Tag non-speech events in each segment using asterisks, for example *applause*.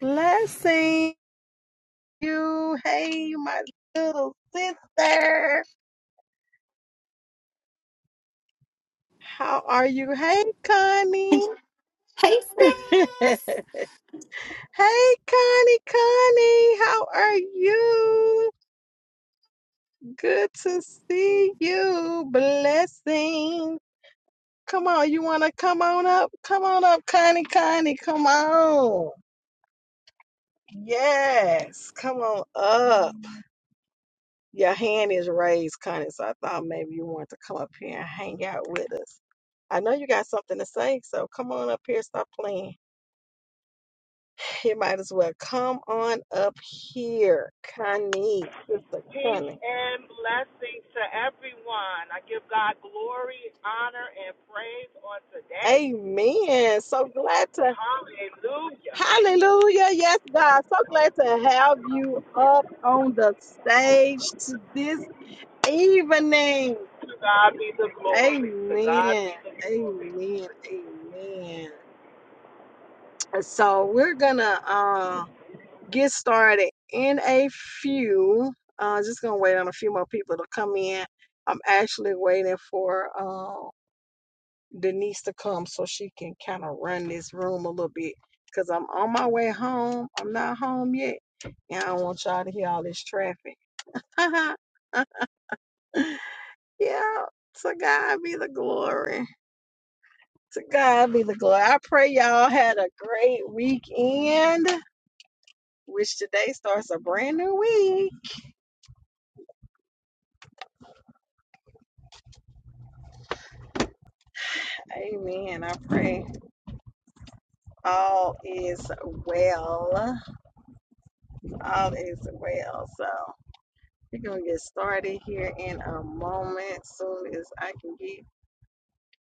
Blessing you. Hey, my little sister. How are you? Hey, Connie. Hey *laughs* hey, sis. Connie, Connie. How are you? Good to see you. Blessing. Come on, you want to come on up? Come on up, Connie, Connie. Come on. Yes, come on up. Your hand is raised, Connie, so I thought maybe you want to come up here and hang out with us. I know you got something to say, so come on up here, stop playing. *sighs* You might as well come on up here, Connie, Sister Peace Connie. and blessings to everyone. I give God glory, honor, and praise on today. Amen. So glad to, Hallelujah. hallelujah. Yes, God. So glad to have you up on the stage to this evening. To God be the glory. To God Amen. be the glory. Amen. Amen. Uh, So we're gonna uh, get started in a few. Uh, just gonna wait on a few more people to come in. I'm actually waiting for uh, Denise to come so she can kind of run this room a little bit because I'm on my way home. I'm not home yet, and I don't want y'all to hear all this traffic. *laughs* yeah, to God be the glory. To God be the glory. I pray y'all had a great weekend. which today starts a brand new week. Amen. I pray all is well. All is well. So we're gonna get started here in a moment, soon as I can get.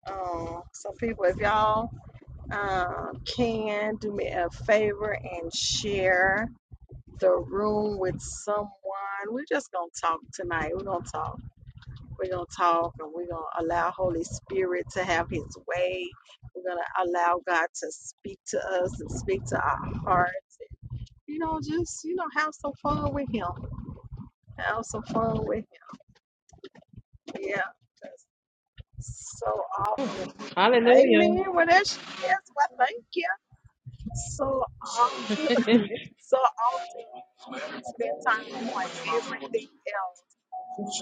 Um, so people, if y'all um, can do me a favor and share the room with someone, we're just gonna talk tonight. We're gonna talk. We're going to talk and we're going to allow Holy Spirit to have his way. We're going to allow God to speak to us and speak to our hearts. You know, just, you know, have some fun with him. Have some fun with him. Yeah. So often. Hallelujah. Amen. Well, there she is. Well, thank you. So often, *laughs* hey so often we spend time doing everything else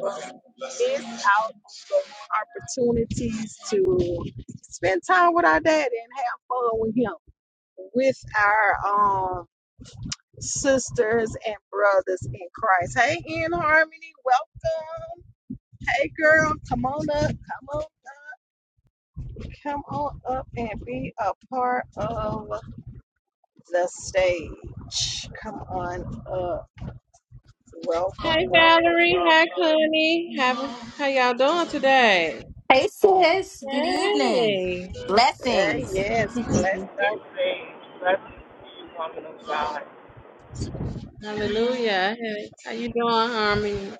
but we miss out on those opportunities to spend time with our daddy and have fun with him, with our um sisters and brothers in Christ. Hey, in harmony, welcome. Hey, girl, come on up, come on, come on up and be a part of the stage. Come on up. Welcome, welcome, Valerie. welcome. Hi Connie. Have a, how y'all doing today? Hey sis. Good evening. Hey. Hey, Blessings. yes, blessing. *laughs* Blessings. Blessings to you, woman of God. Hallelujah. Hey, How you doing, Harmony?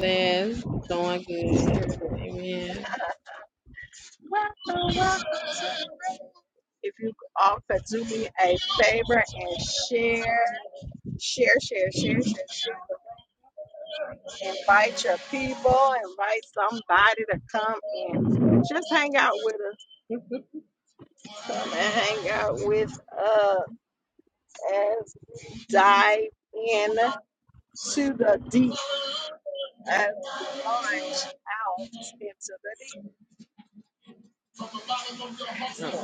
Liz, Doing good. Yes. Amen. Welcome, welcome to the room. If you all could do me a favor and share, share, share, share, share, share the room. Invite your people, invite somebody to come and just hang out with us. *laughs* Come and hang out with us as we dive in to the deep, as we launch out into the deep. So,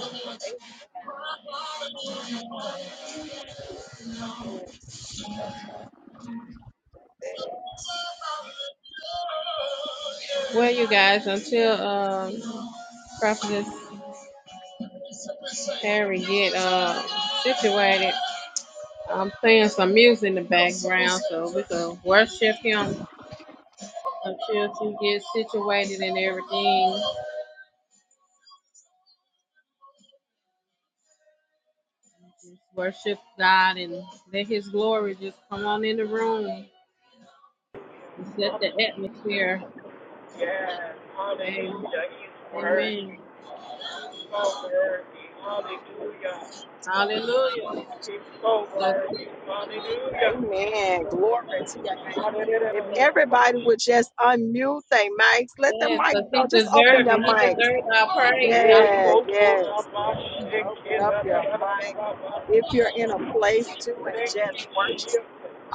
amen. Yes, yes. Well, you guys, until um, Prophetess Harry get uh, situated, I'm playing some music in the background so we can worship him until she gets situated and everything. Worship God and let His glory just come on in the room and set the atmosphere. Yes. Amen. Hallelujah. He's worthy. Amen. He's so worthy. Hallelujah. Hallelujah. He's so So, worthy. Hallelujah. Amen. Glory to your name. If everybody Hallelujah. would just unmute their mics, let their yes, mics because go. He Just deserves open your it. He mics. deserves our Thank praise. you, Yeah, Hallelujah. yes, yes. Open up your mic. If you're in a place to and just Jesus. worship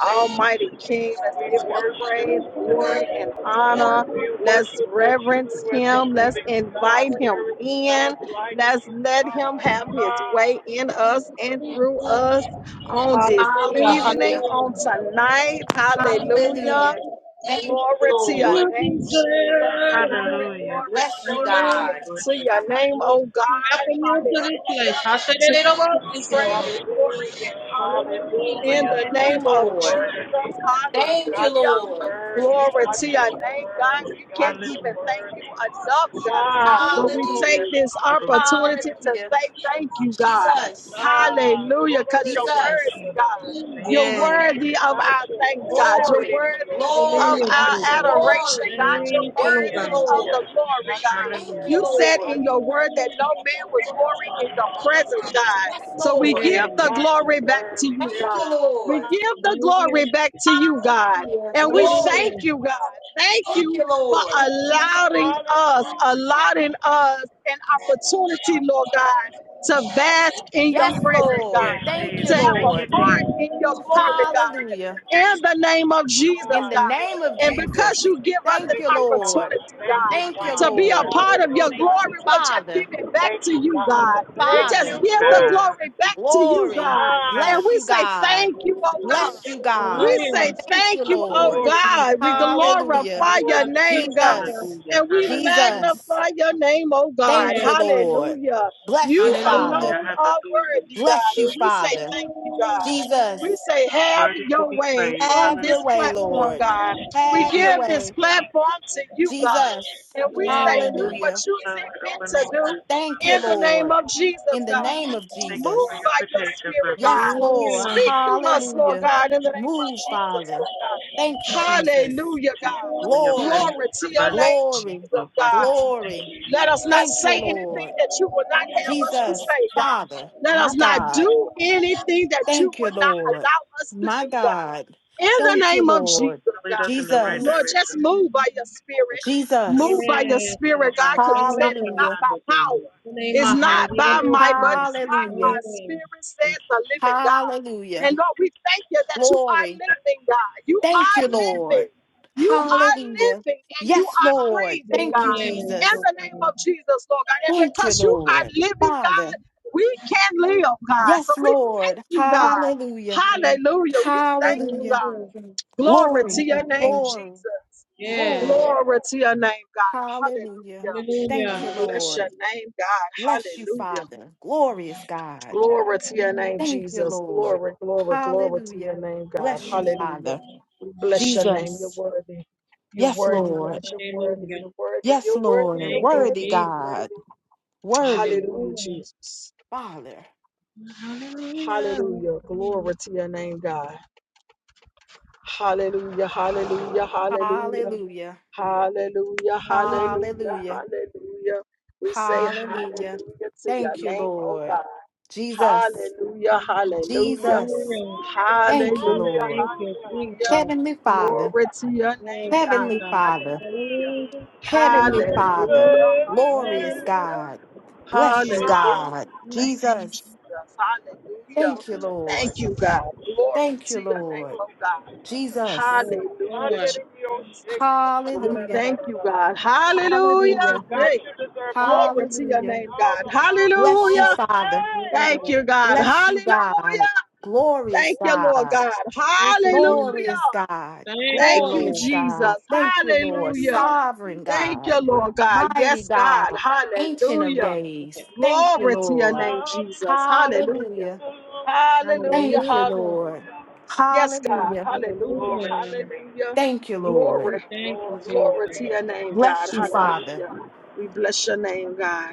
Thank you, Almighty Jesus. King, let's We give him worship praise, you glory, today. and honor. We Let's worship the reverence true and the him. Let's living God. invite him There is in. none like Let's you, let him God. have his way Ah, in us and through us on this Hallelujah. evening, Hallelujah. on Hallelujah. tonight. Hallelujah. Hallelujah. Thank you, Glory to your Lord. name, You Jesus. deserve it. Glory, glory, Bless you, glory Hallelujah. God. to your name, We oh God. Welcome you to this place. Hallelujah. I said To that it you be over. praise, glory, and hallelujah, honor in Hallelujah. hallelujah. the Thank God, you, name of you're Lord. Jesus. worthy. Thank God, you, you're Lord. Hallelujah. worthy. Glory God, to your you're name, God. worthy. We God, can't you're even thank you worthy. enough, God. Ah, But we take Hallelujah. glory. this opportunity Hallelujah. to Hallelujah. say thank you, God. Jesus. Ah, Hallelujah. glory Because you're to the Lord, the Jesus. worthy, God. Lord, You're Yes. worthy of God, our your thanks, God. word, You're Glory. worthy of Glory. Hallelujah. God, your our word, God, your Jesus. word, adoration, Glory. God. You're Thank you, Thank you, Lord worthy God. of the Lord. glory, God. Thank you, You said God, Lord. in your word that no man would glory in your your presence, God. Yes, So Amen. we Lord. give the God, your glory back word, to you, Thank you, God. We Lord. give the glory Hallelujah. back to you, God. Hallelujah. And we Glory. thank Hallelujah. you, God. Thank Thank you you, for Lord. allowing us, Hallelujah. allowing us an opportunity, Lord God, to bask in your Yes, presence, Lord. God, Thank you, to have a Lord. part in your glory, God Hallelujah. in the name of Jesus, In Ah, the God. thank name you, of And Jesus. because Jesus. you give us Thank an you, Thank you, Lord. Father. opportunity, Thank you, God, Thank you, to Father. be a Lord. part of your Hallelujah. glory, we'll just give Father, it back Thank to you, you, Father. God. We Thank just Father, you, give the glory. glory back to you, glory. God. And Bless Ah, we you, say God. thank you, oh God. Bless you, We God. Hallelujah. say Thank thank you, you, Thank you, oh Lord. glory to Jesus. God. your We Thank name. you, Hallelujah. glorify Father your God. name, God. Hallelujah. Jesus, And we Jesus. magnify your name, oh God. Thank Yes. you, Lord. Hallelujah. Bless you, You Hallelujah. Father. alone are worthy, God. Bless you, And we say Father. thank you, God. We Jesus. say, have your way on Have your this way, platform, Lord. God. We Have your give this way. platform to you, God. Jesus. And we say, do Yes. what Hallelujah. you see fit to do Thank you, in the name Lord. of In Jesus, the God. name of Move Jesus. by your spirit, Yes, God. Lord. Hallelujah. Speak through us, Lord Hallelujah. God, in the name of Move, Jesus, Father. Lord Thank you, God. Jesus. Hallelujah, God. Glory, Glory to your name, glory, Jesus, God. glory. Let us not Thank you, say anything Lord. that you will not have us to Jesus, say, God. Father, Let my us not God. do anything that you Thank you, would not Lord. allow us to My do, God God. in the Thank you, name of Jesus, Lord. God. Lord, Jesus, just move by your spirit. Move Jesus. by your Yes, Lord spirit, God, God. because Right you said now, it's Hallelujah. not Father. by power. In the name It's of not Hallelujah. by might, but Yes. it's by my Hallelujah. Yes, spirit, says the living God. Hallelujah. And Lord, we thank you that you Glory. are living, God. You Thank are you, Lord. living. You are Hallelujah. living and you Yes, are Lord. breathing, Thank you, God in Jesus. Lord the God. name of Jesus, Lord God. And Thank you, because you are Lord. living, Father. God, we can live, God. So Yes, we thank Lord. you, God. Hallelujah. Yes. Hallelujah. We thank you, Hallelujah. God. Hallelujah. Glory to Glory. your name, Glory. Jesus. Glory. Yes. Glory to your name, God. Hallelujah. Hallelujah. Thank Hallelujah. We you, bless your Lord. name, God. Bless you, Hallelujah. Father. Glorious God. Glory to your name, Thank you, Jesus. Lord. Glory, glory, glory to your Hallelujah. name, God. Bless you, Hallelujah. Father. We bless your name. You're Jesus. worthy. You're Yes, worthy, God. Lord. You're worthy. Hallelujah. You're worthy. Yes, You're Lord. worthy. You're Thank you, Worthy worthy. Jesus. You're God. worthy. Worthy Hallelujah, Hallelujah. Jesus. Father. Hallelujah. Hallelujah. Glory Hallelujah. to your name, God. Hallelujah, hallelujah, hallelujah, Hallelujah. Hallelujah. hallelujah, hallelujah, Hallelujah. hallelujah. We say Hallelujah. Hallelujah. hallelujah to your Thank you, name, oh Lord. God. Jesus. Hallelujah, hallelujah. Jesus. Hallelujah. Hallelujah. Thank you, Hallelujah. Lord. Thank you, Hallelujah. Hallelujah. Jesus. Heavenly Father. Glory to your name, Yes, God. Lord Heavenly God. Father. Hallelujah. Hallelujah. You Heavenly deserve it. Ah. Father. Hallelujah. Hallelujah. Glorious Hallelujah. Hallelujah. God. Bless you, Hallelujah. God. We thank Mm-hmm. you, Jesus. Jesus. Hallelujah. Thank you, Thank Lord. you, God. Glory Thank to you, your name, Lord. oh God. Jesus. Yes, Hallelujah, Lord. Jesus. We Hallelujah. thank you, God. Yes, Hallelujah. Thank Hallelujah. you, God, Jesus. Hey, you deserve all the glory to your Hallelujah. glory, name, all God. the honor, Bless you, all Hallelujah. the Father. Yes. hey, Thank glory. you, Thank God. Bless you, Hallelujah. God. Glorious Thank you, Lord God. God. you, Hallelujah. Jesus. Glorious God. Thank Thank you, you, Glorious Lord. Jesus. God. Thank you, Lord. Thank you, Hallelujah. Sovereign Thank God. you, Lord God. Mighty Yes, God. God. Ancient of Hallelujah. days. Okay. Thank you, Glory Jesus. to your Lord. name, Jesus. Hallelujah. Hallelujah. Hallelujah. Hallelujah. Thank you, Hallelujah. Hallelujah. Lord. Yes, God. Hallelujah. Hallelujah. Glory to Hallelujah. your name. Hallelujah. God. Thank you, Lord. Glory. We thank you, Glory to your Glory Jesus. to name. your name, God. God. Bless you, Father. Hallelujah. We bless your name, God.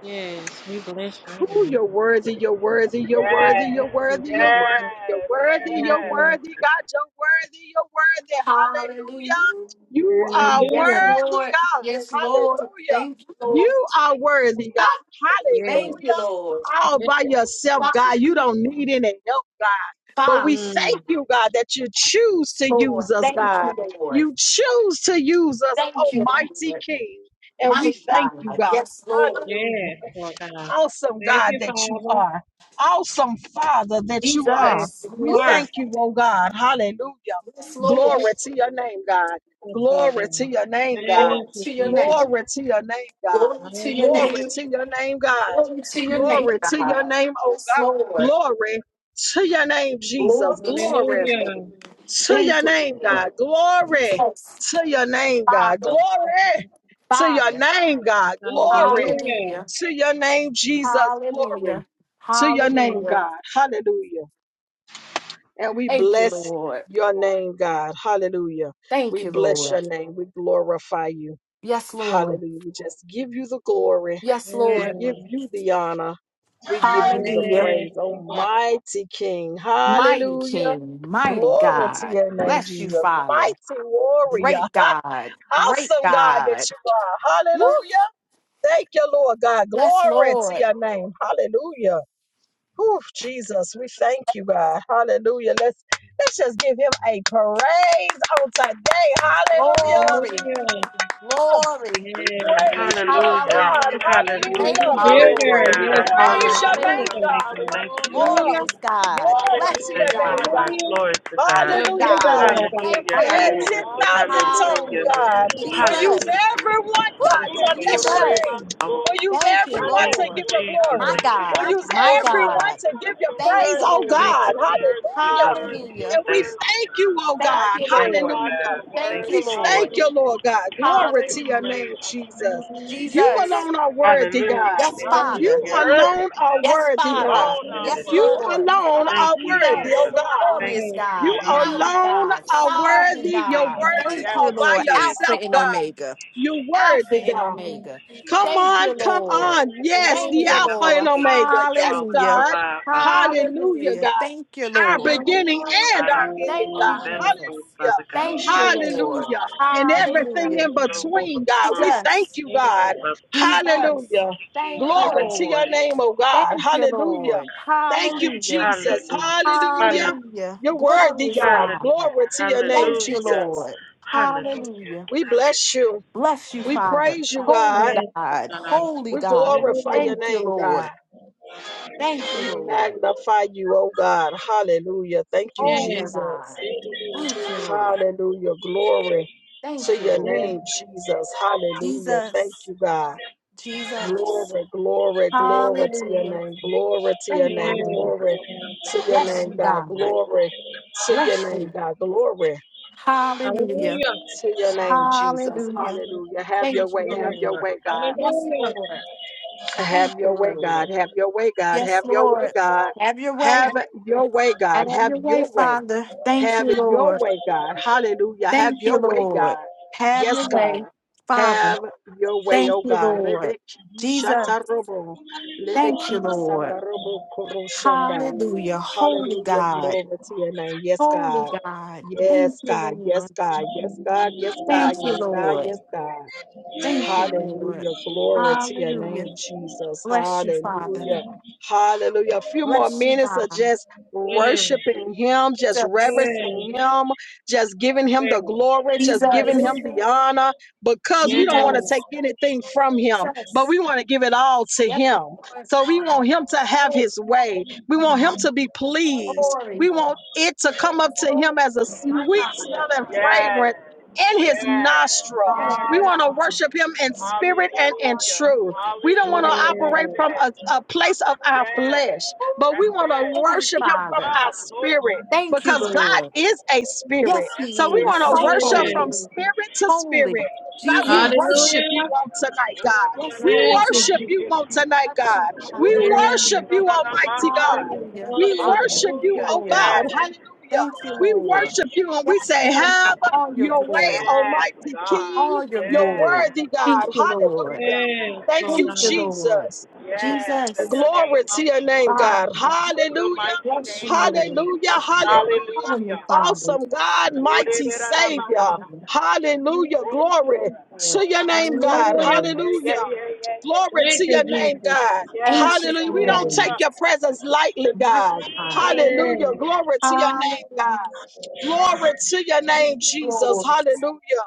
Yes, we bless your Whew, name. you're worthy, you're worthy, you're worthy, You're Yes, you're worthy worthy, to you're be praised. worthy, you're yes, worthy, you're yes. Hallelujah. worthy, God, you're worthy, you're worthy, Hallelujah. hallelujah. You are Yes, Hallelujah. worthy, Lord. God, Yes, Lord. hallelujah. Thank you, Lord. You are worthy, Ah, God, Thank Yes. you, Lord. hallelujah. All *laughs* by yourself, God, you Father, don't need any help, God. But we Father, thank Mm. you, God, that you choose yes, to Lord. use us, Thank God. you, Lord. You choose to use us, Thank you, Almighty Lord. King. And My we thank you, God. God. Yes, Lord. Hallelujah. Yes, Lord God. Awesome Thank God you, that you Father. are. Awesome Father that you are. Yes, Jesus. you We Ooh, are. thank you, oh God. Hallelujah. Yes, Lord. Glory to your name, God. Yes, Lord Glory to God. your name, God. Glory Thank you, to your Jesus. name. Glory to your name, God. Glory to your name. Glory Hallelujah. to your name, God. Glory to your name, Glory to your God. name, oh Yes, God. Lord. Glory to your name, Jesus. Glory to your Glory Hallelujah. name. to your Thank you, name, God. Lord. Glory Jesus. to your name, God. Father. Glory to your Father. name, God. Glory Hallelujah. Hallelujah. to your name, Jesus. Glory Hallelujah. to your name, Hallelujah. God. Hallelujah. And we Thank you, bless Lord. your name, God. Hallelujah. We Thank you, bless your Lord. name. We glorify you. Yes, Lord. Hallelujah. We just give you the glory. Yes, We Yes. Lord. give you the honor. We give you the Hallelujah. Yes, praise, Lord God. Almighty King. Mighty Hallelujah. King, mighty Glory to God. your name, Bless you, Jesus. Father. Mighty warrior. Great God. Great Awesome God that God. you are. Woo. Hallelujah. Thank you, Lord God. Yes, Glory to Lord. your name. Hallelujah. Whew, Jesus, we thank you, God. Hallelujah. Let's let's just give him a praise on today. Hallelujah. Glory. Hallelujah. Glory. We Yes. praise you, oh God. Hallelujah. Thank Thank you, Hallelujah. you, bigger. Lord. We Hallelujah, Yes, Lord praise God. your than name, hallelujah, Hallelujah. Anything, God. God. hallelujah, Hallelujah. Hallelujah. Glorious God. Glory to Bless you, your hallelujah, name, God. Got God. your Hallelujah. word. Yes, You're Hallelujah, bigger, God. Hallelujah, God. Lord God. If Thank we you, had Hallelujah. Lord. 10,000 hallelujah, tongues, Hallelujah. God, hallelujah, we'll Yes. use hallelujah. Jesus. every one, God, to Woo. Yes, bless Lord, your I Jesus. am name. so. We'll use Thank you, I everyone to thank Lord. give you, your glory. My Shataya. We'll God. use My You're everyone God. worthy, to God, give your you're Thank praise, you, worthy, oh God, Lord. God. you're worthy, you're Hallelujah. worthy, you're Hallelujah. And we worthy. thank you, oh Thank God. you, Mighty Lord. God, Hallelujah. you're Thank you, We worthy, thank Lord. you, hallelujah. Lord God. God, Glory to your Hallelujah. name, Jesus. You you're Jesus. alone are worthy, God. worthy. Yes, God, you're Father. You alone worthy. are Yes, worthy, Father. God. Lord, our Yes, You word. Lord. alone Ah, are worthy, Jesus, oh God. glory. glorious You God, mighty alone God, are Hallelujah. sovereign worthy. You're God. worthy Thank Yes, you, all by Lord. Alpha yourself, and God. Omega. You're Alpha worthy, and God. Omega. Come Thank on, you, come Lord. on. Yes, Thank the you, Hallelujah. Alpha and Lord. Omega. Yes, Hallelujah. God. Hallelujah, Hallelujah. Thank you, God. Our Lord. beginning and our ending, Thank you, God. Jesus. Thank you, Hallelujah. Lord. Hallelujah. And everything Hallelujah. in between, God. We thank Jesus. you, God. Jesus. Hallelujah. Thank you, Glory to your Lord. name, oh God. Thank you, Hallelujah. Lord. Thank you, Hallelujah. Jesus. Hallelujah. Hallelujah. You're worthy, Glorious God. God. Glory to your name, Thank you, Jesus. Lord. Hallelujah. We bless you. Bless you, We Father. praise you, Holy God. Yes, oh God, God. holy We God. glorify Hallelujah. your Thank you, name, Lord. God. Thank you, We Lord. magnify you, oh God. Hallelujah. Thank you, Holy Yes, Jesus. God. Thank you, Lord. Hallelujah. Glory Thank to you, your yes, yes. Lord. name, Jesus. Hallelujah. Thank Jesus, you, God. Jesus. Glory, glory, glory to your Hallelujah. name. Glory to your oh Thank you, name. Lord. Glory God. to your Bless name, you, God. God. Glory to your Bless name, you. God. Glory Hallelujah. Hallelujah. to your name, Jesus. Hallelujah. Hallelujah. Have your Yes, Thank you, way. oh Have your Lord. God. way, God. Yes, Hallelujah. Lord. Thank Have you, your way, Lord. God. Have your way, God. Yes, Have your way, Lord. God. Have your way. Have your way, God. Have Have your way, your way. Father. Thank Have you, Lord. your way, God. Hallelujah. Have Thank you, your way, Lord. God. Have Yes, your God. way, Father. Have your way, Thank oh you, God. Lord. Rebekidi Jesus, shatarobo. thank you, Lebekidi Lord. sandarobo koroshanda. Hallelujah. Holy Hallelujah. God, Glory to your name. Yes, holy God. God. Thank Yes, you, God. Yes, Lord. God. Yes, God. Yes, Thank God. you, Yes, God. Lord. Yes, God. Thank you, Lord. Hallelujah. Glory to your Hallelujah. name, Jesus. Bless you, Father. Hallelujah. Hallelujah. A few more Bless you, minutes of God. just Yes, worshiping him, just Jesus, reverencing him, just giving yes, him yes. the glory, just giving him Jesus, Hallelujah. the honor, because Yes, we don't want to take Jesus, anything from him, but Jesus. we want to give it all to Yes, him. Lord. So we want him to have his way. We want him to be pleased. We Glory, want it to come up to him glory. as a My sweet God. smelling yes, fragrance in yes, his yes. nostril. We want to Hallelujah. worship him in spirit and in Hallelujah. truth. We don't want to Hallelujah. operate That's from a, it. a place of our Yes, flesh, but we that's want to it. Holy worship him from Father, our Ah, glory. spirit thank you, because the God Lord. is a spirit. Yes, Yes, He So He we is want is. to so worship yes. from holy, spirit to holy spirit. God, we Jesus. Yidabashu. worship you Hallelujah. on tonight, God. Yes, We Lord. Thank you, worship Oda-da-da-da-da-da-bashi. Jesus. you on tonight, Bless God. you, We Father. worship Yes. you, Almighty God. Oda-da-da-da-da-da-da-masaya. Hallelujah. We Hallelujah. worship Thank you, you, Hallelujah. oh God. Lord. Yes. Hallelujah. Thank you, We Lord. worship you and we Yes, say, Lord, Have for all your your way, glory, Yes, Almighty for God. King. all your You're Yes. glory. worthy, Thank God. you, Lord. Yes, Hallelujah. Yes, Thank oh you, Thank you, God. Lord. Jesus. Yes, in Jesus, the name Glory to of your Jesus, name, Father, God. in the Hallelujah. mighty bless you, name of Lord. Hallelujah. Jesus. Hallelujah. Heavenly Hallelujah. Father, Awesome God, mighty Savior. Hallelujah. Glory Lord. to your name, King of God. Hallelujah. Yeah, Hallelujah. days, yeah, yeah, yeah, Glory yeah. Thank to you, your name, Jesus. God. Yes, ancient Hallelujah. of We God. don't Yes, take Huh. your days, presence lightly, my God. God, Mm. Hallelujah. yes. Glory to your name, God. hallelujah, Glory to your name, Jesus. Lord, Hallelujah.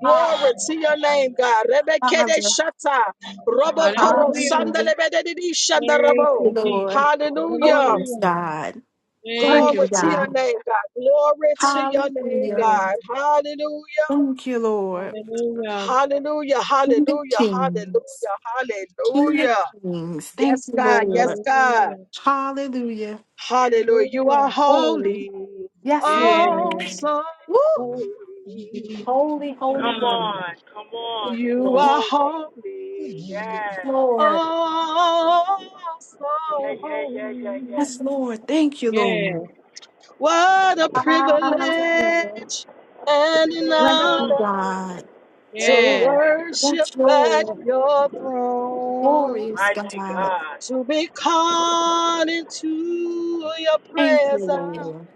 Glory Father, to your name, God. Rebekede Father, shata. Robo koro Hallelujah. hallelujah, sandelebedidi Thank shandarabo. you, Lord, Jesus. Hallelujah. glorious Hallelujah. God, Thank Glory mighty you, to your Jesus. God, name, God. Glory to your name, hallelujah, Yeah. God. Hallelujah. thank you, Lord, Hallelujah. Hallelujah. King of Hallelujah. kings, Hallelujah. King of Hallelujah. kings, thank Yes, you, God. Yes, Lord, God. Hallelujah. hallelujah, Hallelujah. You Hallelujah. are holy, holy. yes, Yeah. Lord, Oh, so woo, holy. holy, Come holy Come on. God, on, come on. thank He's You you, are holding. holy. Yes. Lord. Oh, Yeah, so yeah, yeah, yeah, yeah. Yes, holy. Lord. Thank you, Yeah. Lord. What a privilege Hallelujah. and an Bless honor you, God. to Yeah. Yes. worship Yes, at Lord. your throne, Glorious Mighty God. God. to be called into your Thank you, presence Lord.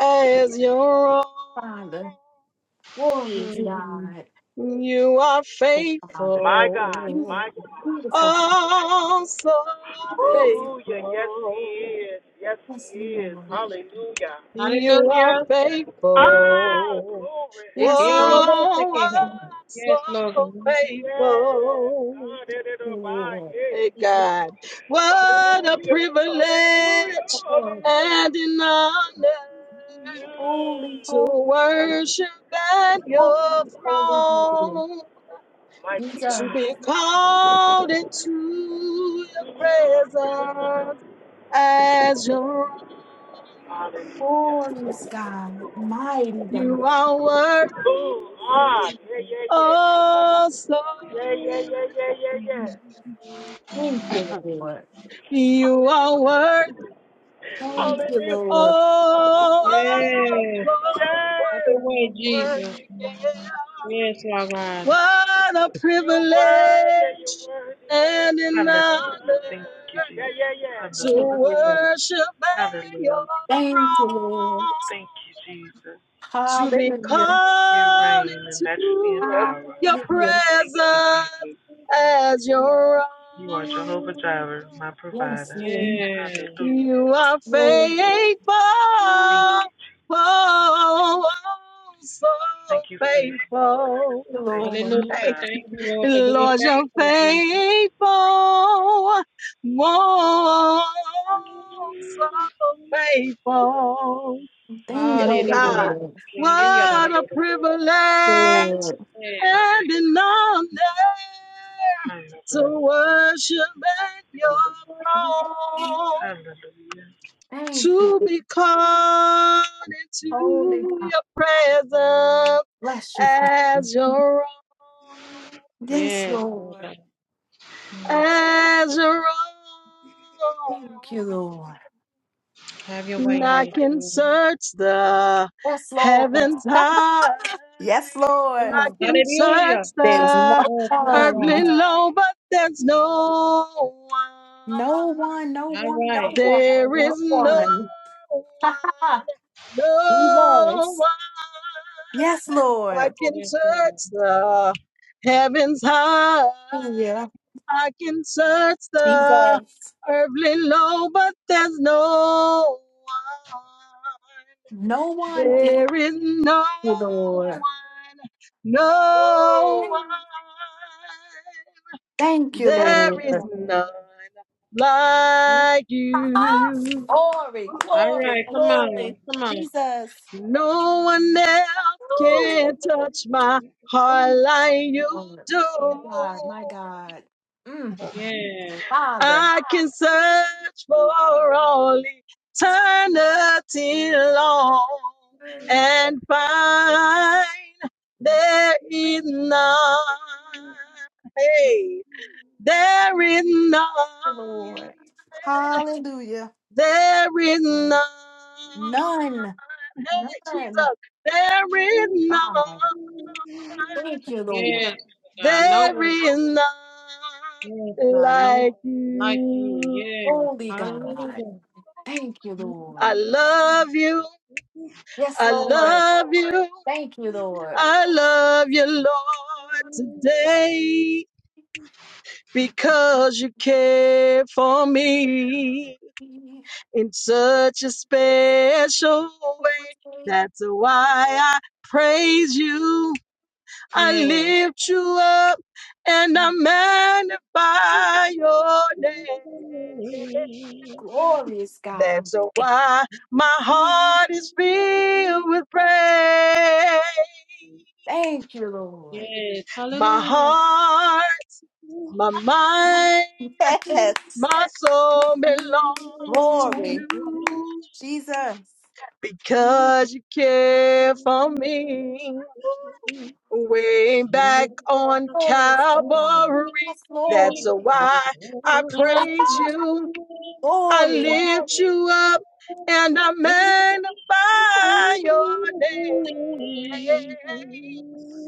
as your Father. own. Glorious Mm. Hmm. God. You are Oh, Father. My God, faithful, my God. Beautiful, beautiful Father. oh so Oh, Hallelujah. Yes, he faithful. is. Yes, yes, he is. Lord. Hallelujah. You are Hallelujah. Ah, faithful, glory. oh, Yes, Lord. oh Ekeoloboseke. Thank you, so Yes, Lord. Yes. faithful. God, it is by Lord. yay. Hey God, what a Hallelujah. Hallelujah. privilege Lord. Hallelujah. and an honor Mm. Holy, to holy, worship at your holy, holy, holy. throne. You Mighty to are God. be called into your presence as your own. Hallelujah. glorious God, mighty You God. are worthy, Oh, ah, yeah, yeah, yeah. oh so Yeah, yeah, yeah, yeah, yeah, worthy. yeah. Thank you, Lord. You are worthy, Thank you, Hallelujah. Yes. Lord. oh oh, so Have Yes, your way, you're Jesus. worthy, Father. worthy. Yes, Lord God. What a You're privilege worthy, you're worthy, you're and worthy an honor of honor. Yeah, yeah, yeah. Thank to you, Lord. worship at your Thank you, Lord. throne, to be Hallelujah. called into your Hallelujah. presence as your own. Yes, Lord. Yeah. You are Lord. faithful, oh, oh, oh, so faithful. Lord. Hey, Hallelujah. Thank you, Lord, for being Lord, you're faithful, Jesus. faithful. Whoa, so faithful. Thank Yes, you, Hallelujah. God. Lord. Yes, What a privilege Lord. and an honor to worship at your throne, Thank you, to be called Holy into God. your presence Bless you, Father. as your own. Yes, yes, Lord Lord. God. as a rock. Thank you, Lord. Have your way, I Holy can Spirit. search the Yes, Lord. heavens high. Yes, Lord. I Amen. can search Hallelujah. There's no the Yes, Lord one. earthly God. low, but there's no No one. one, no All one, no right. one, There no is no Hallelujah. one. *laughs* one, no Jesus. one. Yes, I Lord. can Yes, Lord. touch the heavens high. Yeah. I can search the Jesus. earthly low, but there's no No one. one. Thank There is no you, one. Lord. No one. Thank you, There is Lord. none like Ah, you. glory, All glory, right. Come on. glory. Come on. Jesus. No one else Woo. can touch my heart Thank like you, you Lord. do. My God, my God. Mm, Yes. Father. I can search for all eternity long and find there is none. Hey, there is none. Lord. Hallelujah. There is none. None. Hey, None. Jesus, there is God. none. Thank you, Lord. Yes, God. No There one. is none Yes, God. No one like like you. you. Yes. Holy God. Hallelujah. Thank you, I Lord. love you. Yes, I Lord. love you. Thank you, Lord. I love you, Lord, today because you care for me in such a special way. That's why I praise you. I Yes. lift you up and I magnify your name. Glorious God. That's why my heart is filled with praise. Thank you, Lord. Yes. My Hallelujah. heart, my mind, Yes. my soul belong to Glory. you Jesus. because you care for me. Way back on Glorious God. Calvary, Yes, Lord. that's why I praise Ah, you. I glory. lift you up and I magnify your name.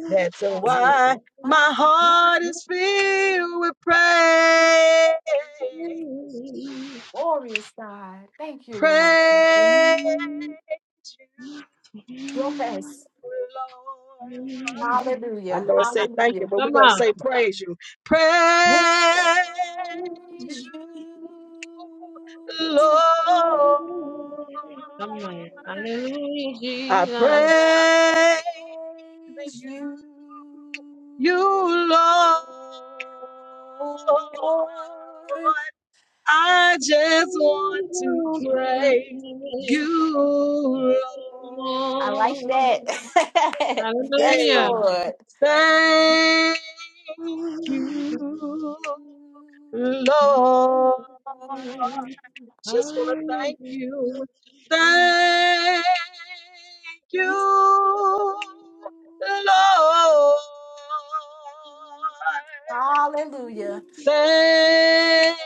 That's That's why my my heart is filled with praise. glorious God. Thank you, Praise Lord. you, *laughs* Yes. Come Lord. I Hallelujah. know it say thank you, Hallelujah. but we're gonna on. say praise you. Praise Praise you. you, Lord. Come on. Hallelujah, I Jesus. praise Praise you, you. you Lord. Lord. I just want to praise you, Lord. I like that. *laughs* yes, Hey, Hallelujah. Lord. thank Hallelujah. you, Lord. Lord. Just want to thank Hallelujah. you. Thank you, Lord. Hallelujah. Thank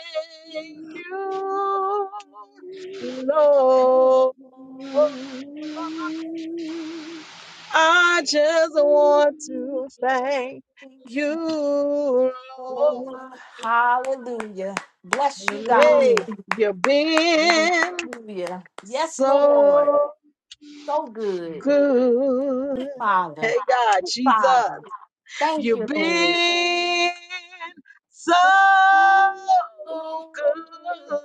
you, Lord. I just want to thank Thank you, you, Lord. Lord. Hallelujah. Bless you, God. Hey, you've been Hallelujah. Yes, Lord. so So good. good. Hey Father. God, Jesus, Father. Thank you've you, Lord. been so So good.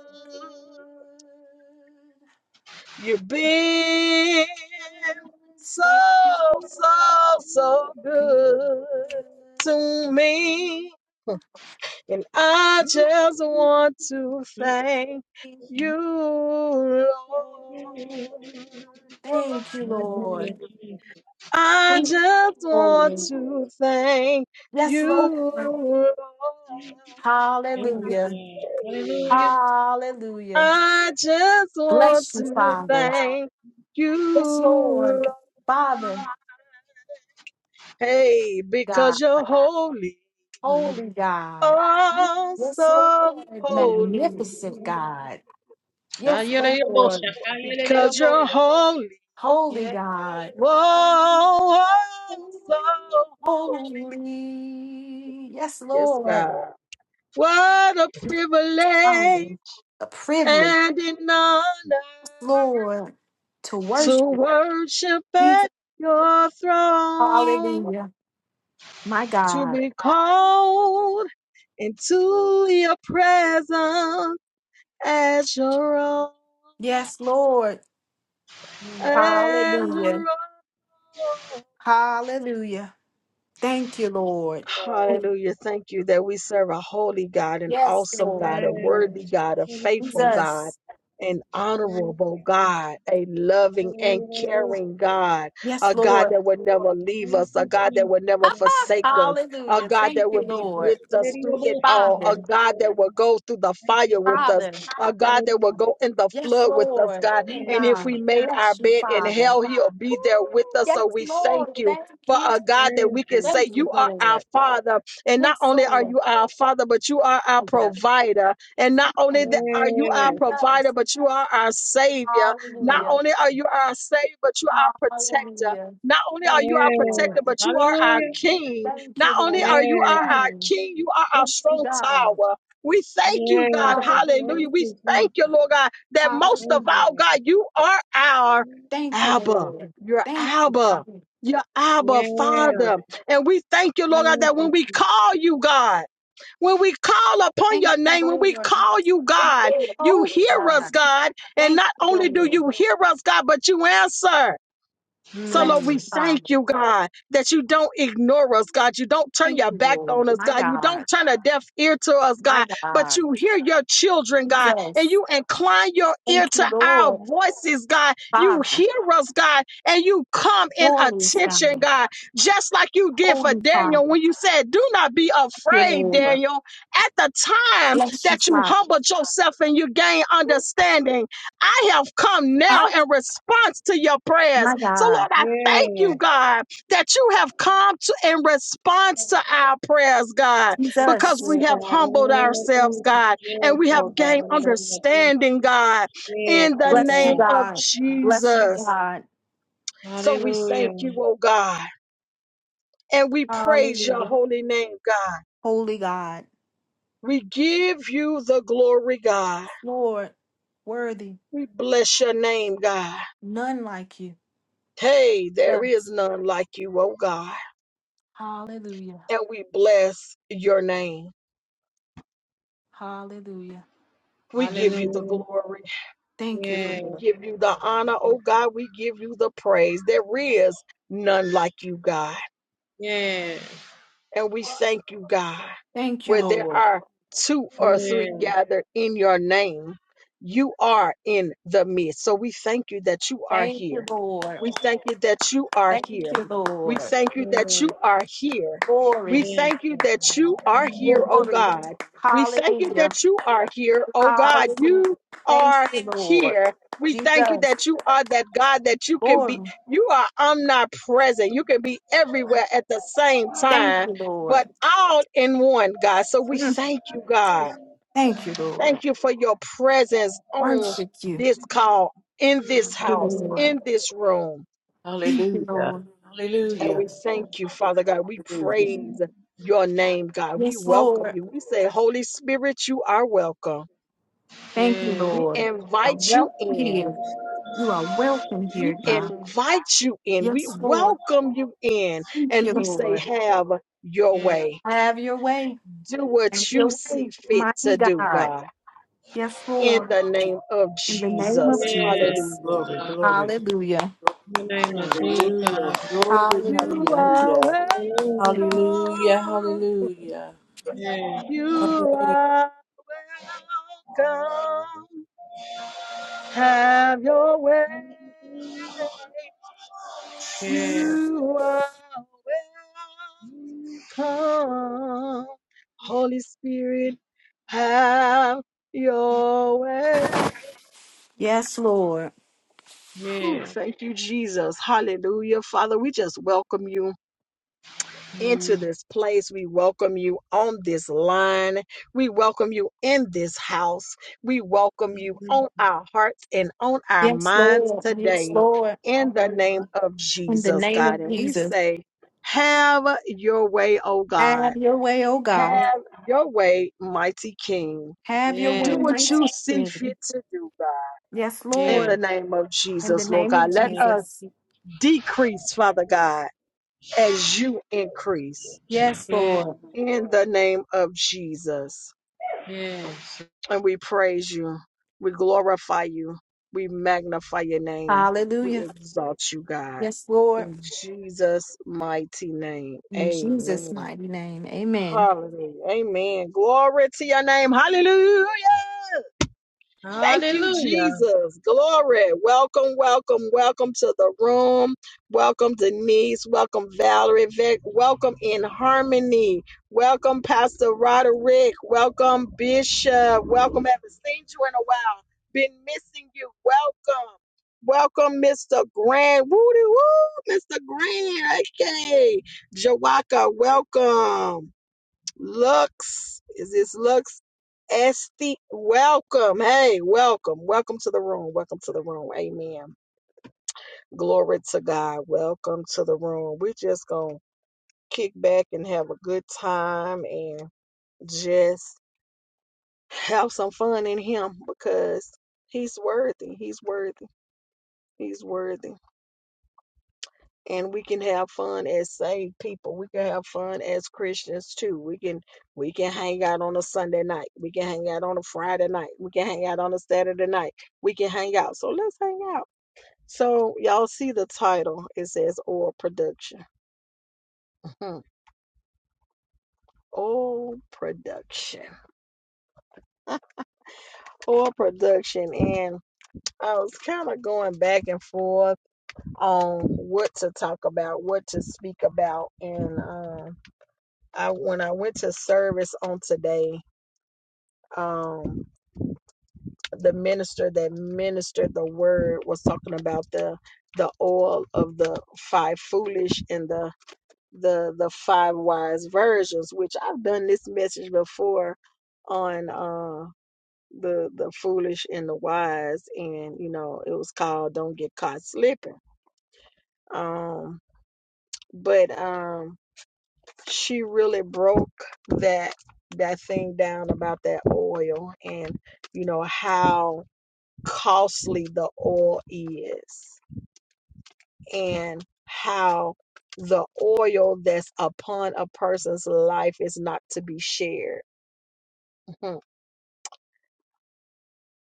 You've been so, so, so good. good So to me. And I just want to thank good. you, Lord. Thank you, Lord. Hallelujah. I Thank you, just Jesus. want Lord. to thank Yes, Lord. you, Lord. Thank you, Hallelujah. God. Hallelujah. Hallelujah. I just want Bless you, to Father. thank you, Yes, Lord. Lord. Father, Hey, God, because you're holy, holy God. oh, Yes, so Lord. holy. Magnificent God. Ah, Yes, yeah, yeah, boss. Lord. Ah, yeah, yeah, Because you're boss. holy, Holy Yes, God. whoa, Lord, oh, so holy. Holy. Yes, Yes, Lord. God. What a Yes, privilege Father, a privilege. and an honor Lord, to to worship worship Jesus. at your throne. Hallelujah. My to God. be called into your presence as your own, Yes, Lord. as Hallelujah. your own. Hallelujah. Thank you, Lord. Hallelujah. Thank you that we serve a holy God, an Yes, awesome God, Lord. a worthy God, a yes, faithful Lord. yes. God, Jesus. an honorable Hallelujah. Thank God, you. a loving and Hallelujah, boss. caring God, Yes, a God Lord. that would never leave Thank us, a you, God that Jesus. would *laughs* never Boss, forsake us, a Hallelujah. God Thank that you, would be Lord. with us through hallelujah, it all, a Father, God boss. that will go through the Thank you, fire with us, Father. Father. a God that will Hallelujah. go in the Yes, flood with us, Lord. God. Me, Yes. And if we God. made our Bless you, bed in Father. hell, He'll be there with Ooh, us. Yes, So we thank Lord. you Thank for you. a God that Thank we can you. Thank say, you, You Jesus. are our Lord. Father. And not Yes, only are you Lord. our Father, but you are our provider. And not only Father, that are you our Yes. provider, Jesus, but you are our Savior. Not hallelujah, only are you our Savior, but you are our protector. hallelujah. Not only are Thank you our you, Yes. protector, Lord. but you are our Hallelujah. King. Thank Not you, only Lord. are you Yes. our, our Mm. King, you are our Yes, you strong God. tower. We thank you, Yes. God. yes. Hallelujah, Hallelujah. Thank We you, Jesus. thank you, Lord God, that most of Thank hallelujah. you, all, Lord. God, you are our Thank you, Abba. Lord. You're Thank you, Abba Father. your Abba Yeah. Father. And we thank you, Lord God, Thank that when you, we Jesus. call you, God, when we call upon Thank your you, name, when we Lord. call you, God, Okay, you Oh, hear us, God. God. And Thank not you, only do Lord. you hear us, God, but you answer. So, Lord, Bless Hmm. we you, thank Father. you, God, that you don't ignore us, God. You don't turn Thank your you, back on Lord. us, My God. You don't God, turn a deaf ear to us, my God, but God. you hear your children, God, and Jesus. you incline your ear Thank to you, our Lord. voices, God. You Father, hear us, God, and you come in glorious attention, God, God, just like you did for holy Daniel Father. when you said, Do not be you, afraid, Lord. Daniel. At the time Bless you, that you Father. humbled yourself and you gained understanding, I have come now Oh, in response to your prayers. my So, God. Lord, I thank Yeah. you, God, that you have come to in response to our prayers, God, Yes, because Jesus. we Lord have God. In humbled the ourselves, name of Jesus. God, and we Yes, Lord have God. In gained the name of Jesus. understanding, God, Yes, in the Lord Bless you, name God. of God. Bless you, Jesus. God. So we thank you, Hallelujah. oh God, and we praise your Hallelujah. holy name, God. Holy God. We give you the glory, God. Lord, worthy. We bless your name, God. None like you. Hey, there is Jesus. none like you, oh God. Hallelujah. And we bless your name. Hallelujah. We give you the Hallelujah. glory. Thank you, Yes. We Lord. give you the honor, Thank oh you. God. We give you the praise. There is none like you, God. Yes. And we thank you, God, Thank you, where there Lord. are two Yes. or three Yes. gathered in your name, you are in the midst. So we thank you that you are Thank you, here. Lord. We thank you that you are Thank here. you, We Lord. thank you that you are here. Glory. We Yes. thank you that you are here, oh Glory. God. We thank you Hallelujah. that you are here, oh God. Hallelujah. You Thank are you, Lord. here. We thank you Jesus. that you are that God that you can be, Glory. you are omnipresent. You can be everywhere at the same Thank time you, Lord. but all in one, God. So we Mm. thank you, God. Thank you, Lord. Thank you for your presence on Worship you, this call, in this you, house, Lord. in this room. Thank you, Hallelujah. Lord. And Hallelujah. we thank you, Father God. We Hallelujah. praise your name, God. We Yes, welcome Lord. you. We say, Holy Spirit, you are welcome. Thank you, Yes. We Lord. You are invite you welcome in. here. You are welcome We here, God. invite you in. We Yes, Lord. welcome you in. Thank And you, we say, Lord. have your Yes. way. Have your way. Do what Have you your way, see fit to mighty do, God. God. Yes, in Lord. the name of In the name Jesus. of Yes. Jesus. Hallelujah. Lord Glory, God. glory, Hallelujah. glory. In the name of Hmm. Hallelujah. Jesus. Glory, You Hallelujah. are hallelujah. welcome. Hallelujah. Hallelujah. Hallelujah. Yes. You Hallelujah. are welcome. Have your way. Yes. You are welcome. Holy Spirit, have your way. Yes, Lord. Whew, Yes. thank you, Jesus. Hallelujah. Father, we just welcome you into this place. We welcome you on this line. We welcome you in this house. We welcome you on our hearts and on our Yes, minds Lord. Yes, today Lord. in the Hmm. name of In the Jesus, name God. of And we Jesus. say, Have your way, oh God. Have your way, oh Yeah, God. Have your way, mighty King. Have your way, yeah, Do what you mighty see fit King. to do, God. Yes, In yeah, the Lord. name of In the Jesus, Lord name of God. Let name us Jesus. decrease, Father God, as you increase Yes, yes, Lord. in the name of Jesus. yes. And we praise you. We glorify you. We magnify your name. We Hallelujah. exalt you, God. Yes, Lord. In Jesus' mighty name. In Jesus' Amen. mighty name. Amen. Hallelujah. Amen. Glory to your name. Hallelujah. Thank you, Hallelujah. Jesus. Glory. Welcome, welcome, welcome to the room. Welcome, Denise. Welcome, Valerie. Vic. Welcome in harmony. Welcome, Pastor Roderick. Welcome, Bishop. Welcome. Haven't seen you in a while. Been missing you. Welcome. Welcome, Mr. Grant. Woody woo, Mr. Grant. Okay. Jawaka, welcome. Lux. Is this Lux? Esti, welcome. Hey, welcome. Welcome to the room. Welcome to the room. Amen. Glory to God. Welcome to the room. We're just going to kick back and have a good time and just have some fun in Him because He's worthy. He's worthy. He's worthy. and we can have fun as saved people. We can have fun as Christians too. We can we can hang out on a Sunday night. We can hang out on a Friday night. We can hang out on a Saturday night. We can hang out. So let's hang out. So y'all see the title. It says oil production. Mhm. oil production. Oil production. And I was kind of going back and forth on what to talk about, what to speak about. And um I when I went to service on today, um the minister that ministered the word was talking about the the oil of the five foolish and the the the five wise versions which i've done this message before on uh the the foolish and the wise and you know it was called don't get caught slipping um but um she really broke that that thing down about that oil and you know how costly the oil is and how the oil that's upon a person's life is not to be shared. Mhm.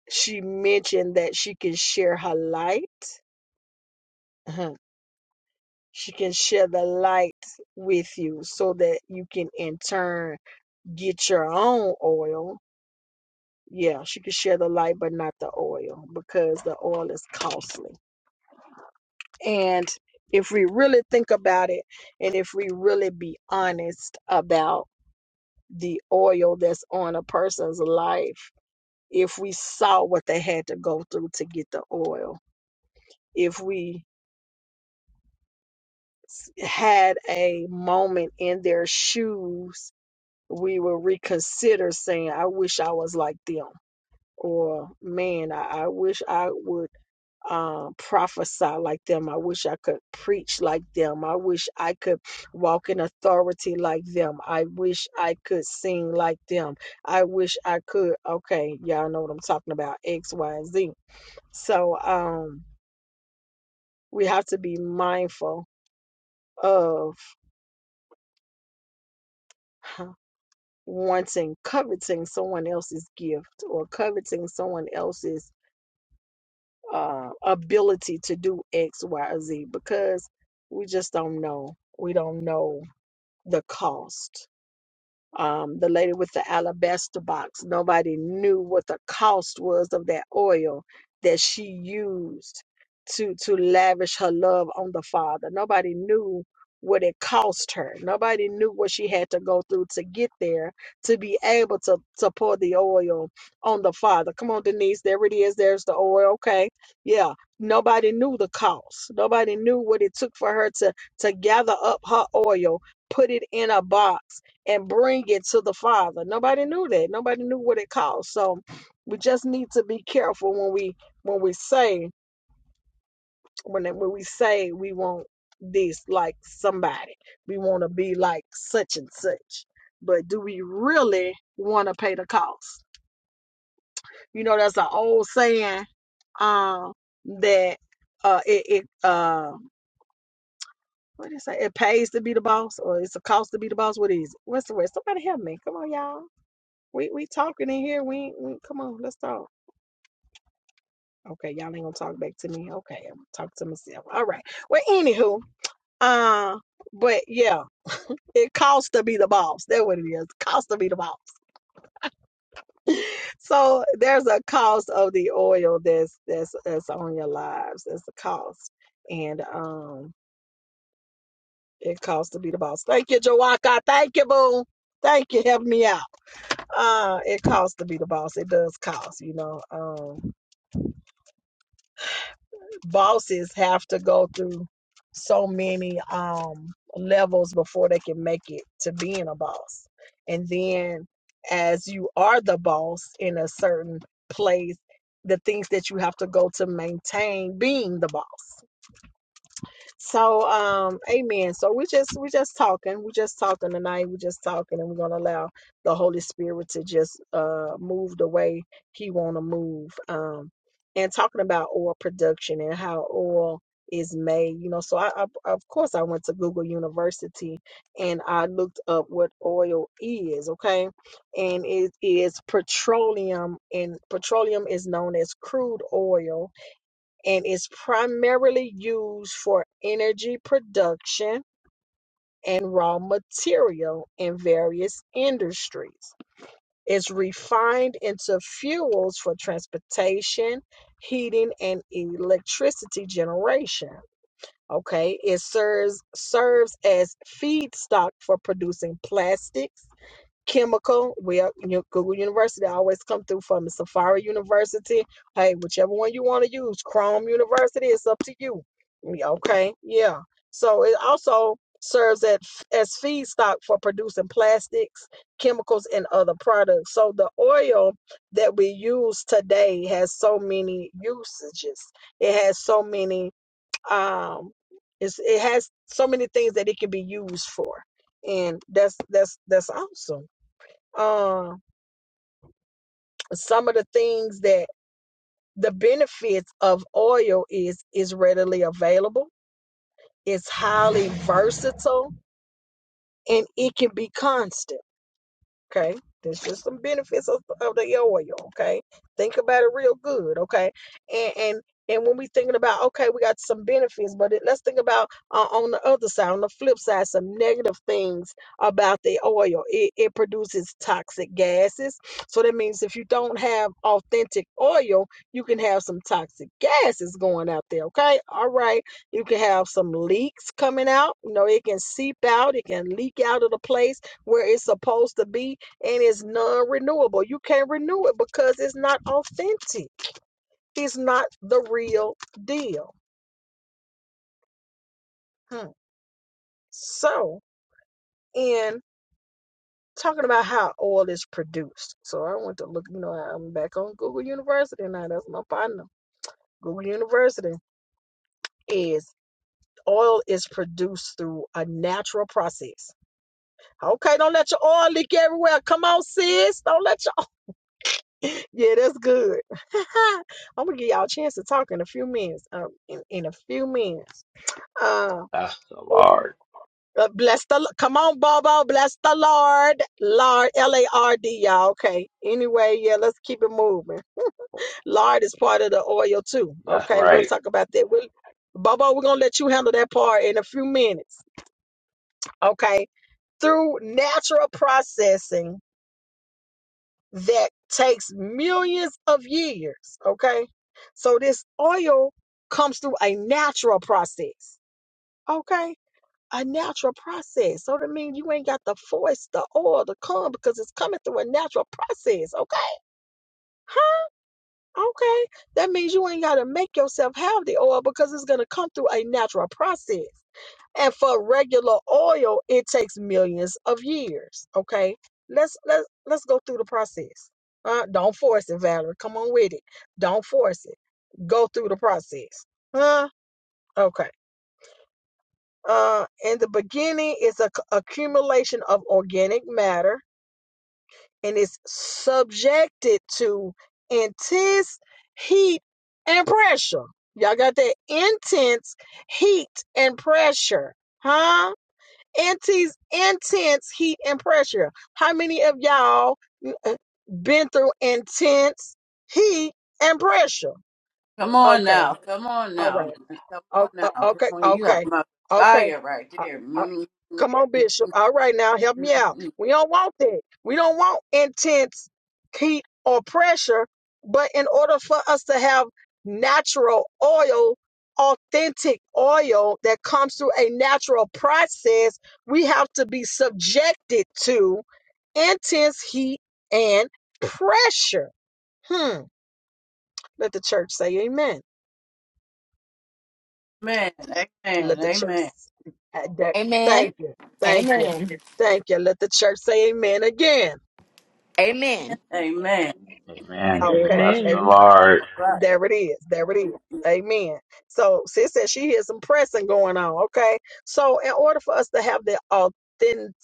She mentioned that she can share her light. Mhm. She can share the light with you so that you can in turn get your own oil. Yeah, she can share the light, but not the oil because the oil is costly And if we really think about it, and if we really be honest about the oil that's on a person's life, if we saw what they had to go through to get the oil, if we s- had a moment in their shoes, we would reconsider saying, I wish I was like them. Or, man, I, I wish I would um, prophesy like them. I wish I could preach like them. I wish I could walk in authority like them. I wish I could sing like them. I wish I could. Okay, y'all know what I'm talking about X, Y, and Z. So um, we have to be mindful of *sighs* wanting, coveting someone else's gift or coveting someone else's uh, ability to do X, Y, or Z because we just don't know. We don't know the cost um, the lady with the alabaster box. Nobody knew what the cost was of that oil that she used to to lavish her love on the Father. Nobody knew what it cost her. Nobody knew what she had to go through to get there to be able to, to pour the oil on the Father. Come on, Denise, there it is. There's the oil. Okay. Yeah. Nobody knew the cost. Nobody knew what it took for her to to gather up her oil, put it in a box and bring it to the Father. Nobody knew that. Nobody knew what it cost. So we just need to be careful when we when we say when when we say we want this like somebody. We want to be like such and such. But do we really want to pay the cost? You know, there's an old saying um, that uh, it, it uh, what is it? It pays to be the boss, or it's a cost to be the boss. What is it? What's the word? Somebody help me. Come on, y'all We we talking in here. We, ain't- we come on, let's talk. Okay, y'all ain't gonna talk back to me. Okay, I'm gonna talk to myself. All right. Well, anywho, uh, but yeah, it costs to be the boss. That's what it is. Cost to be the boss. So there's a cost of the oil that's that's that's on your lives. That's the cost, and um, it costs to be the boss. Thank you, Jawaka. Thank you, boo. Thank you, help me out. Uh, it costs to be the boss. It does cost, you know. Um. bosses have to go through so many um levels before they can make it to being a boss and then as you are the boss in a certain place the things that you have to go to maintain being the boss so, um, amen. So we just we just talking. We just talking tonight. We just talking, and we're gonna allow the Holy Spirit to just uh move the way He wanna move. Um, and talking about oil production and how oil is made. You know, so I, I of course I went to Google University and I looked up what oil is. Okay, and it is petroleum, and petroleum is known as crude oil and is primarily used for energy production and raw material in various industries. It's refined into fuels for transportation, heating, and electricity generation. Okay, it serves serves as feedstock for producing plastics Chemical, well, you know, Google University always come through for me. Safari University, hey, whichever one you want to use, Chrome University, it's up to you. Yeah, Okay, yeah. So it also serves at, as feedstock for producing plastics, chemicals, and other products. So the oil that we use today has so many usages. It has so many um, it's, it has so many things that it can be used for and that's that's that's awesome um, some of the things that the benefits of oil is is readily available it's highly versatile and it can be constant Okay, there's just some benefits of, of the oil. Okay, think about it real good. Okay, and and and when we thinking about okay, we got some benefits, but it, let's think about uh, on the other side, on the flip side, some negative things about the oil. It it produces toxic gases, so that means if you don't have authentic oil, you can have some toxic gases going out there. Okay, all right, you can have some leaks coming out. You know, it can seep out, it can leak out of the place where it's supposed to be and it's non-renewable. You can't renew it because it's not authentic. It's not the real deal. Hmm. So, in talking about how oil is produced, so I went to look. You know, I'm back on Google University now. That's my partner. Google University is oil is produced through a natural process. Okay, don't let your oil leak everywhere. Come on, sis. Don't let your Yeah, that's good. *laughs* I'm gonna give y'all a chance to talk in a few minutes. Um, in, in a few minutes. Uh, Bless the oh, Lord. uh, bless the. L- Come on, Bobo. Bless the Lord. Lord, L A R D, y'all. Okay. Anyway, yeah, let's keep it moving. Lard is part of the oil too. That's Okay, we'll right. talk about that. We'll, Bobo, we're gonna let you handle that part in a few minutes. Okay. Through natural processing. that takes millions of years. Okay. So this oil comes through a natural process. Okay. A natural process. So that means you ain't got to force the oil to come because it's coming through a natural process. Okay. Huh? Okay. That means you ain't got to make yourself have the oil because it's going to come through a natural process and for regular oil it takes millions of years okay let's let's let's go through the process uh, don't force it valerie come on with it don't force it go through the process huh okay uh in the beginning it's a c- accumulation of organic matter and it's subjected to intense heat and pressure y'all got that intense heat and pressure huh intense, intense heat and pressure. How many of y'all mm, uh, been through intense heat and pressure? Come on Okay, now. Come on all now. right. Come Oh, on now. uh, Come okay, on. You got okay, my okay. fire right Uh, there. uh, Mm, mm, come on, Bishop. All right, now mm, help mm, me out. mm. We don't want that. We don't want intense heat or pressure. But in order for us to have natural oil, authentic oil that comes through a natural process, we have to be subjected to intense heat and pressure. Hmm. Let the church say amen. Amen. Amen. Let the church Amen. uh, that- Amen. thank you. Thank you. Amen. Thank you. Let the church say amen again. Amen. Amen. Amen. Okay. Bless the Amen. Lord. All right. There it is. There it is. Amen. So sis said she hears some pressing going on. Okay. So in order for us to have the authentic-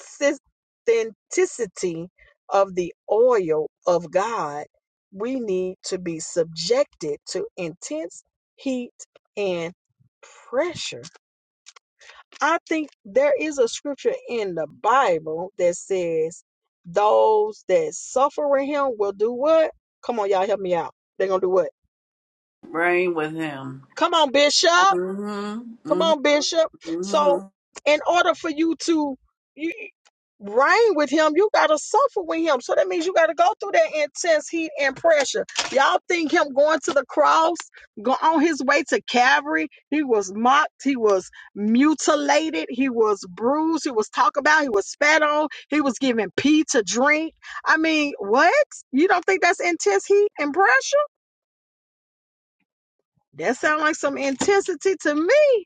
authenticity of the oil of God, we need to be subjected to intense heat and pressure. I think there is a scripture in the Bible that says those that suffer with him will do what? Come on, y'all, help me out. They're gonna do what? Reign with him. Come on, Bishop. Come Mm-hmm. on, Bishop. Mm-hmm. So, in order for you to you, reign with him, you got to suffer with him. So that means you got to go through that intense heat and pressure. Y'all think him going to the cross, go on his way to Calvary, he was mocked, he was mutilated, he was bruised, he was talked about, he was spat on, he was given pee to drink. I mean, what? You don't think that's intense heat and pressure? That sounds like some intensity to me.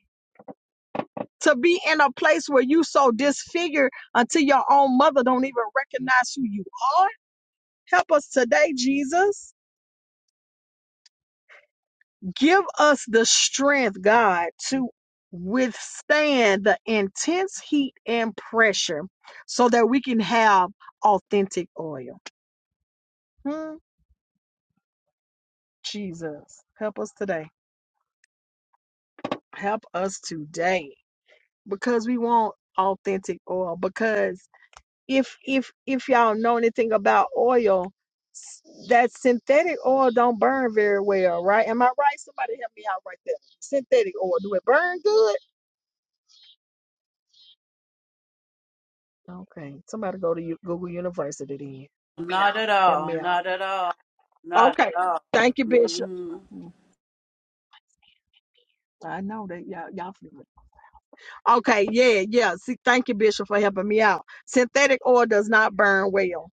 to be in a place where you so disfigured until your own mother don't even recognize who you are. Help us today, Jesus. Give us the strength, God, to withstand the intense heat and pressure so that we can have authentic oil. Hmm, Jesus, help us today. Help us today because we want authentic oil because if if if y'all know anything about oil, s- that synthetic oil don't burn very well, right? Am I right? Somebody help me out right there. Synthetic oil, do it burn good? Okay, somebody go to U- Google University then. Not at Help all. me out. Not at all. Not Okay, at all. thank you, Bishop. hmm Mm, I know that y'all y'all feel it. Okay, yeah, yeah. See, thank you, Bishop, for helping me out. Synthetic oil does not burn well,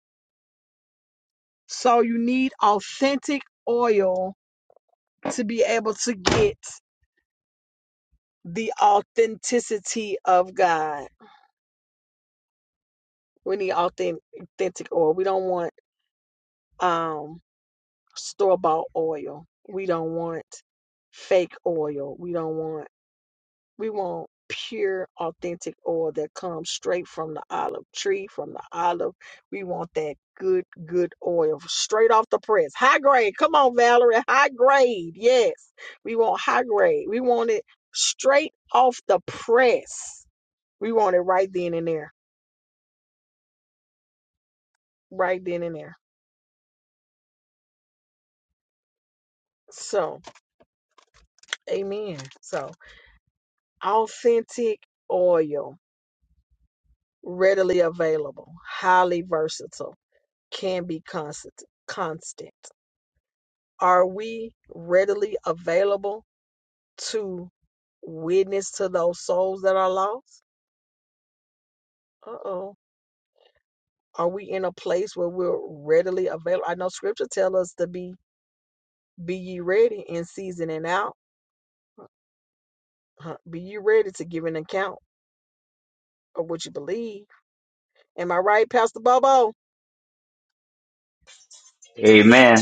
so you need authentic oil to be able to get the authenticity of God. We need authentic, authentic oil. We don't want um store bought oil. We don't want fake oil. We don't want we want pure authentic oil that comes straight from the olive tree, from the olive. We want that good, good oil straight off the press. High grade. Come on, Valerie. High grade. Yes. We want high grade. We want it straight off the press. We want it right then and there. right then and there. So, amen. So, authentic oil, readily available, highly versatile, can be constant. Constant. Are we readily available to witness to those souls that are lost? Uh oh. Are we in a place where we're readily available? I know Scripture tells us to be be ye ready in season and out. Huh, Be ye ready to give an account of what you believe. Am I right, Pastor Bobo? Amen.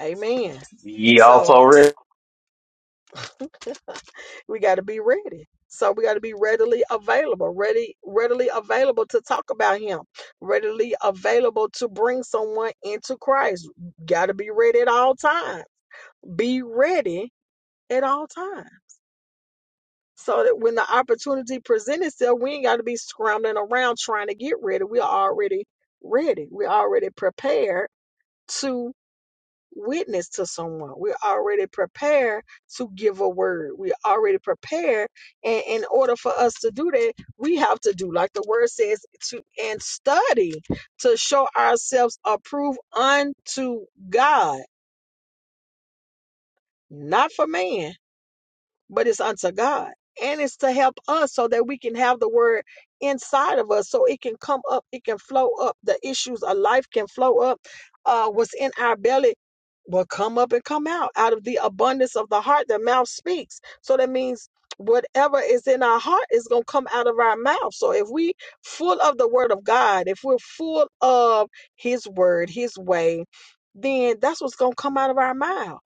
Amen. Be Ye So also rich. *laughs* we got to be ready. So we got to be readily available, ready, readily available to talk about Him, readily available to bring someone into Christ. Got to be ready at all times. Be ready at all times. So that when the opportunity presents itself, we ain't got to be scrambling around trying to get ready. We are already ready. We're already prepared to. witness to someone. We're already prepared to give a word. We're already prepared. And in order for us to do that, we have to do, like the word says, to and study to show ourselves approved unto God, not for man but it's unto God. And it's to help us so that we can have the word inside of us so it can come up, it can flow up. The issues of life can flow up. Uh, what's in our belly will come up and come out. Out of the abundance of the heart, the mouth speaks. So that means whatever is in our heart is going to come out of our mouth. So if we full of the word of God, if we're full of his word, his way, then that's what's going to come out of our mouths.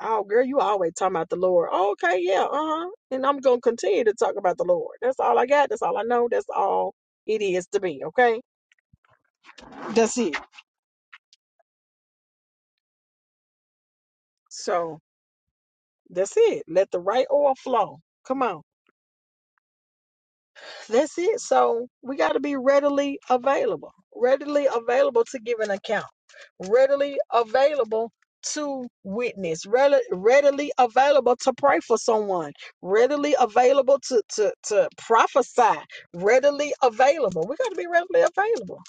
Oh, girl, you always talking about the Lord. "Oh, okay, yeah, uh huh. And I'm gonna continue to talk about the Lord. That's all I got. That's all I know. That's all it is to me. Okay, that's it. So that's it. Let the right oil flow. Come on. That's it. So we got to be readily available, readily available to give an account, readily available to witness, readily, readily available to pray for someone, readily available to, to, to prophesy, readily available. We got to be readily available.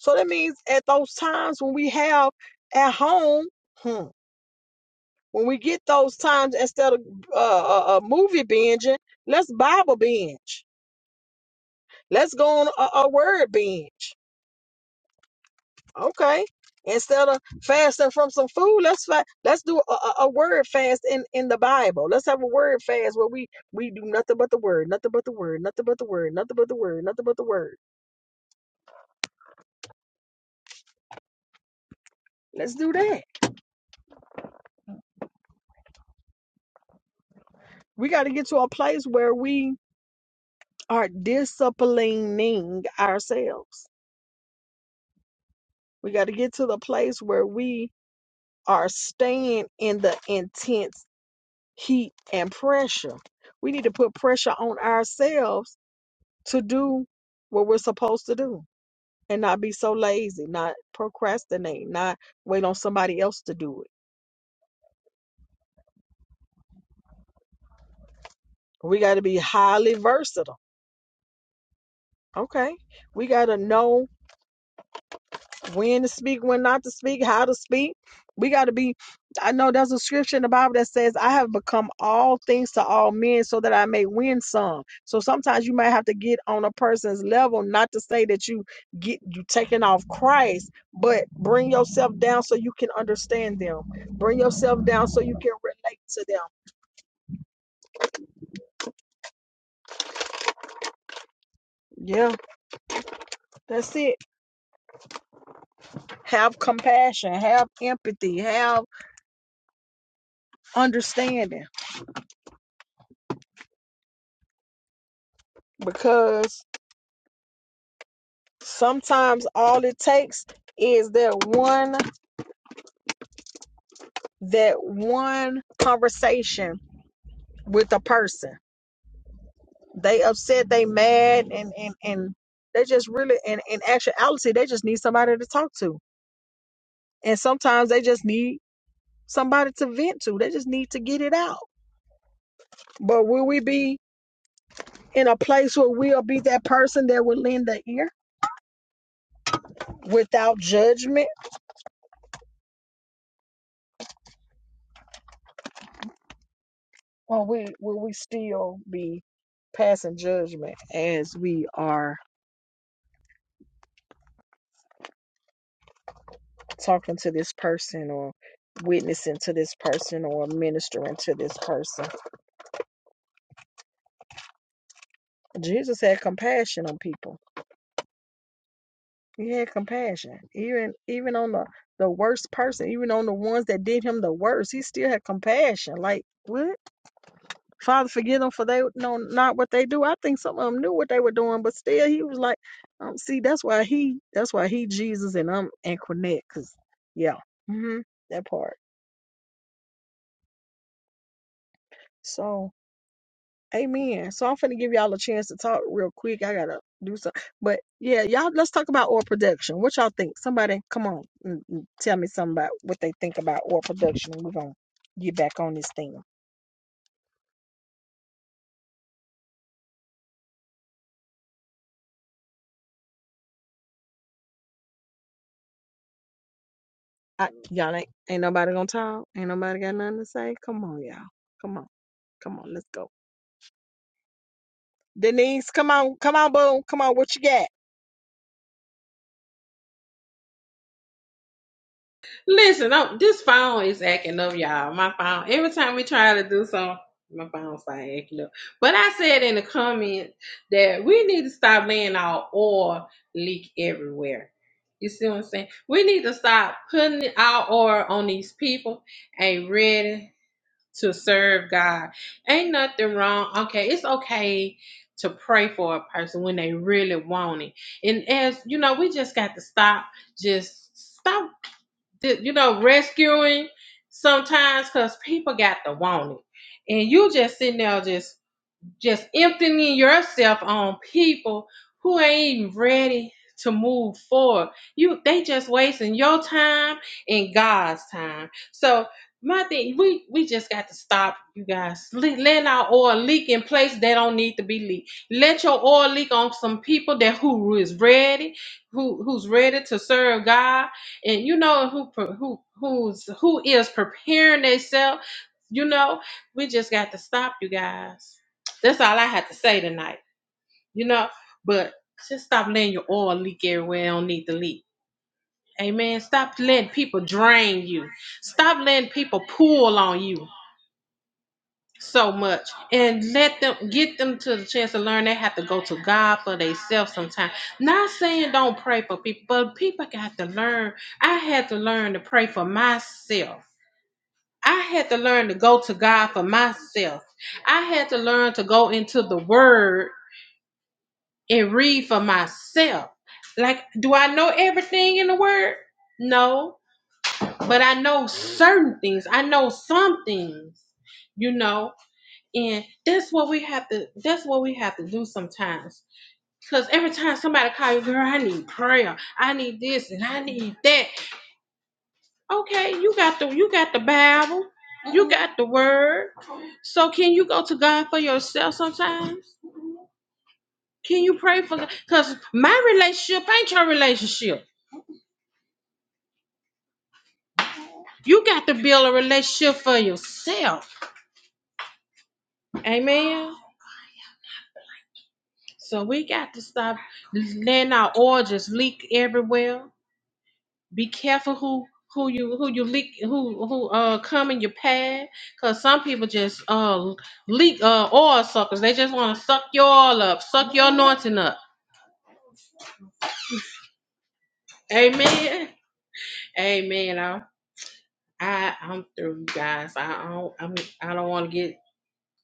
So that means at those times when we have at home, hmm, when we get those times instead of uh, uh, uh, movie binging, let's Bible binge Let's go on a, a word binge. Okay. Instead of fasting from some food, let's fa- let's do a, a a word fast in, in the Bible. Let's have a word fast where we we do nothing but the word, nothing but the word, nothing but the word, nothing but the word, nothing but the word. Let's do that. We got to get to a place where we are disciplining ourselves. We got to get to the place where we are staying in the intense heat and pressure. We need to put pressure on ourselves to do what we're supposed to do and not be so lazy, not procrastinate, not wait on somebody else to do it. We got to be highly versatile. Okay. We got to know when to speak, when not to speak, how to speak. We got to be. I know there's a scripture in the Bible that says, I have become all things to all men so that I may win some. So sometimes you might have to get on a person's level, not to say that you get you taking off Christ, but bring yourself down so you can understand them. Bring yourself down so you can relate to them. Yeah, that's it. Have compassion, have empathy, have understanding because Sometimes all it takes is that one that one conversation with a person. They upset, they mad and and and they just really and in actuality they just need somebody to talk to. And sometimes they just need somebody to vent to. They just need to get it out. But will we be in a place where we'll be that person that will lend the ear without judgment? Or we will we still be passing judgment as we are talking to this person or witnessing to this person or ministering to this person. Jesus had compassion on people. He had compassion. Even even on the, the worst person, even on the ones that did him the worst, he still had compassion. Like what? Father forgive them for they know not what they do. I think some of them knew what they were doing, but still he was like, um, see, that's why he that's why he Jesus and I'm and Cornette, cause yeah. hmm that part. So Amen. So I'm finna give y'all a chance to talk real quick. I gotta do something. But yeah, y'all let's talk about oil production. What y'all think? Somebody come on and and tell me something about what they think about oil production we're gonna get back on this thing. I, y'all ain't ain't nobody gonna talk. Ain't nobody got nothing to say. Come on, y'all. Come on. Come on, let's go. Denise, come on, come on, boom, come on, what you got? Listen, i this phone is acting up, y'all. My phone. Every time we try to do something, my phone start acting up. But I said in the comment that we need to stop letting our oil leak everywhere. You see what I'm saying? We need to stop putting our oil on these people. Ain't ready. to serve God. Ain't nothing wrong. Okay, it's okay to pray for a person when they really want it. And as you know, we just got to stop, just stop, th- you know, rescuing sometimes because people got to want it. And you just sitting there just just emptying yourself on people who ain't even ready to move forward. You they just wasting your time and God's time. So my thing, we we just got to stop, you guys. Le- Letting our oil leak in place that don't need to be leaked. Let your oil leak on some people that who is ready, who who's ready to serve God, and you know who pre- who who's who is preparing themselves. You know, we just got to stop, you guys that's all I had to say tonight, you know. But just stop letting your oil leak everywhere it don't need to leak. Amen. Stop letting people drain you. Stop letting people pull on you so much. And let them get them to the chance to learn they have to go to God for themselves sometimes. Not saying don't pray for people, but people got to learn. I had to learn to pray for myself. I had to learn to go to God for myself. I had to learn to go into the word and read for myself. Like, do I know everything in the word? No, but I know certain things. I know some things, you know, and that's what we have to. That's what we have to do sometimes. Cause every time somebody call you, girl, I need prayer. I need this and I need that. Okay, you got the you got the Bible. You got the word. So can you go to God for yourself sometimes? Can you pray for God? Because my relationship ain't your relationship. You got to build a relationship for yourself. Amen. So we got to stop letting our oil just leak everywhere. Be careful who who you who you leak who who uh come in your pad because some people just uh leak uh oil suckers. They just want to suck your oil up, suck your anointing up. Amen. Amen. I, I I'm through, you guys. I don't I'm I don't want to get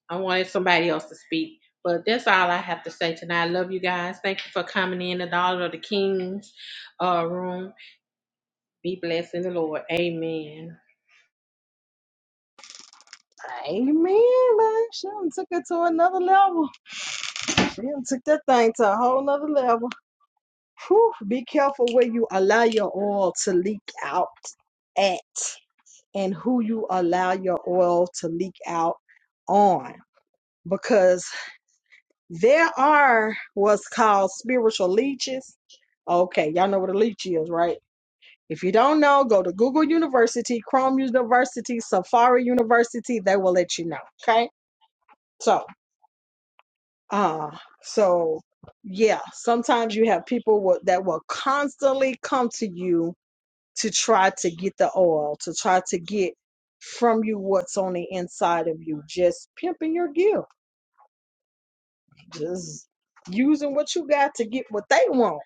I wanted somebody else to speak. But that's all I have to say tonight. I love you guys. Thank you for coming in the Dollar of the Kings uh, room. Be blessed in the Lord. Amen. Amen, man. She done took it to another level. She done took that thing to a whole nother level. Whew, be careful where you allow your oil to leak out at and who you allow your oil to leak out on because there are what's called spiritual leeches. Okay, y'all know what a leech is, right? If you don't know, go to Google University, Chrome University, Safari University, they will let you know. Okay? So, uh, so yeah, sometimes you have people wo- that will constantly come to you to try to get the oil, to try to get from you what's on the inside of you, just pimping your gift, just using what you got to get what they want.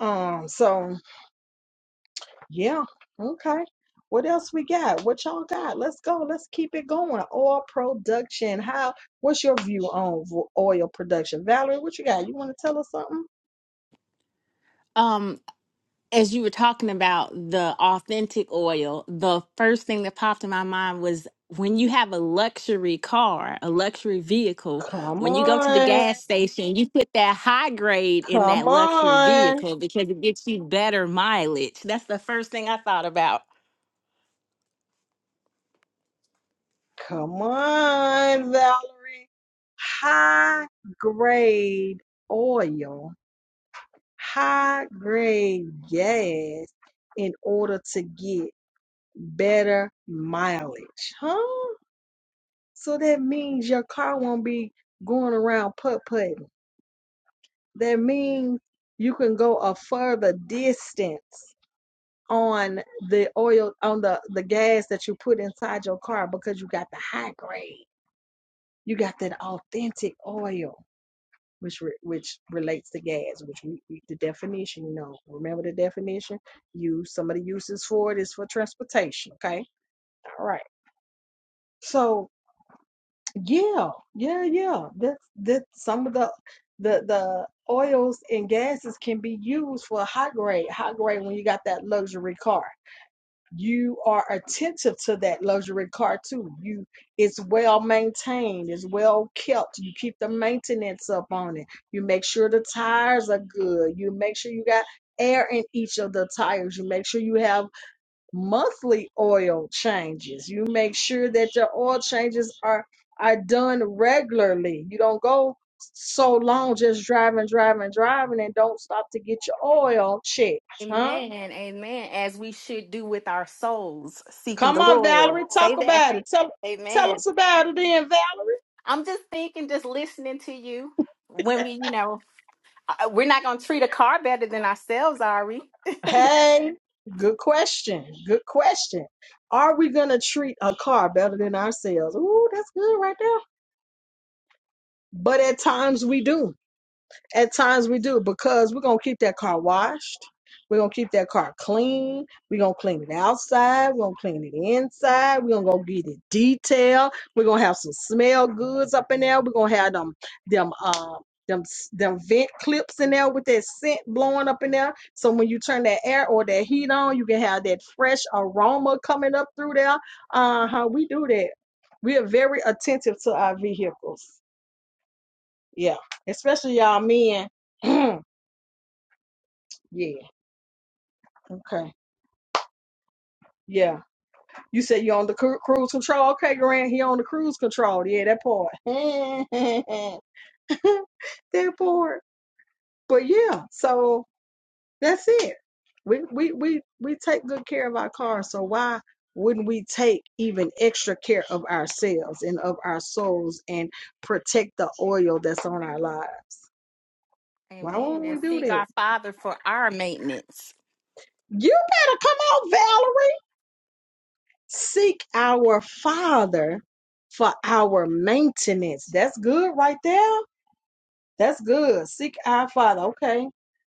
Um, so yeah, okay. What else we got? What y'all got? Let's go. Let's keep it going. Oil production. How? What's your view on vo- oil production, Valerie? What you got? You want to tell us something? Um, as you were talking about the authentic oil, the first thing that popped in my mind was when you have a luxury car, a luxury vehicle, Come when you go to the on. gas station, you put that high grade in that Come luxury on. vehicle because it gets you better mileage. That's the first thing I thought about. Come on, Valerie. High grade oil, high grade gas in order to get better mileage. Huh? So that means your car won't be going around putt putting. That means you can go a further distance on the oil on the the gas that you put inside your car because you got the high grade you got that authentic oil which re, which relates to gas which we, we the definition you know remember the definition use some of the uses for it is for transportation okay all right so yeah yeah yeah that that some of the the the oils and gases can be used for high grade high grade when you got that luxury car you are attentive to that luxury car too. You it's well maintained, it's well kept. You keep the maintenance up on it. You make sure the tires are good. You make sure you got air in each of the tires. You make sure you have monthly oil changes. You make sure that your oil changes are are done regularly. You don't go so long just driving, driving, driving and don't stop to get your oil checked, huh? Amen. Amen. As we should do with our souls, seeking Come the on, Lord. Valerie, Say talk that. about it. Tell tell Amen. us about it then, Valerie. I'm just thinking, just listening to you when we, you know. Uh, We're not going to treat a car better than ourselves, Ari. Hey, good question. Good question. Are we gonna treat a car better than ourselves? Ooh, that's good right there. But at times we do. At times we do because we're gonna keep that car washed. We're gonna keep that car clean. We're gonna clean it outside. We're gonna clean it inside. We're gonna go get it detailed. We're gonna have some smell goods up in there. We're gonna have them them um them s- them vent clips in there with that scent blowing up in there. So when you turn that air or that heat on, you can have that fresh aroma coming up through there. Uh huh. We do that. We are very attentive to our vehicles. Yeah, especially y'all men. *clears throat* Yeah. Okay. Yeah. You said you on the cru- cruise control. Okay, Grant, he on the cruise control. Yeah, that part. *laughs* that part. But yeah, so that's it. We we we we take good care of our cars, so why wouldn't we take even extra care of ourselves and of our souls and protect the oil that's on our lives? Why Amen. won't we And do seek that? our Father for our maintenance. You better come on, Valerie. seek our Father for our maintenance. That's good right there. That's good. Seek our Father. Okay.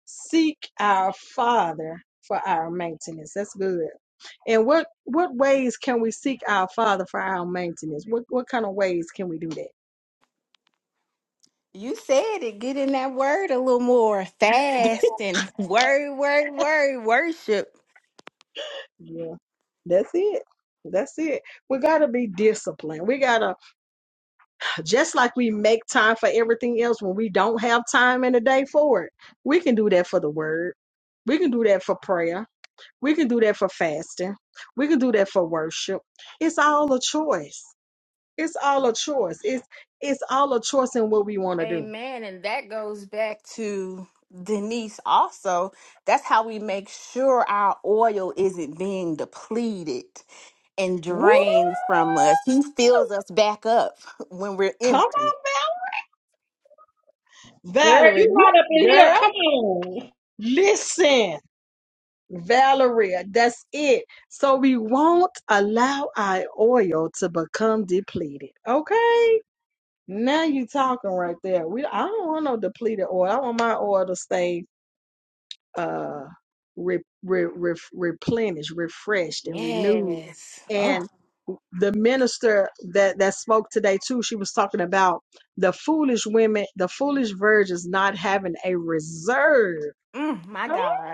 Seek our Father for our maintenance. That's good. And what what ways can we seek our Father for our maintenance? What what kind of ways can we do that? You said it. Get in that word a little more fast and *laughs* word, word, word, worship. Yeah. That's it. That's it. We gotta be disciplined. We gotta Just like we make time for everything else when we don't have time in the day for it, we can do that for the word. We can do that for prayer. We can do that for fasting. We can do that for worship. It's all a choice. It's all a choice. It's it's all a choice in what we want to do. Amen. And that goes back to Denise also. That's how we make sure our oil isn't being depleted and Woo! drained from us. He fills us back up *laughs* when we're Come empty. on, Girl, Valerie, you you right up in here. girl, Come on. listen. Valeria, that's it. So we won't allow our oil to become depleted. Okay? Now you talking right there. We I don't want no depleted oil. I want my oil to stay uh re, re, re, replenished, refreshed, and renewed. Yes. Oh, And the minister that that spoke today too, she was talking about the foolish women, the foolish virgins not having a reserve. mm, my God.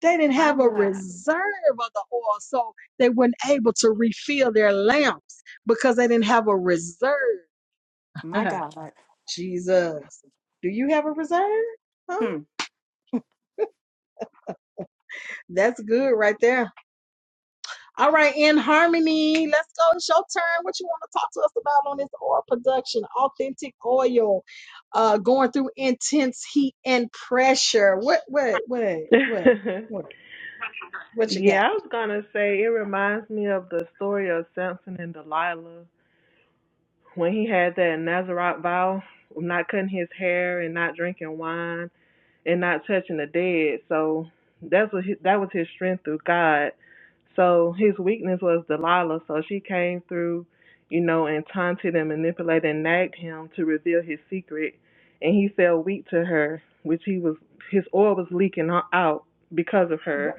They didn't My have a God. reserve of the oil, so they weren't able to refill their lamps because they didn't have a reserve. My *laughs* God. Jesus. Do you have a reserve? Huh? Hmm. That's good right there. All right, in harmony, let's go. It's your turn. What you want to talk to us about on this oil production? Authentic oil, uh, going through intense heat and pressure. What, what, what, what, what, what you got? when he had that Nazarite vow of not cutting his hair and not drinking wine and not touching the dead. So that's what his, that was his strength through God. So his weakness was Delilah. So she came through, you know, and taunted and manipulated and nagged him to reveal his secret. And he fell weak to her, which he was his oil was leaking o- out because of her.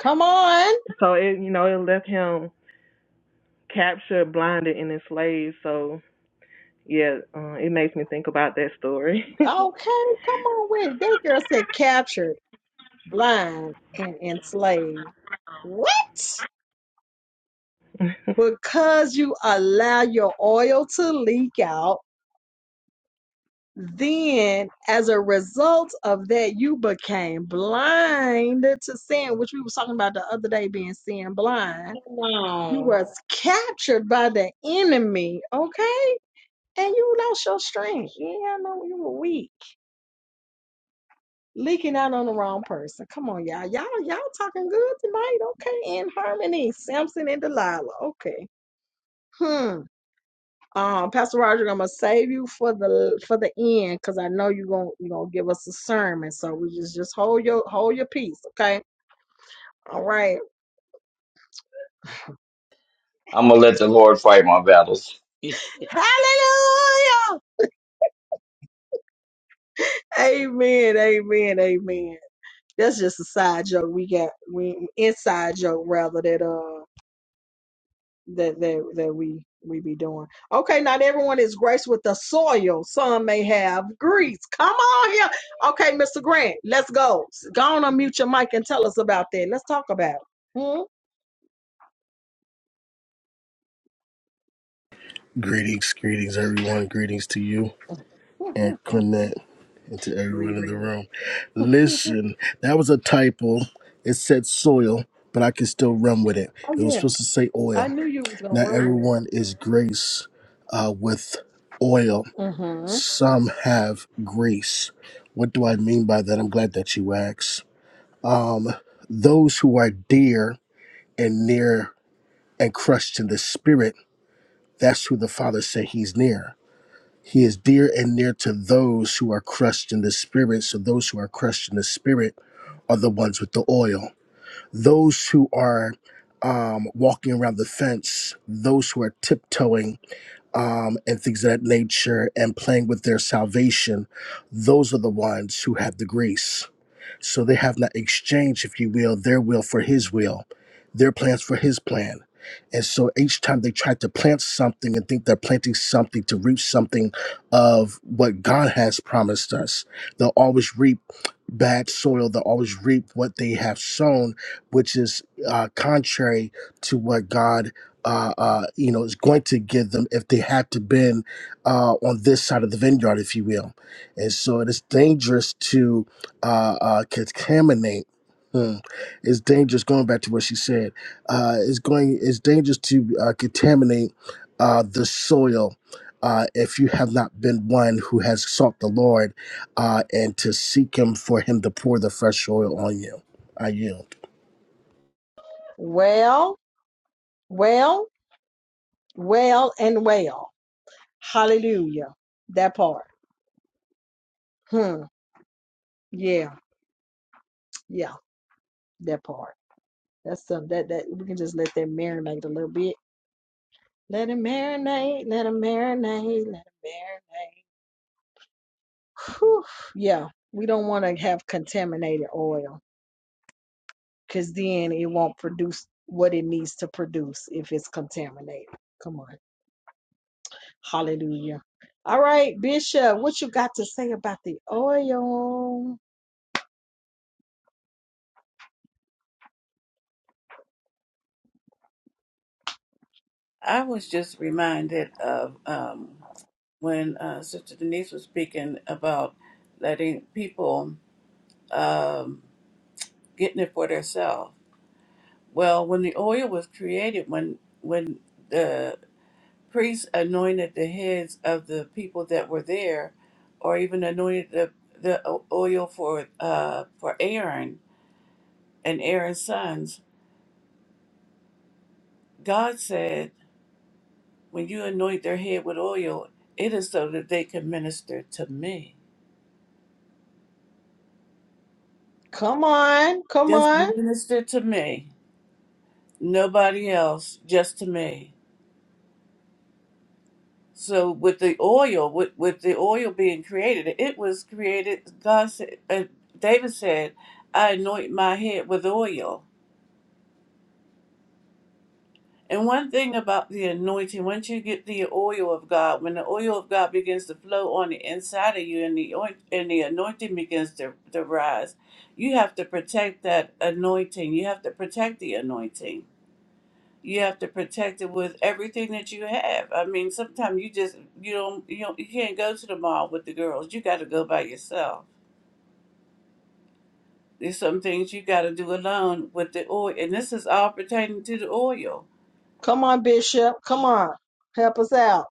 Come on. So it you know it left him captured, blinded, and enslaved. So yeah, uh, it makes me think about that story. *laughs* Okay, come on. Wait, that girl said captured, blind, and enslaved. What? Because you allow your oil to leak out Then, as a result of that, you became blind to sin, which we were talking about the other day being sin blind. Come You on. was captured by the enemy, okay? And you lost your strength. Yeah, I know you were weak, leaking out on the wrong person. Come on, y'all. Y'all, y'all talking good tonight, okay? In harmony, Samson and Delilah, okay? Hmm. Um, Pastor Roger, I'm gonna save you for the for the end because I know you're gonna you gonna give us a sermon. So we just just hold your hold your peace, okay? All right. I'm gonna let the Lord fight my battles. *laughs* Praise Hallelujah. Amen. Amen. Amen. That's just a side joke. We got we inside joke rather that uh that that that we we be doing. Okay, not everyone is graced with the soil. Some may have grease. Come on here. Okay, Mr. Grant, let's go. Go on and mute your mic and tell us about that. Let's talk about it. *laughs* Greetings, greetings, everyone. Greetings to you and Mm-hmm. Cornette and to everyone in the Reading. room. Listen, that was a typo. It said soil, but I can still run with it. Oh It was yeah, supposed to say I oil. knew you was gonna Not run with it. everyone is grace uh, with oil, Mm-hmm. some have grace. What do I mean by that? I'm glad that you asked. Um, those who are dear and near and crushed in the spirit, that's who the Father said He's near He is dear and near to those who are crushed in the spirit. So those who are crushed in the spirit are the ones with the oil. Those who are um, walking around the fence, those who are tiptoeing um, and things of that nature and playing with their salvation, those are the ones who have the grace so they have not exchanged, if you will, their will for his will, their plans for his plan. And so each time they try to plant something and think they're planting something to reap something of what God has promised us, they'll always reap bad soil. They'll always reap what they have sown, which is uh, contrary to what God, uh, uh, you know, is going to give them if they had to been uh, on this side of the vineyard, if you will. And so it is dangerous uh, uh, contaminate. Hmm. It's dangerous. Going back to what she said, uh, it's going. It's dangerous to uh, contaminate uh, the soil uh, if you have not been one who has sought the Lord uh, and to seek Him for Him to pour the fresh oil on you. Are you? Well, well, well, and well. Hallelujah. That part. Hmm. Yeah, yeah, that part. That's some that that we can just let that marinate a little bit Let it marinate, let it marinate, let it marinate. Whew. Yeah, we don't want to have contaminated oil because then it won't produce what it needs to produce if it's contaminated. Come on. Hallelujah. All right, Bishop, what you got to say about the oil? I was just reminded of um, when uh, Sister Denise was speaking about letting people um, getting it for themselves. Well, when the oil was created, when when the priests anointed the heads of the people that were there, or even anointed the the o- oil for uh, for Aaron and Aaron's sons, God said. When you anoint their head with oil, it is so that they can minister to me. Come on, come Just on, minister to me. Nobody else, just to me. So with the oil, with, with the oil being created, it was created. God said, uh, David said, "I anoint my head with oil." And one thing about the anointing, once you get the oil of God, when the oil of God begins to flow on the inside of you and the oin- and the anointing begins to, to rise, you have to protect that anointing. You have to protect the anointing. You have to protect it with everything that you have. I mean, sometimes you just you don't you don't, you can't go to the mall with the girls. You got to go by yourself. There's some things you got to do alone with the oil, and this is all pertaining to the oil come on, Bishop, come on. Help us out.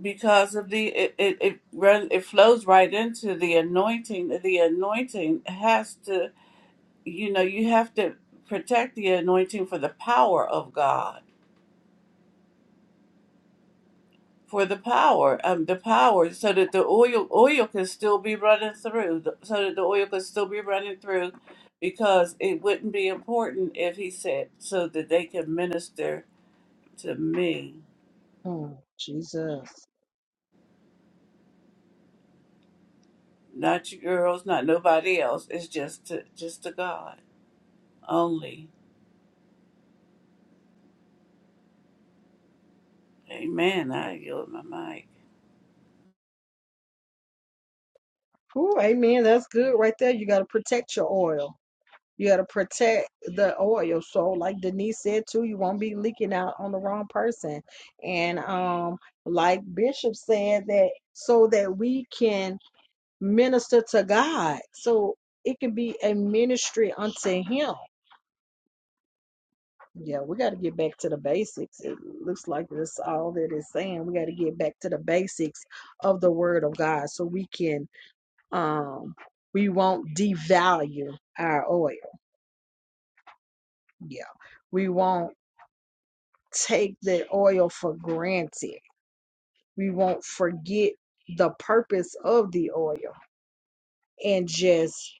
because of the it it it, run, it flows right into the anointing the anointing has to you know you have to protect the anointing for the power of god for the power um the power so that the oil oil can still be running through so that the oil can still be running through because it wouldn't be important if he said so that they can minister to me Hmm, Jesus. not you girls not nobody else it's just to just to god only Amen. I yield my mic. Whew, amen. That's good right there. You got to protect your oil. You got to protect the oil. So, like Denise said too, you won't be leaking out on the wrong person. And um, like Bishop said that so that we can minister to God. So it can be a ministry unto Him. Yeah, we got to get back to the basics. It looks like that's all that it's saying. We got to get back to the basics of the Word of God, so we can um, we won't devalue our oil. Yeah, we won't take the oil for granted. We won't forget the purpose of the oil and just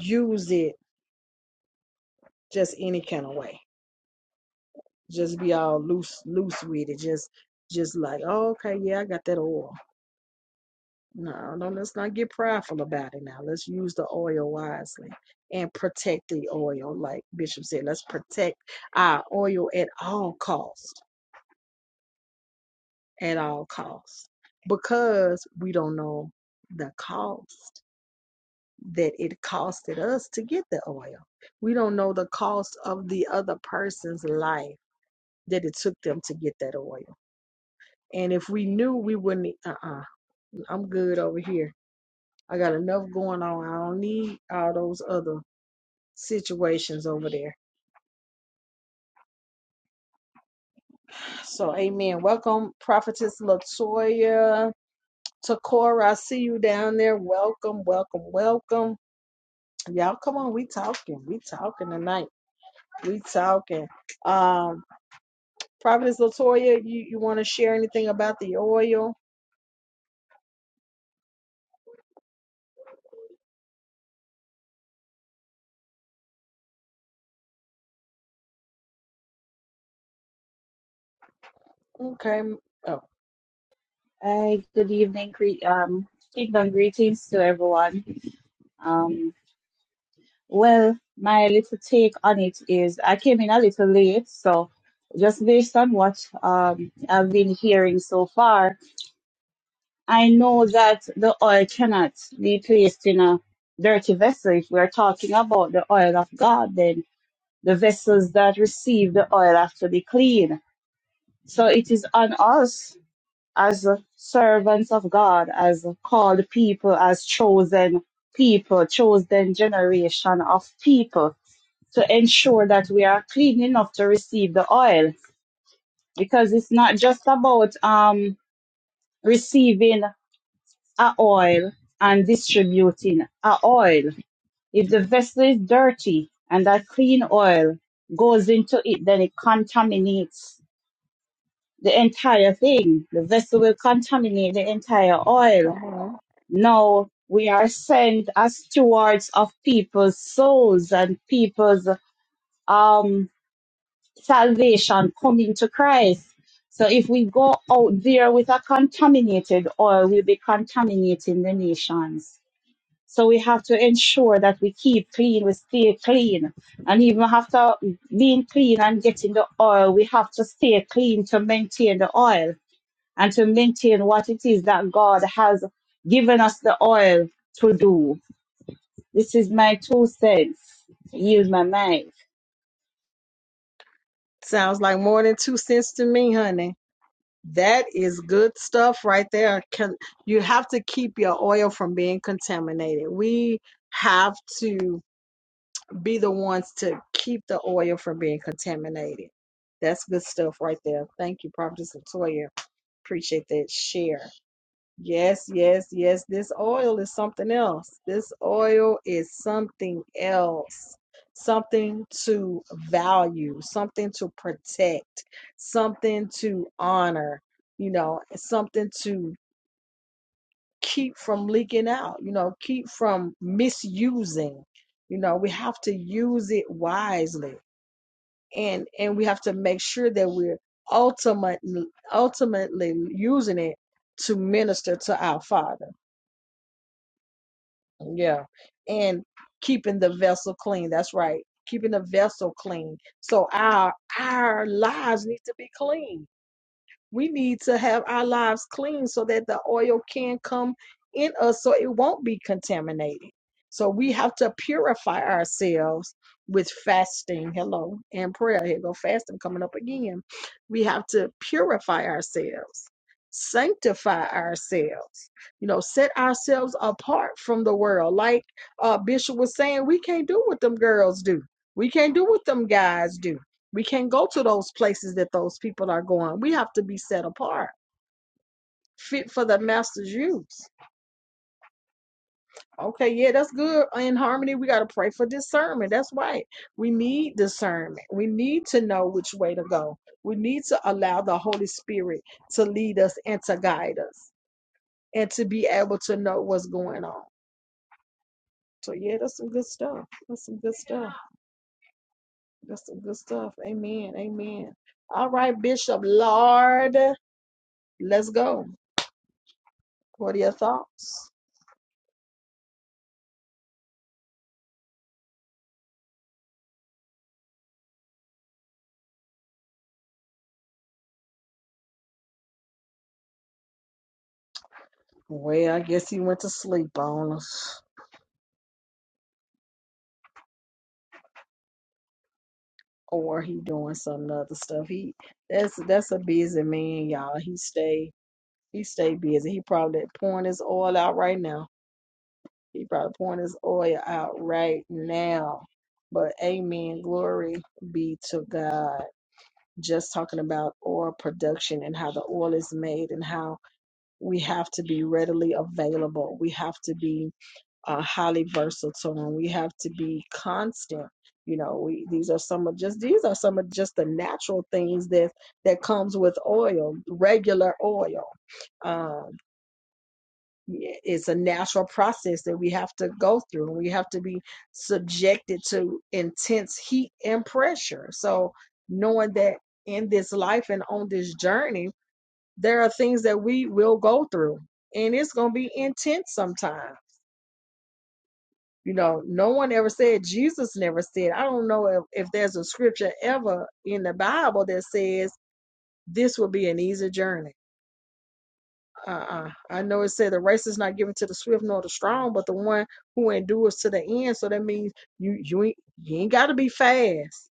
use it just any kind of way. Just be all loose loose with it. Just just like, oh, okay, yeah, I got that oil. No, no, let's not get prideful about it now. Let's use the oil wisely and protect the oil. Like Bishop said, let's protect our oil at all costs. At all costs. Because we don't know the cost. that it costed us to get the oil. We don't know the cost of the other person's life that it took them to get that oil. And if we knew, we wouldn't. Uh uh i am good over here. I got enough going on. I don't need all those other situations over there. So, amen. Welcome, Prophetess Latoya. Takora, I see you down there. Welcome, welcome, welcome. Y'all, come on. We talking. We talking tonight. We talking. Um, Prophetess Latoya, you, you want to share anything about the oil? Okay. m- Oh, Hi, good evening, cre- um, kingdom greetings to everyone. Um, well, my little take on it is I came in a little late, so just based on what um, I've been hearing so far, I know that the oil cannot be placed in a dirty vessel. If we're talking about the oil of God, then the vessels that receive the oil have to be clean. So it is on us as servants of God, as called people, as chosen people, chosen generation of people to ensure that we are clean enough to receive the oil. Because it's not just about um, receiving a oil and distributing a oil. If the vessel is dirty and that clean oil goes into it, then it contaminates the entire thing. The vessel will contaminate the entire oil come on. No, we are sent as stewards of people's souls and people's um, salvation coming to Christ. So if we go out there with a contaminated oil, we'll be contaminating the nations. So we have to ensure that we keep clean, we stay clean. And even after being clean and getting the oil, we have to stay clean to maintain the oil and to maintain what it is that God has given us the oil to do. This is my two cents. Use my mic. Sounds like more than two cents to me, honey. That is good stuff right there. Can, you have to keep your oil from being contaminated. We have to. be the ones to keep the oil from being contaminated. That's good stuff right there. Thank you, Prophetess Latoya. Appreciate that share. Yes, yes, yes. This oil is something else. This oil is something else. Something to value, something to protect, something to honor, you know, something to keep from leaking out, you know, keep from misusing. You know, we have to use it wisely and and we have to make sure that we're ultimately ultimately using it to minister to our Father. Yeah. And keeping the vessel clean. That's right. Keeping the vessel clean. So our our lives need to be clean We need to have our lives clean so that the oil can come in us so it won't be contaminated. So we have to purify ourselves with fasting. Hello, and prayer. Here go fasting coming up again. We have to purify ourselves, sanctify ourselves, you know, set ourselves apart from the world. Like uh, Bishop was saying, we can't do what them girls do. We can't do what them guys do we can't go to those places that those people are going. We have to be set apart, fit for the master's use. Okay, yeah, that's good. In harmony, we got to pray for discernment. That's right. We need discernment. We need to know which way to go. We need to allow the Holy Spirit to lead us and to guide us and to be able to know what's going on. So, yeah, that's some good stuff. That's some good stuff. That's some good stuff. Amen. Amen. All right, Bishop Lord, let's go. What are your thoughts? Well, I guess he went to sleep on us, or he doing some other stuff. He that's that's a busy man, y'all. He stay he stay busy. He probably pouring his oil out right now. He probably pouring his oil out right now. But amen, glory be to God. Just talking about oil production and how the oil is made and how we have to be readily available. We have to be uh, highly versatile and we have to be constant you know we these are some of just these are some of just the natural things that that comes with oil regular oil um, yeah, it's a natural process that we have to go through and we have to be subjected to intense heat and pressure so knowing that in this life and on this journey there are things that we will go through and it's going to be intense sometimes You know, no one ever said, Jesus never said. I don't know if, if there's a scripture ever in the Bible that says this will be an easy journey. Uh-uh. I know it said the race is not given to the swift nor the strong, but the one who endures to the end. So that means you you ain't you ain't gotta be fast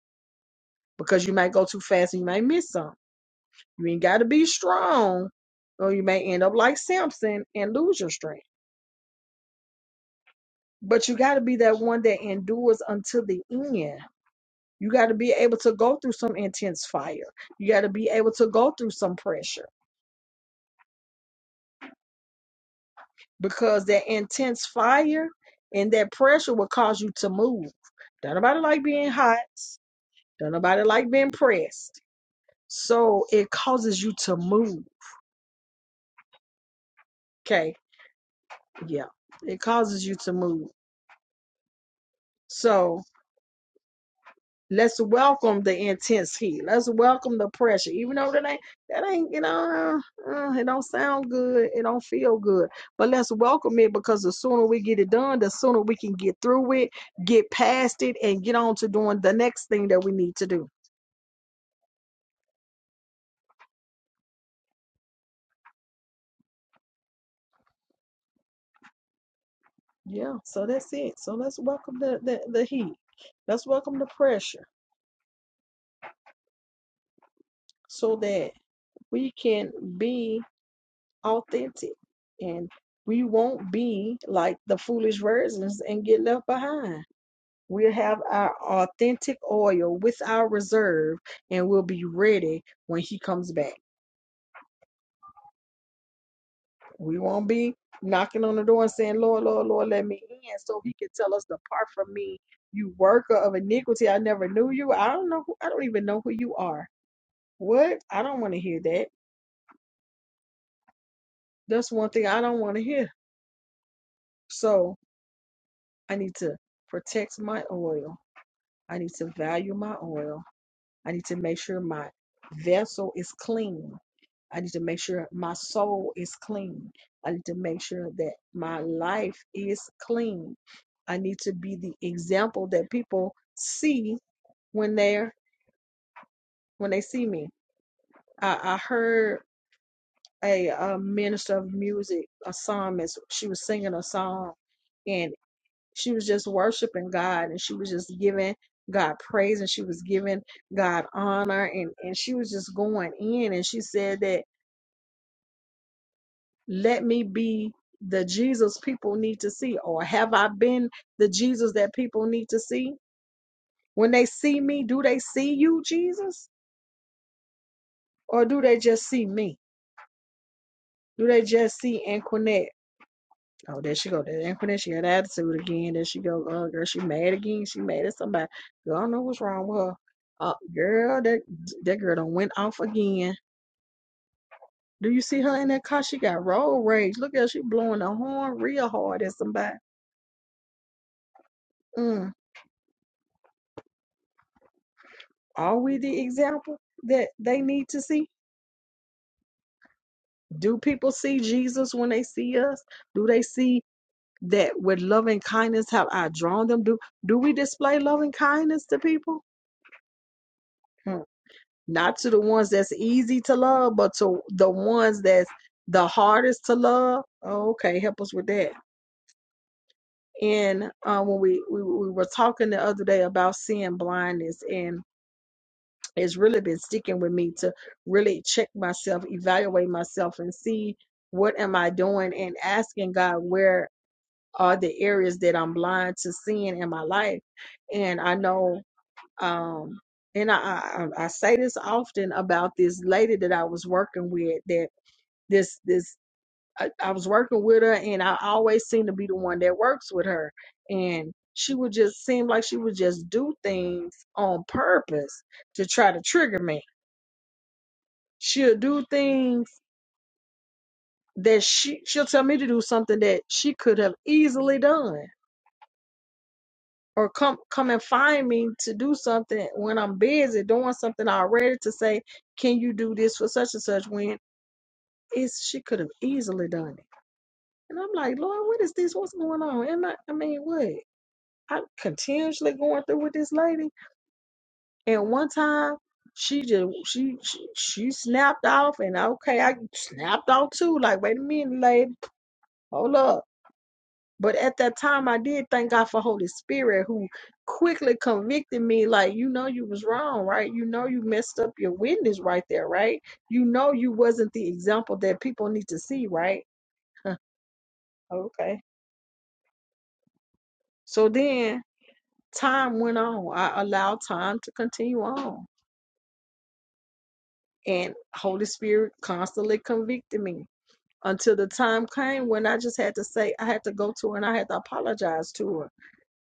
because you might go too fast and you might miss something. You ain't gotta be strong, or you may end up like Samson and lose your strength. But you gotta be that one that endures until the end You got to be able to go through some intense fire. You got to be able to go through some pressure because that intense fire and that pressure will cause you to move. Don't nobody like being hot. Don't nobody like being pressed. So it causes you to move. Okay. Yeah. It causes you to move. So. Let's welcome the intense heat. Let's welcome the pressure. Even though that ain't that ain't you know uh, uh, it don't sound good, it don't feel good. But let's welcome it because the sooner we get it done, the sooner we can get through it, get past it, and get on to doing the next thing that we need to do. Yeah. So that's it. So let's welcome the the, the heat. Let's welcome the pressure so that we can be authentic and we won't be like the foolish versions and get left behind We'll have our authentic oil with our reserve, and we'll be ready when He comes back. We won't be knocking on the door and saying, Lord, Lord, Lord, let me in, so He can tell us, Depart from me, you worker of iniquity. I never knew you. I don't know. Who, I don't even know who you are. What? I don't want to hear that. That's one thing I don't want to hear. So I need to protect my oil. I need to value my oil. I need to make sure my vessel is clean. I need to make sure my soul is clean. I need to make sure that my life is clean. I need to be the example that people see when they're when they see me. I, I heard a, a minister of music, a psalmist. She was singing a song, and She was just worshiping God and she was just giving God praise and she was giving God honor and, and she was just going in and she said that let me be the Jesus people need to see or have I been the Jesus that people need to see? When they see me, do they see you, Jesus? Or do they just see me? Do they just see Anquinette? Oh, there she go. That infinite. She had attitude again. There she go. Uh, girl, she mad again. She mad at somebody. Girl, I don't know what's wrong with her. Uh, girl, that that girl done went off again. Do you see her in that car? She got road rage. Look at her. She blowing the horn real hard at somebody. Mm. Are we the example that they need to see? Do people see Jesus when they see us? Do they see that with loving kindness have I drawn them? Do do we display loving kindness to people? Hmm. not to the ones that's easy to love, but to the ones that's the hardest to love. Oh, okay, help us with that. And uh, when we, we we were talking the other day about sin blindness, and it's really been sticking with me to really check myself, evaluate myself, and see what am I doing, and asking God where are the areas that I'm blind to sin in my life. And I know Um, and I, I, I I say this often about this lady that I was working with that this, this, I, I was working with her and I always seem to be the one that works with her. And she would just seem like she would just do things on purpose to try to trigger me. She'll do things that she, she'll tell me to do something that she could have easily done or come come and find me to do something when I'm busy doing something already to say, can you do this for such and such when it's she could have easily done it. And I'm like, Lord, what is this? What's going on? And I, I mean, what? I'm continuously going through with this lady. And one time she just she she, she snapped off and okay, I snapped off too. Like, wait a minute, lady. Hold up But at that time, I did thank God for Holy Spirit who quickly convicted me, like, you know, you was wrong, right? You know, you messed up your witness right there, right? You know, you wasn't the example that people need to see, right? *laughs* Okay. So then time went on. I allowed time to continue on. And Holy Spirit constantly convicted me until the time came when I just had to say, I had to go to her and I had to apologize to her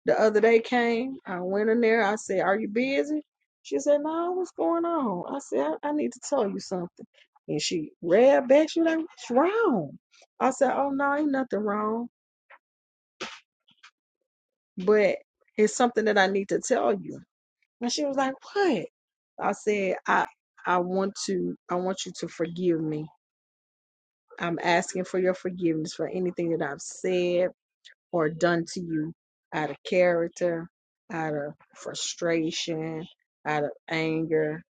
the other day came. I went in there. I said, Are you busy? She said, No, what's going on? I said, I, I need to tell you something. And she read back. She was like, What's wrong? I said, Oh, no, ain't nothing wrong. But it's something that I need to tell you. And she was like, What? I said, I I want to I want you to forgive me. I'm asking for your forgiveness for anything that I've said, or done to you out of character, out of frustration, out of anger,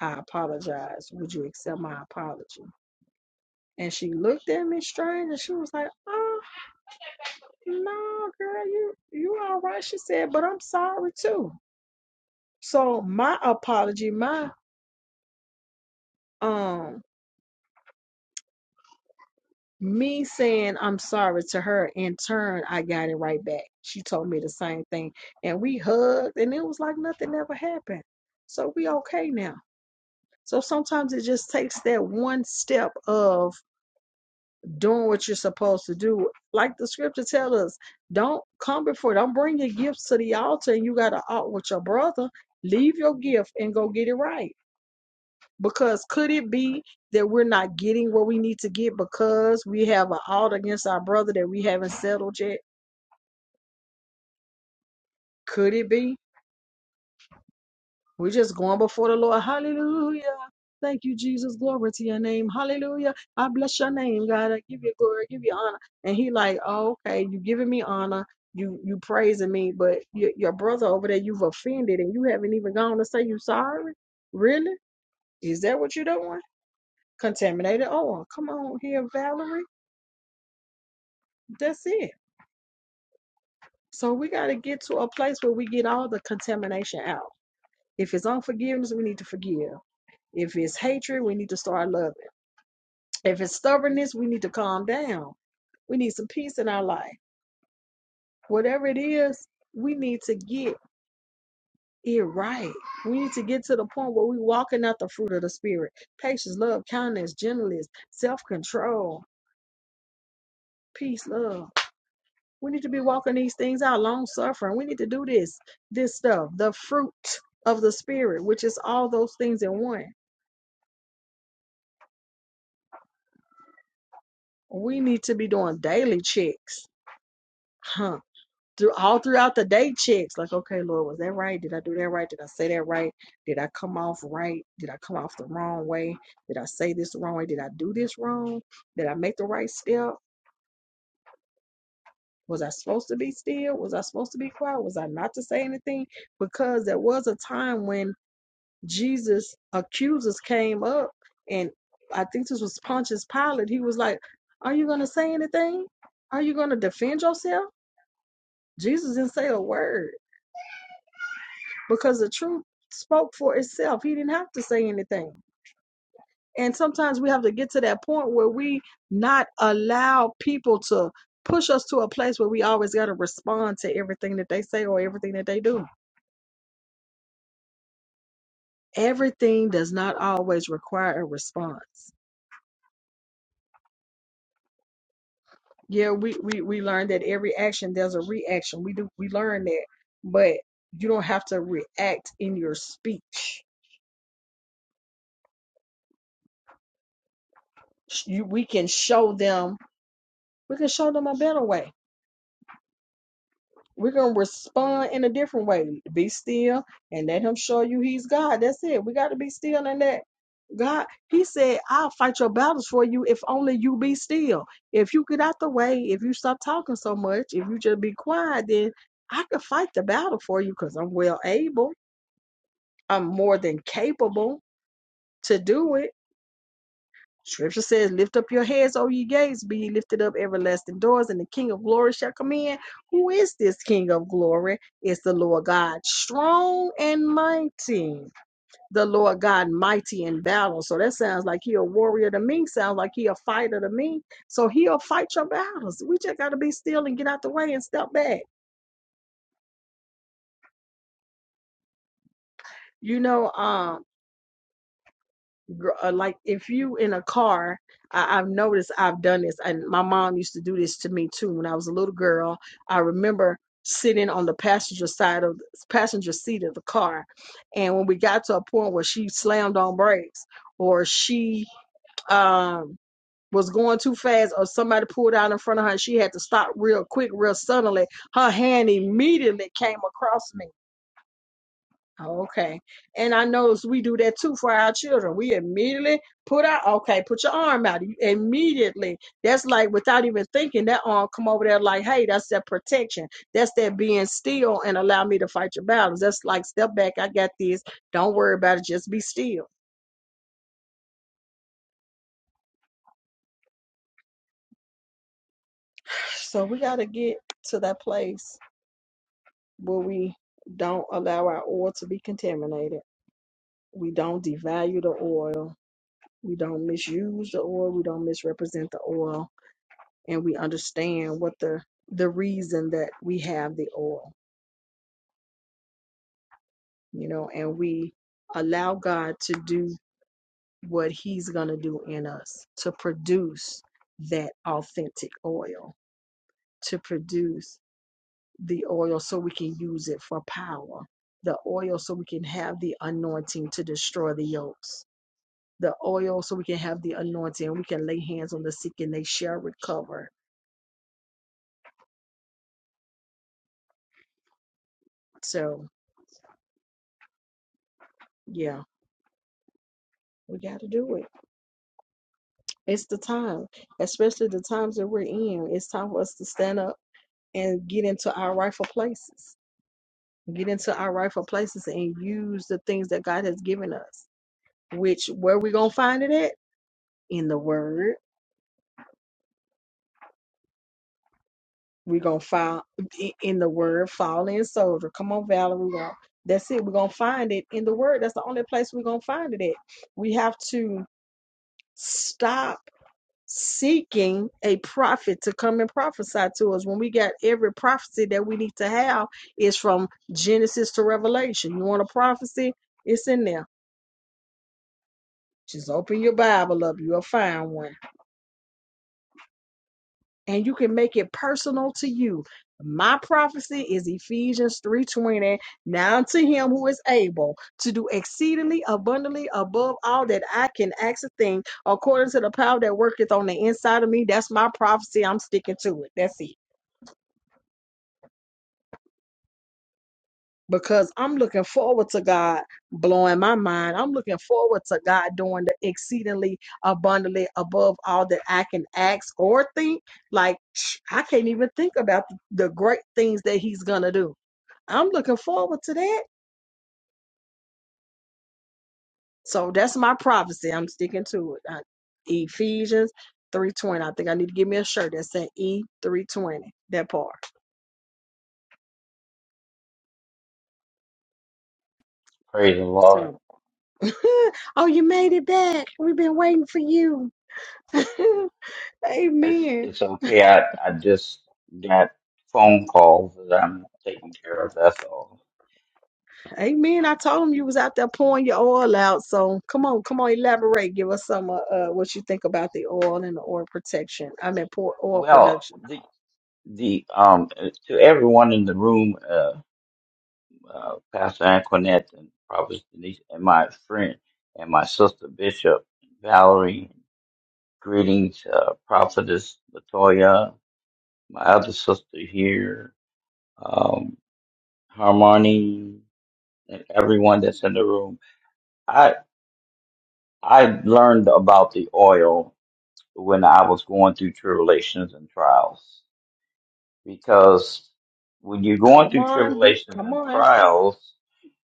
I apologize. Would you accept my apology? And she looked at me strange and she was like, Oh, no, girl, you you all right. She said, but I'm sorry too. So my apology, my um me saying I'm sorry to her in turn, I got it right back. She told me the same thing, and we hugged, and it was like nothing ever happened. So we okay now. So sometimes it just takes that one step of doing what you're supposed to do. Like the scripture tells us, don't come before, don't bring your gifts to the altar and you got to out with your brother. Leave your gift and go get it right because could it be that we're not getting what we need to get because we have an ought against our brother that we haven't settled yet? Could it be? We're just going before the Lord. Hallelujah. Thank you, Jesus. Glory to your name. Hallelujah. I bless your name, God. I give you glory. I give you honor. And he like, oh, okay, you giving me honor. You you praising me, but your, your brother over there, you've offended and you haven't even gone to say you sorry? Really? Is that what you're doing? Contaminated oil. Come on here, Valerie. That's it. So we got to get to a place where we get all the contamination out. If it's unforgiveness, we need to forgive. If it's hatred, we need to start loving. If it's stubbornness, we need to calm down. We need some peace in our life. Whatever it is, we need to get it right. We need to get to the point where we are walking out the fruit of the spirit. Patience, love, kindness, gentleness, self-control, peace, love. We need to be walking these things out, long suffering. We need to do this, this stuff, the fruit of the spirit, which is all those things in one. We need to be doing daily checks, huh? Through all throughout the day checks, like, okay, Lord, was that right? Did I do that right? Did I say that right? Did I come off right? Did I come off the wrong way? Did I say this the wrong way? Did I do this wrong? Did I make the right step? Was I supposed to be still? Was I supposed to be quiet? Was I not to say anything? Because there was a time when Jesus' accusers came up, and I think this was Pontius Pilate. He was like, Are you going to say anything? Are you going to defend yourself? Jesus didn't say a word because the truth spoke for itself. He didn't have to say anything. And sometimes we have to get to that point where we not allow people to push us to a place where we always got to respond to everything that they say or everything that they do. Everything does not always require a response. Yeah, we we we learned that every action there's a reaction. We do we learn that, but you don't have to react in your speech. You, we can show them. We can show them a better way. We're gonna respond in a different way. Be still and let Him show you He's God. That's it. We got to be still in that. God, He said, "I'll fight your battles for you if only you be still. If you get out the way, if you stop talking so much, if you just be quiet, then I could fight the battle for you because I'm well able." I'm more than capable to do it. Scripture says, Lift up your heads, O ye gates, be ye lifted up everlasting doors, and the King of glory shall come in. Who is this King of glory? It's the Lord God, strong and mighty. The Lord God, mighty in battle. So that sounds like he a warrior to me, sounds like he a fighter to me. So he'll fight your battles. We just got to be still and get out the way and step back. You know, um. gr- uh, like if you in a car I, i've noticed i've done this and my mom used to do this to me too when i was a little girl i remember sitting on the passenger side of passenger seat of the car and when we got to a point where she slammed on brakes or she um was going too fast or somebody pulled out in front of her and she had to stop real quick real suddenly her hand immediately came across me Oh, Okay. And I knows we do that too for our children. We immediately put our okay, put your arm out. You Immediately. That's like without even thinking, that arm come over there like, hey, that's that protection. That's that being still and allow me to fight your battles. That's like step back, I got this. Don't worry about it, just be still. So we gotta get to that place where we don't allow our oil to be contaminated. We don't devalue the oil. We don't misuse the oil. We don't misrepresent the oil and we understand what the the reason that we have the oil you know and we allow god to do what he's going to do in us to produce that authentic oil to produce the oil so we can use it for power the oil so we can have the anointing to destroy the yokes the oil so we can have the anointing and we can lay hands on the sick and they shall recover so yeah we got to do it It's the time, especially the times that we're in. It's time for us to stand up and get into our rightful places. Get into our rightful places and use the things that God has given us. Which where we gonna find it at? In the Word. We're gonna find i- in the Word. Fall in soldier. Come on, Valerie. we gonna- That's it. We're gonna find it in the Word. That's the only place we're gonna find it at. We have to stop seeking a prophet to come and prophesy to us when we got every prophecy that we need to have is from Genesis to Revelation. You want a prophecy? It's in there. Just open your Bible up, you'll find one. And you can make it personal to you. My prophecy is Ephesians 3:20. Now to him who is able to do exceedingly abundantly above all that I can ask a thing, according to the power that worketh on the inside of me. That's my prophecy. I'm sticking to it. That's it. because I'm looking forward to God blowing my mind. I'm looking forward to God doing the exceedingly abundantly above all that I can ask or think. Like *tsk* I can't even think about the the great things that He's gonna do. I'm looking forward to that. So that's my prophecy. I'm sticking to it. Uh, Ephesians 3:20. I think I need to give me a shirt that said E320. That part. the Lord. So, *laughs* oh, you made it back. We've been waiting for you. *laughs* It's Amen. it's okay. I I just got phone calls that I'm taking care of. That's all. Amen. I told him you was out there pouring your oil out. So come on, come on, elaborate. Give us some uh, uh, what you think about the oil and the oil protection. I mean, pour oil Well, production. the the um to everyone in the room, uh, uh Pastor Antoinette and Prophet Denise and my friend and my sister Bishop Valerie Greetings, uh, Prophetess Latoya, my other sister here, um, Harmony, and everyone that's in the room. I I learned about the oil when I was going through tribulations and trials because when you're going Come through on, bi- tribulations come and on, trials,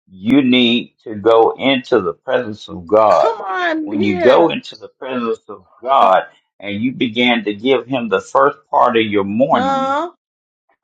you need to go into the presence of God. come on When you go here. into the presence of God and you begin to give Him the first part of your morning Huh?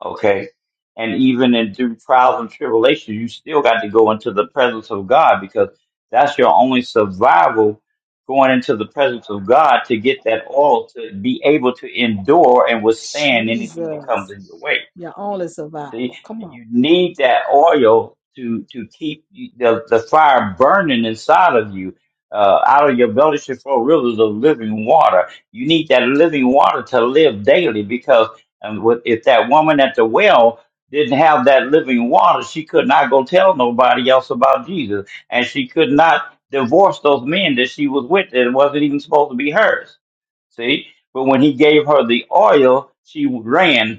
Okay. And even in through trials and tribulations, you still got to go into the presence of God because that's your only survival going into the presence of God to get that oil to be able to endure and withstand anything that comes Jesus, in your way. your only See, survival. Come on, you need that oil to to keep you- the the fire burning inside of you. Uh, out of your belly should flow rivers of living water. You need that living water to live daily because um, with- if that woman at the well didn't have that living water, she could not go tell nobody else about Jesus, and she could not divorce those men that she was with that wasn't even supposed to be hers. See, but when he gave her the oil, she ran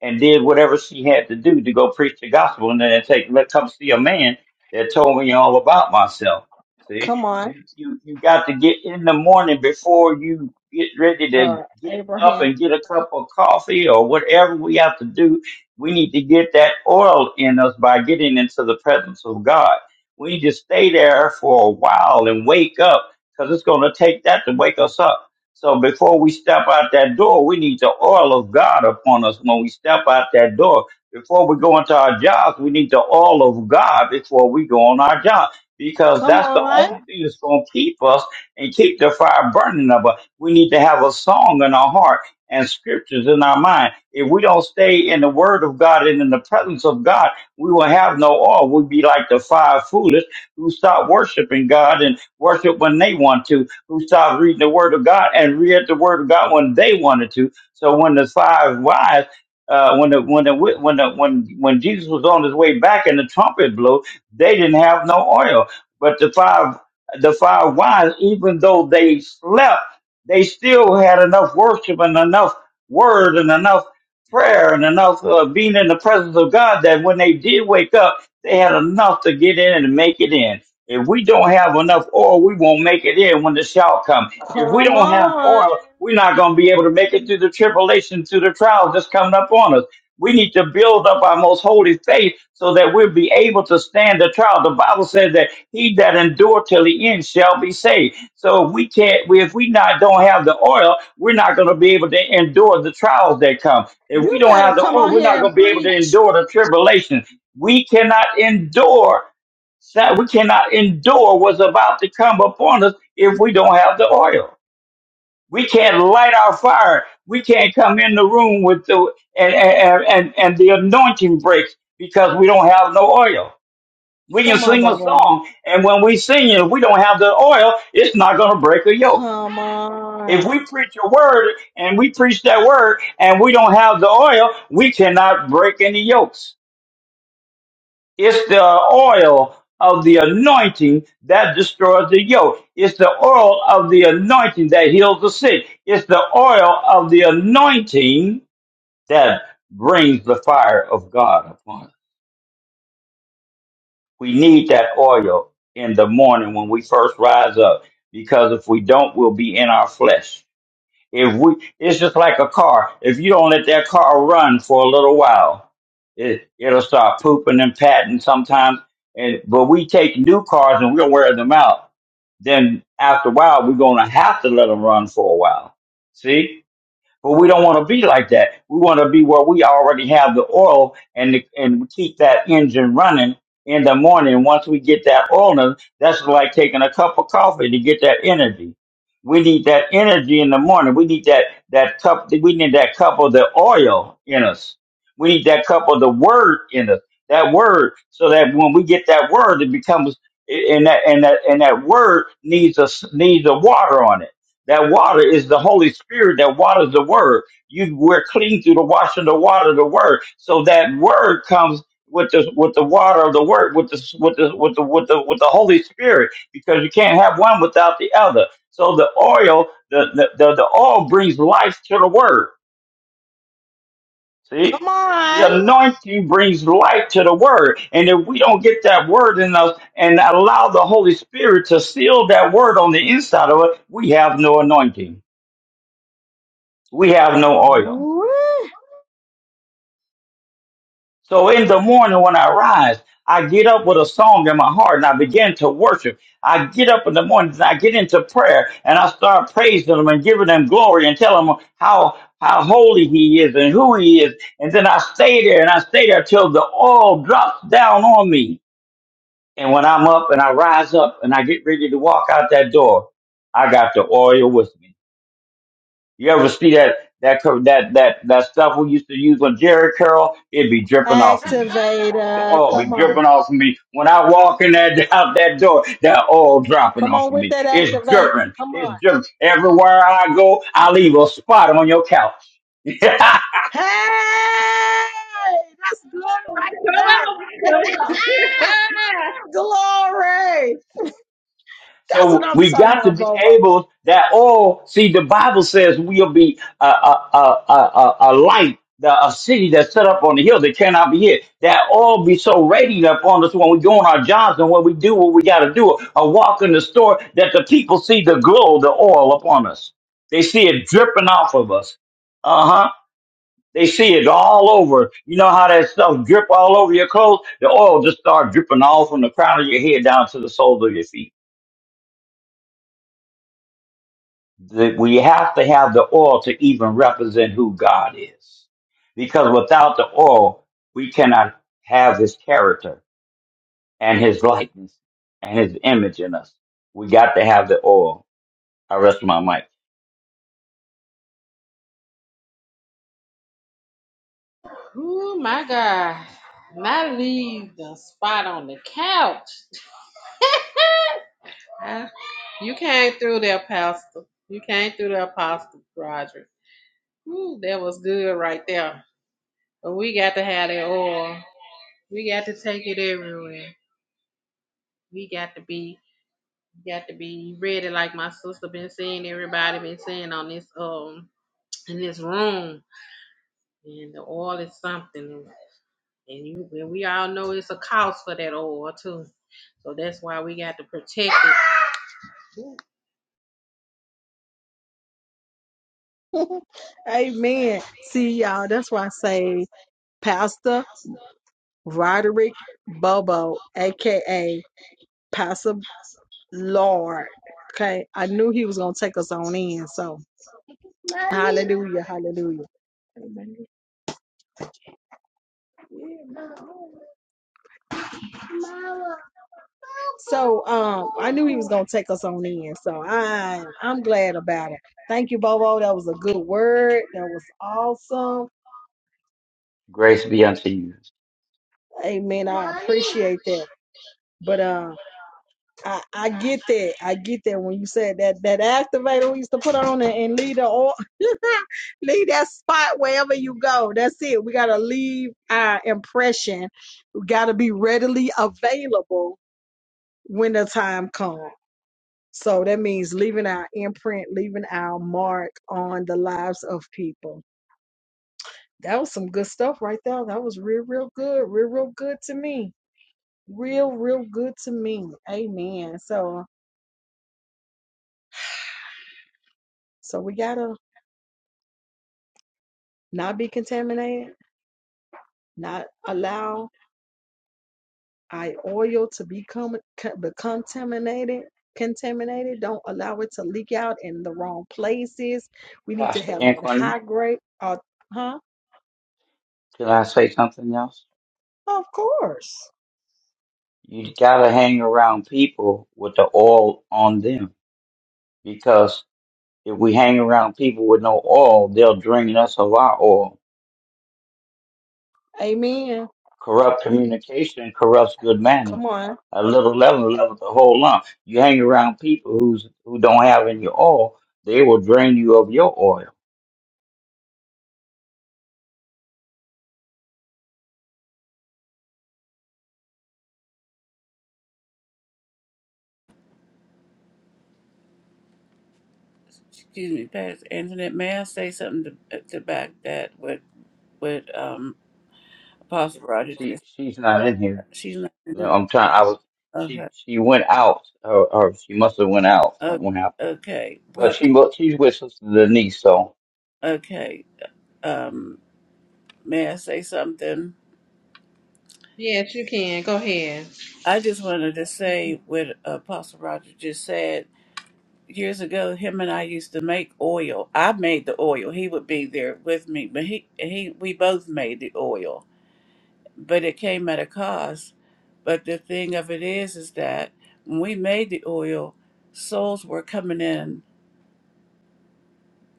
and did whatever she had to do to go preach the gospel and then take let come see a man that told me all about myself. See, come on, you you you got to get in the morning before you get ready to uh, get up Abraham. and get a cup of coffee or whatever we have to do. We need to get that oil in us by getting into the presence of God. We need to stay there for a while and wake up because it's going to take that to wake us up. So before we step out that door, we need the oil of God upon us when we step out that door. Before we go into our jobs, we need the oil of God before we go on our job. Because Come that's the on, only thing that's going to keep us and keep the fire burning of us. We need to have a song in our heart and scriptures in our mind. If we don't stay in the word of God and in the presence of God, we will have no oil. We'll be like the five foolish who stop worshiping God and worship when they want to who stopped reading the Word of God and read the Word of God when they wanted to. So when the five wise, uh, when the when the wi- when the, when when Jesus was on his way back and the trumpet blew, they didn't have no oil. But the five the five wise, even though they slept, they still had enough worship and enough word and enough prayer and enough uh, being in the presence of God that when they did wake up, they had enough to get in and make it in. If we don't have enough oil, we won't make it in when the shout comes. If we come don't have on. oil, we're not going to be able to make it through the tribulation, through the trials that's coming up on us. We need to build up our most holy faith so that we'll be able to stand the trial. The Bible says that he that endure till the end shall be saved. So if we can't, we, if we not don't have the oil, we're not going to be able to endure the trials that come. If we You don't better have the come oil, on we're here not going and to be able to preach. endure the tribulation. We cannot endure that we cannot endure what's about to come upon us if we don't have the oil. We can't light our fire. We can't come in the room with the and and and, and the anointing breaks because we don't have no oil. We can Come on, sing a Bubba. song, and when we sing it, if we don't have the oil, it's not going to break a yoke. Come If on, we preach a word and we preach that word and we don't have the oil, we cannot break any yokes. It's the oil of the anointing that destroys the yoke. It's the oil of the anointing that heals the sick. It's the oil of the anointing that brings the fire of God upon us. We need that oil in the morning when we first rise up because if we don't, we'll be in our flesh if we, it's just like a car. If you don't let that car run for a little while, it it'll start pooping and patting sometimes. And but we take new cars and we'll wear them out. Then after a while, we're gonna have to let them run for a while. See? But we don't want to be like that. We want to be where we already have the oil and and keep that engine running in the morning. Once we get that oil, in, that's like taking a cup of coffee to get that energy. We need that energy in the morning. We need that that cup. We need that cup of the oil in us. We need that cup of the word in us. That word, so that when we get that word, it becomes and that and that and that word needs a s- needs a water on it that water is the Holy Spirit that waters the word. You we're clean through the washing the water of the word. So that word comes with the with the water of the word, with the with the with the with the with the Holy Spirit, because you can't have one without the other. So the oil, the the, the, the oil brings life to the word. See? come The on. anointing brings life to the word. And if we don't get that word in us and allow the Holy Spirit to seal that word on the inside of us, we have no anointing. we have no oil. Woo! So in the morning when I rise, I get up with a song in my heart and I begin to worship. I get up in the morning and I get into prayer and I start praising him and giving him glory and telling him how how holy he is and who he is. And then I stay there and I stay there till the oil drops down on me. And when I'm up and I rise up and I get ready to walk out that door, I got the oil with me. You ever see that that co- that that that stuff we used to use on Jerry Curl? It'd be dripping off of you. The Activator. oil be Come on. dripping off of me when I walk in that *laughs* out that door. That oil dropping Come off on of with me. that It's activator. dripping. Come on. It's dripping everywhere I go. I leave a spot on your couch. *laughs* Hey! That's good right there. Come on. *laughs* Glory. That's what So I'm we talking got to about, be Bobo. able that all see the Bible says we'll be a a a a, a, light. The, a city that's set up on the hill that cannot be hid, that all be so radiant upon us when we go on our jobs and when we do what we got to do, or walk in the store, that the people see the glow, the oil upon us. They see it dripping off of us. Uh huh. They see it all over. You know how that stuff drip all over your clothes? The oil just start dripping all from the crown of your head down to the soles of your feet. that we have to have the oil to even represent who God is. Because without the oil, we cannot have his character and his likeness and his image in us. We got to have the oil. I rest my mic. *laughs* oh, my God. And I leave the spot on the couch. *laughs* I- you came through there, Pastor. You came through there, Pastor Roger. Ooh, that was good right there. But we got to have that oil. We got to take it everywhere. We got to be got to be ready, like my sister been saying. Everybody been saying on this um in this room, and the oil is something, and you and we all know it's a cost for that oil too. So that's why we got to protect it. *laughs* Amen. See y'all. That's why I say Pastor Roderick Bobo, aka Pastor Lord. Okay. I knew he was gonna take us on in. So hallelujah. Hallelujah. So um, I knew he was gonna take us on in. So I I'm glad about it. Thank you, Bobo. That was a good word. That was awesome. Grace be unto you. Amen. I appreciate that. But uh, I I get that. I get that when you said that that activator we used to put on and, and leave the oil, *laughs* leave that spot wherever you go. That's it. We gotta leave our impression. We gotta be readily available when the time comes. So that means leaving our imprint, leaving our mark on the lives of people. That was some good stuff right there. That was real, real good. Real, real good to me. Real, real good to me. Amen. So, so we gotta not be contaminated, not allow our oil to become become contaminated. Contaminated. Don't allow it to leak out in the wrong places. We need to Pastor have that Anquin, high grade. Uh, huh? can I say something else? Of course. You gotta hang around people with the oil on them because if we hang around people with no oil, they'll drain us of our oil Amen. Corrupt communication corrupts good manners. Come on. A little leaven leavens the whole lump. You hang around people who's who don't have any oil, they will drain you of your oil. Excuse me, Pastor Antoinette. May I say something to, uh, to back that with with um Apostle Roger? She Tracy? she's not in here. She's not. in No, it. I'm trying. I was. Okay. She she went out, or, or she must have went out. o- Something happened. Okay. But But she mu- she's with Sister Denise, so okay. mm, Um, may I say something? Yes, you can. Go ahead. I just wanted to say what Apostle Roger just said. Years ago, him and I used to make oil. I made the oil. He would be there with me, but he he we both made the oil but it came at a cost. But the thing of it is, is that when we made the oil, souls were coming in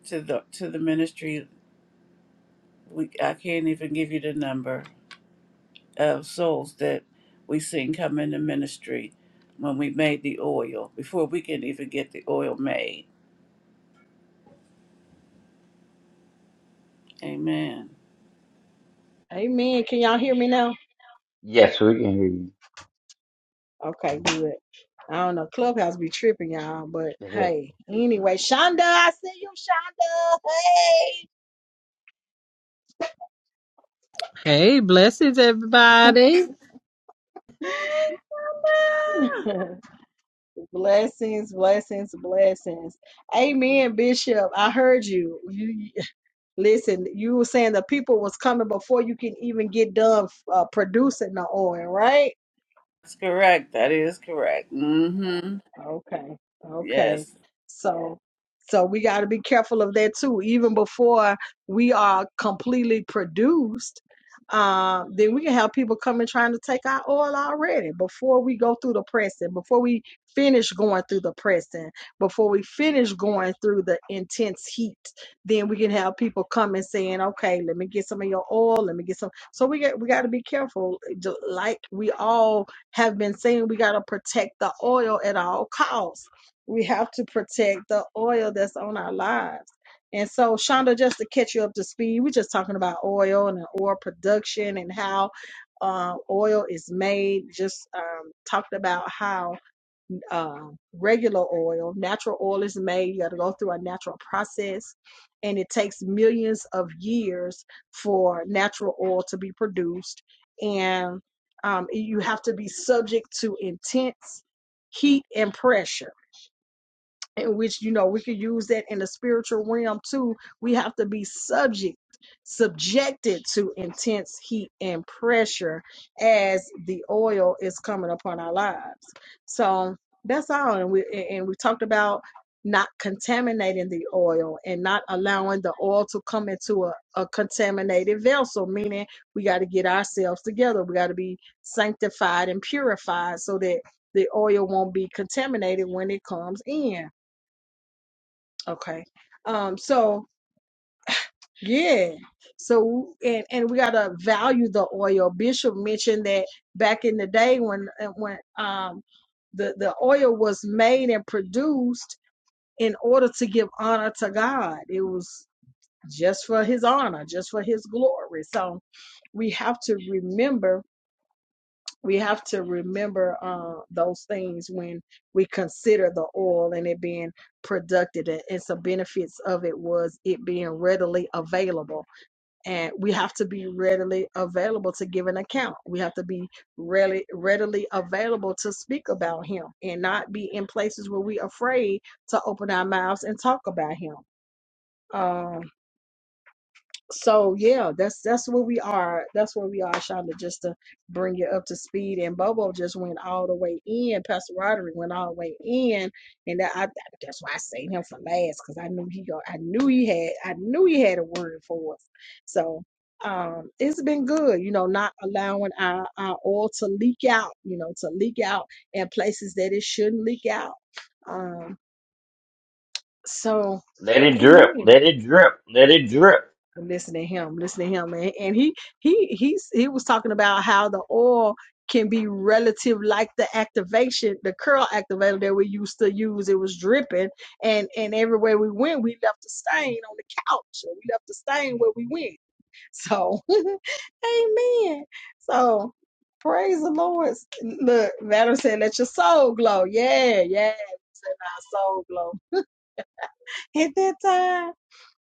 to the to the ministry. We I can't even give you the number of souls that we seen come into ministry when we made the oil before we can even get the oil made. Amen. Amen. Can y'all hear me now? yes, we can Okay, good. I don't know. Clubhouse be tripping, y'all. But hear you. hey, anyway, Shonda, I see you, Hey, blessings, everybody. Shonda. Hey, *laughs* blessings, blessings, blessings. Amen, Bishop. I heard you. You you- listen. You were saying the people was coming before you can even get done uh, producing the oil, right? That's correct. That is correct. Mm-hmm. Okay. Okay. Yes. So so we got to be careful of that too. Even before we are completely produced, uh, then we can have people coming trying to take our oil already before we go through the pressing, before we finish going through the pressing, before we finish going through the intense heat. Then we can have people coming saying, "Okay, let me get some of your oil. Let me get some." So we got we got to be careful. eh, Ju- Like we all have been saying we got to protect the oil at all costs. We have to protect the oil that's on our lives. And so, Shonda, just to catch you up to speed, we're just talking about oil and oil production and how uh, oil is made. Just um, talked about how um, regular oil. Natural oil is made, you got to go through a natural process, and it takes millions of years for natural oil to be produced. And um, you have to be subject to intense heat and pressure in which you know we could use that in the spiritual realm too we have to be subject subjected to intense heat and pressure as the oil is coming upon our lives so that's all and we and we talked about not contaminating the oil and not allowing the oil to come into a, a contaminated vessel meaning we got to get ourselves together we got to be sanctified and purified so that the oil won't be contaminated when it comes in Okay. Um, so yeah. So and and we gotta value the oil. Bishop mentioned that back in the day when uh, when um the, the oil was made and produced in order to give honor to God. It was just for his honor, just for his glory. So we have to remember we have to remember uh, those things when we consider the oil and it being productive and, some benefits of it was it being readily available and we have to be readily available to give an account we have to be really readily available to speak about him and not be in places where we afraid to open our mouths and talk about him Um, so yeah, that's that's where we are. That's where we are, Shonda, just to bring you up to speed. And Bobo just went all the way in. Pastor Roderick went all the way in, and that, I, that's why I saved him for last because I knew he go. I knew he had. I knew he had a word for us. So um, it's been good, you know, not allowing our our oil to leak out, you know, to leak out in places that it shouldn't leak out. Um, so. *laughs* let it drip. Amen Let it drip. Let it drip. listen to him listen to him and, and he he he's he was talking about how the oil can be relative like the activation the curl activator that we used to use it was dripping and and everywhere we went we left a stain on the couch or we left a stain where we went so *laughs* amen so praise the lord look madam said let your soul glow yeah yeah our soul glow at that time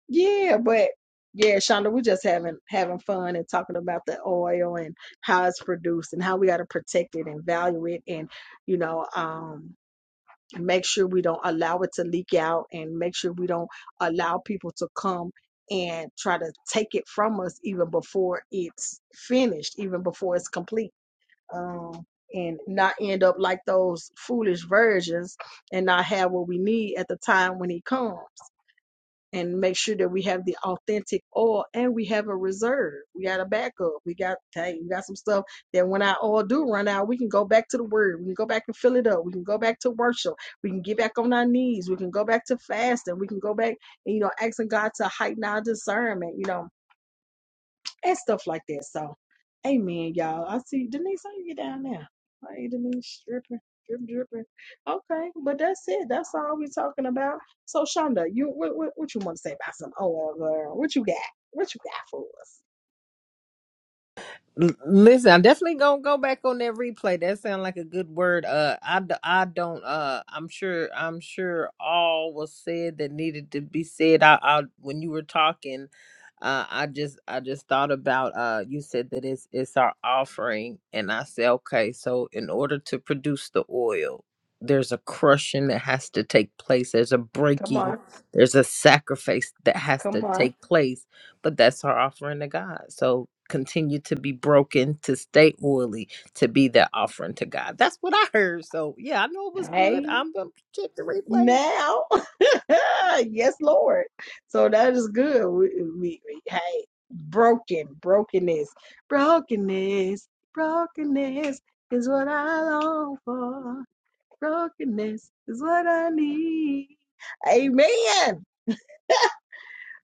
yeah, but yeah, Shonda, we just having having fun and talking about the oil and how it's produced and how we got to protect it and value it and you know um make sure we don't allow it to leak out and make sure we don't allow people to come and try to take it from us even before it's finished, even before it's complete. Um and not end up like those foolish virgins and not have what we need at the time when he comes and make sure that we have the authentic oil and we have a reserve. We got a backup. We got hey, we got some stuff that when our oil do run out, we can go back to the word. We can go back and fill it up. We can go back to worship. We can get back on our knees. We can go back to fasting. We can go back and you know asking God to heighten our discernment. You know and stuff like that. So, amen, y'all. I see Denise, how you get down there? Hey, Denise, dripping, drip, dripping. Okay, but that's it. That's all we're talking about. So, Shonda, you what, what, what you want to say about some old girl? What you got? What you got for us? L- listen, I'm definitely gonna go back on that replay. That sounds like a good word. Uh, I, d- I don't. Uh, I'm sure. I'm sure all was said that needed to be said. I, I when you were talking, uh, I just, I just thought about. Uh, you said that it's, it's our offering, and I said, okay. So in order to produce the oil, there's a crushing that has to take place. There's a Come breaking. on, There's a sacrifice that has come to on. take place but that's our offering to God. So continue to be broken, to stay oily, to be that offering to God. That's what I heard. So yeah, I know it was good. Hey, I'm gonna check the replays. now, *laughs* yes, Lord. So that is good. We, we, we hey, broken, brokenness, brokenness, brokenness is what I long for. Brokenness is what I need. Amen.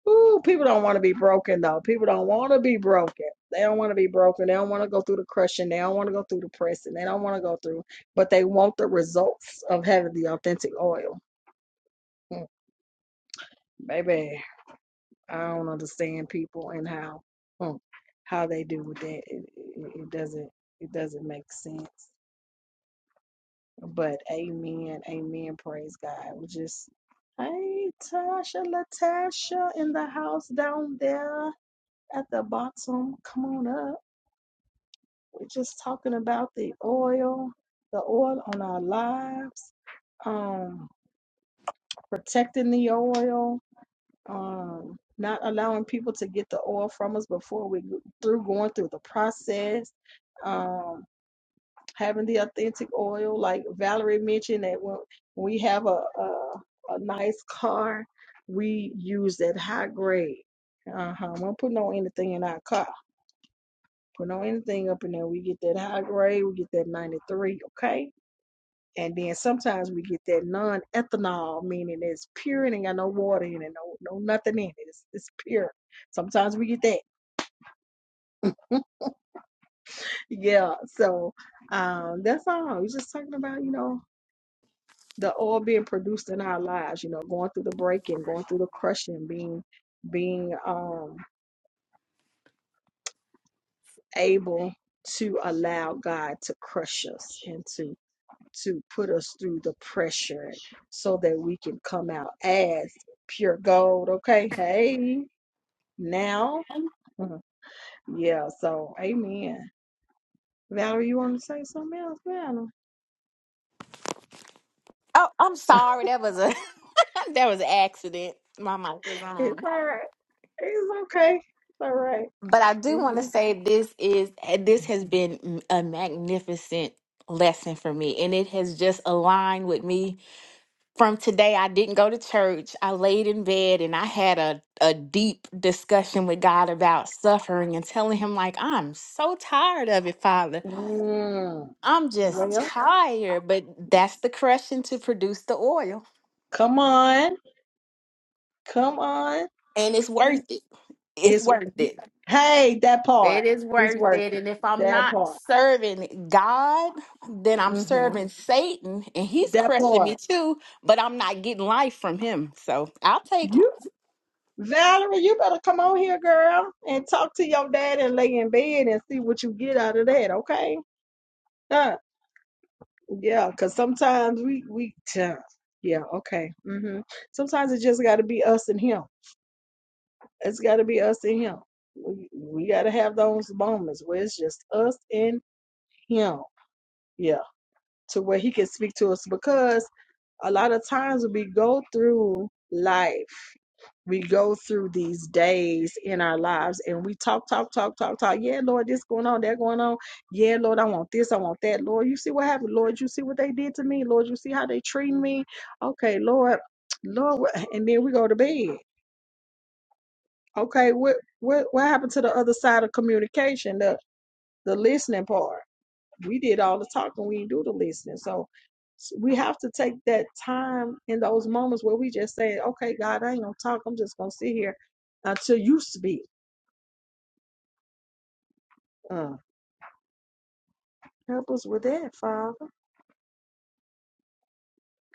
Ooh, people don't want to be broken though. People don't want to be broken. They don't want to be broken. They don't want to go through the crushing. They don't want to go through the pressing. They don't want to go through, but they want the results of having the authentic oil. Mm, Baby, I don't understand people and how mm, how they do with that. It, it, it doesn't it doesn't make sense. But amen, amen, praise God. We just hey Tasha Latasha in the house down there at the bottom. Come on up. We're just talking about the oil, the oil on our lives, um, protecting the oil, um, not allowing people to get the oil from us before we go- through going through the process. um, having the authentic oil, like Valerie mentioned, that when we have a a, a nice car, we use that high grade. Uh huh. We don't put no anything in our car. Put no anything up in there. We get that high grade. We get that ninety three. Okay. And then sometimes we get that non ethanol, meaning it's pure and ain't got no water in it, no no nothing in it. It's it's pure. Sometimes we get that. *laughs* Yeah. So um that's all. We're just talking about, you know, the oil being produced in our lives you know going through the breaking going through the crushing being being um able to allow god to crush us and to to put us through the pressure so that we can come out as pure gold okay hey now Oh, Mhm. yeah so amen valerie you want to say something else Valerie? I'm sorry. That was a *laughs* that was an accident. My mic was it's on. all right it's okay it's all right But I do want to Mhm. say this is eh, this has been a magnificent lesson for me and it has just aligned with me from today I didn't go to church. I laid in bed and I had a a deep discussion with God about suffering and telling him like I'm so tired of it, Father. mm. I'm just well tired, but that's the crushing to produce the oil. come on Come on. and it's worth it. It's It's worth it. hey, that part It is is worth it. working. And if I'm That not part. serving God, then I'm hmm serving Satan and he's That crushing me part. too, but I'm not getting life from him. So I'll take it. You Valerie, you better come on here, girl, and talk to your dad and lay in bed and see what you get out of that, okay? Huh. Yeah, because sometimes we we yeah, yeah, okay. hmm Sometimes it just gotta be us and him. It's gotta be us and him. We we gotta have those moments where it's just us and him. Yeah. to where he can speak to us because a lot of times we go through life we go through these days in our lives and we talk, talk, talk, talk, talk. Yeah, Lord, this going on, that going on. Yeah, Lord, I want this, I want that. Lord, you see what happened. Lord, you see what they did to me. Lord, you see how they treat me. Okay, Lord, Lord, wha- and then we go to bed. Okay, what what what happened to the other side of communication, the the listening part? we did all the talking, we didn't do the listening. So s- we have to take that time in those moments where we just say, okay, God, I ain't gonna talk. I'm just gonna sit here until you speak. Uh, help us with that, Father.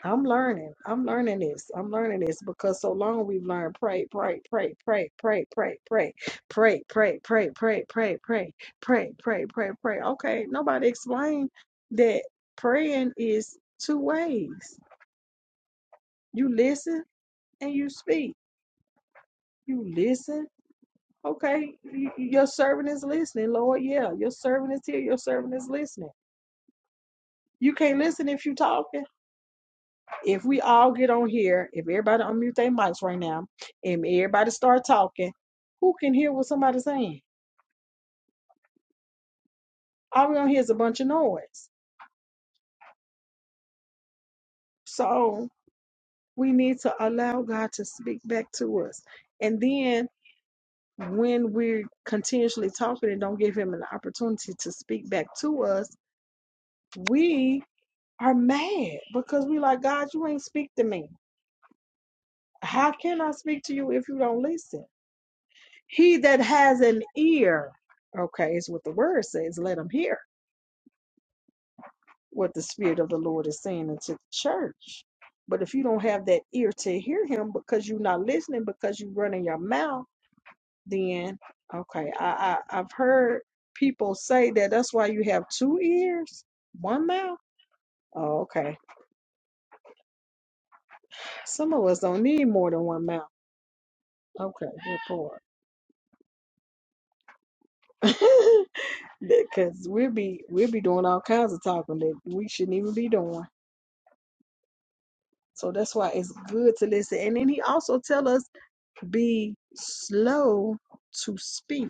I'm learning. I'm learning this. I'm learning this because so long we've learned pray, pray, pray, pray, pray, pray, pray, pray, pray, pray, pray, pray, pray, pray, pray, pray, pray. Okay, nobody explained that praying is two ways. You listen and you speak You listen? Okay. y- y- Your servant is listening, Lord. Yeah. Your servant is here. Your servant is listening. You can't listen if you talking. If we all get on here, if everybody unmute their mics right now and everybody start talking, who can hear what somebody's saying? All we gonna hear is a bunch of noise. So we need to allow God to speak back to us. And then when we're continuously talking and don't give him an opportunity to speak back to us, we are mad because we like God, you ain't speak to me. How can I speak to you if you don't listen? He that has an ear, okay, is what the word says. Let him hear what the Spirit of the Lord is saying into the church. But if you don't have that ear to hear him because you're not listening, because you're running your mouth, then okay, I, I I've heard people say that that's why you have two ears, one mouth. Oh, okay. Some of us don't need more than one mouth. Okay, good point. *laughs* because we'll be we'll be doing all kinds of talking that we shouldn't even be doing. So that's why it's good to listen. And then he also tell us be slow to speak,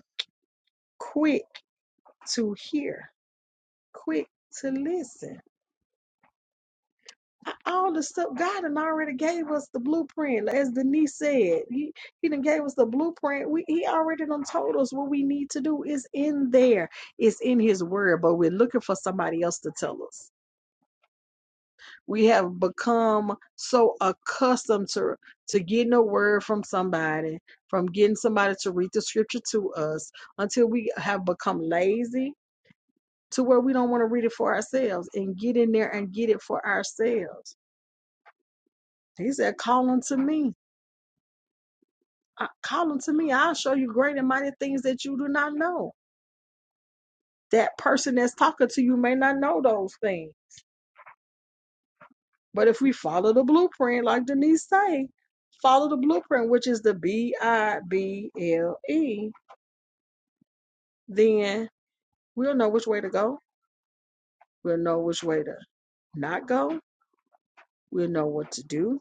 quick to hear, quick to listen. A- All the stuff God and already gave us the blueprint, as Denise said. He he done gave us the blueprint. We he already done told us what we need to do. It's in there. It's in His Word. But we're looking for somebody else to tell us. We have become so accustomed to, to getting a word from somebody, from getting somebody to read the scripture to us, until we have become lazy to where we don't want to read it for ourselves and get in there and get it for ourselves. He said, Call unto me. Uh, Call unto me. I'll show you great and mighty things that you do not know. That person that's talking to you may not know those things But if we follow the blueprint, like Denise say, follow the blueprint, which is the B I B L E, then we'll know which way to go. We'll know which way to not go. We'll know what to do.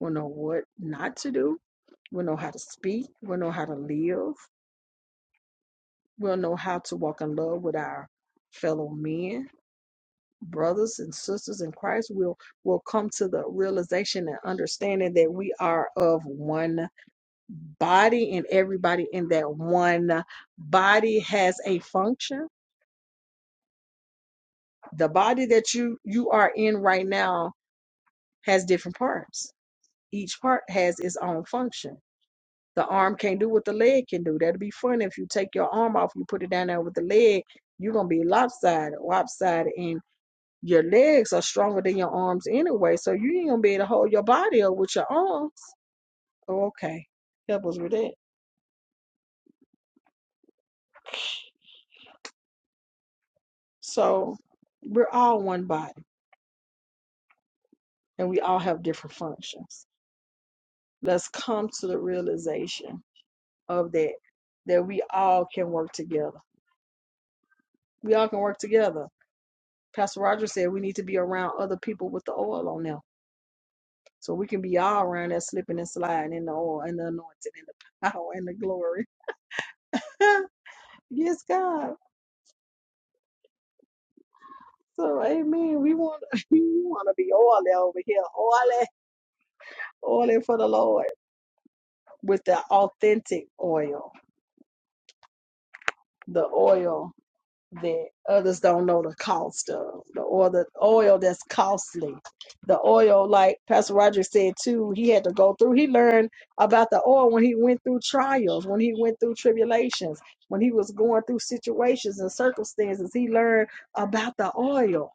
We'll know what not to do. We'll know how to speak. We'll know how to live. We'll know how to walk in love with our fellow men, brothers and sisters in Christ. We'll we will come to the realization and understanding that we are of one body and everybody in that one body has a function the body that you you are in right now has different parts each part has its own function the arm can't do what the leg can do that'd be fun if you take your arm off you put it down there with the leg you're gonna be lopsided lopsided and your legs are stronger than your arms anyway so you ain't gonna be able to hold your body up with your arms oh, okay help us with that so we're all one body and we all have different functions. Let's come to the realization of that, that we all can work together. We all can work together. Pastor Roger said we need to be around other people with the oil on them. So we can be all around that slipping and sliding in the oil and the anointing and the power and the glory. *laughs* yes, God. So amen. We want *laughs* we want to be oily over here. Oily, oily for the Lord with the authentic oil. The oil that others don't know the cost of the or the oil that's costly. The oil, like Pastor Roger said too, he had to go through. He learned about the oil when he went through trials, when he went through tribulations, when he was going through situations and circumstances. He learned about the oil.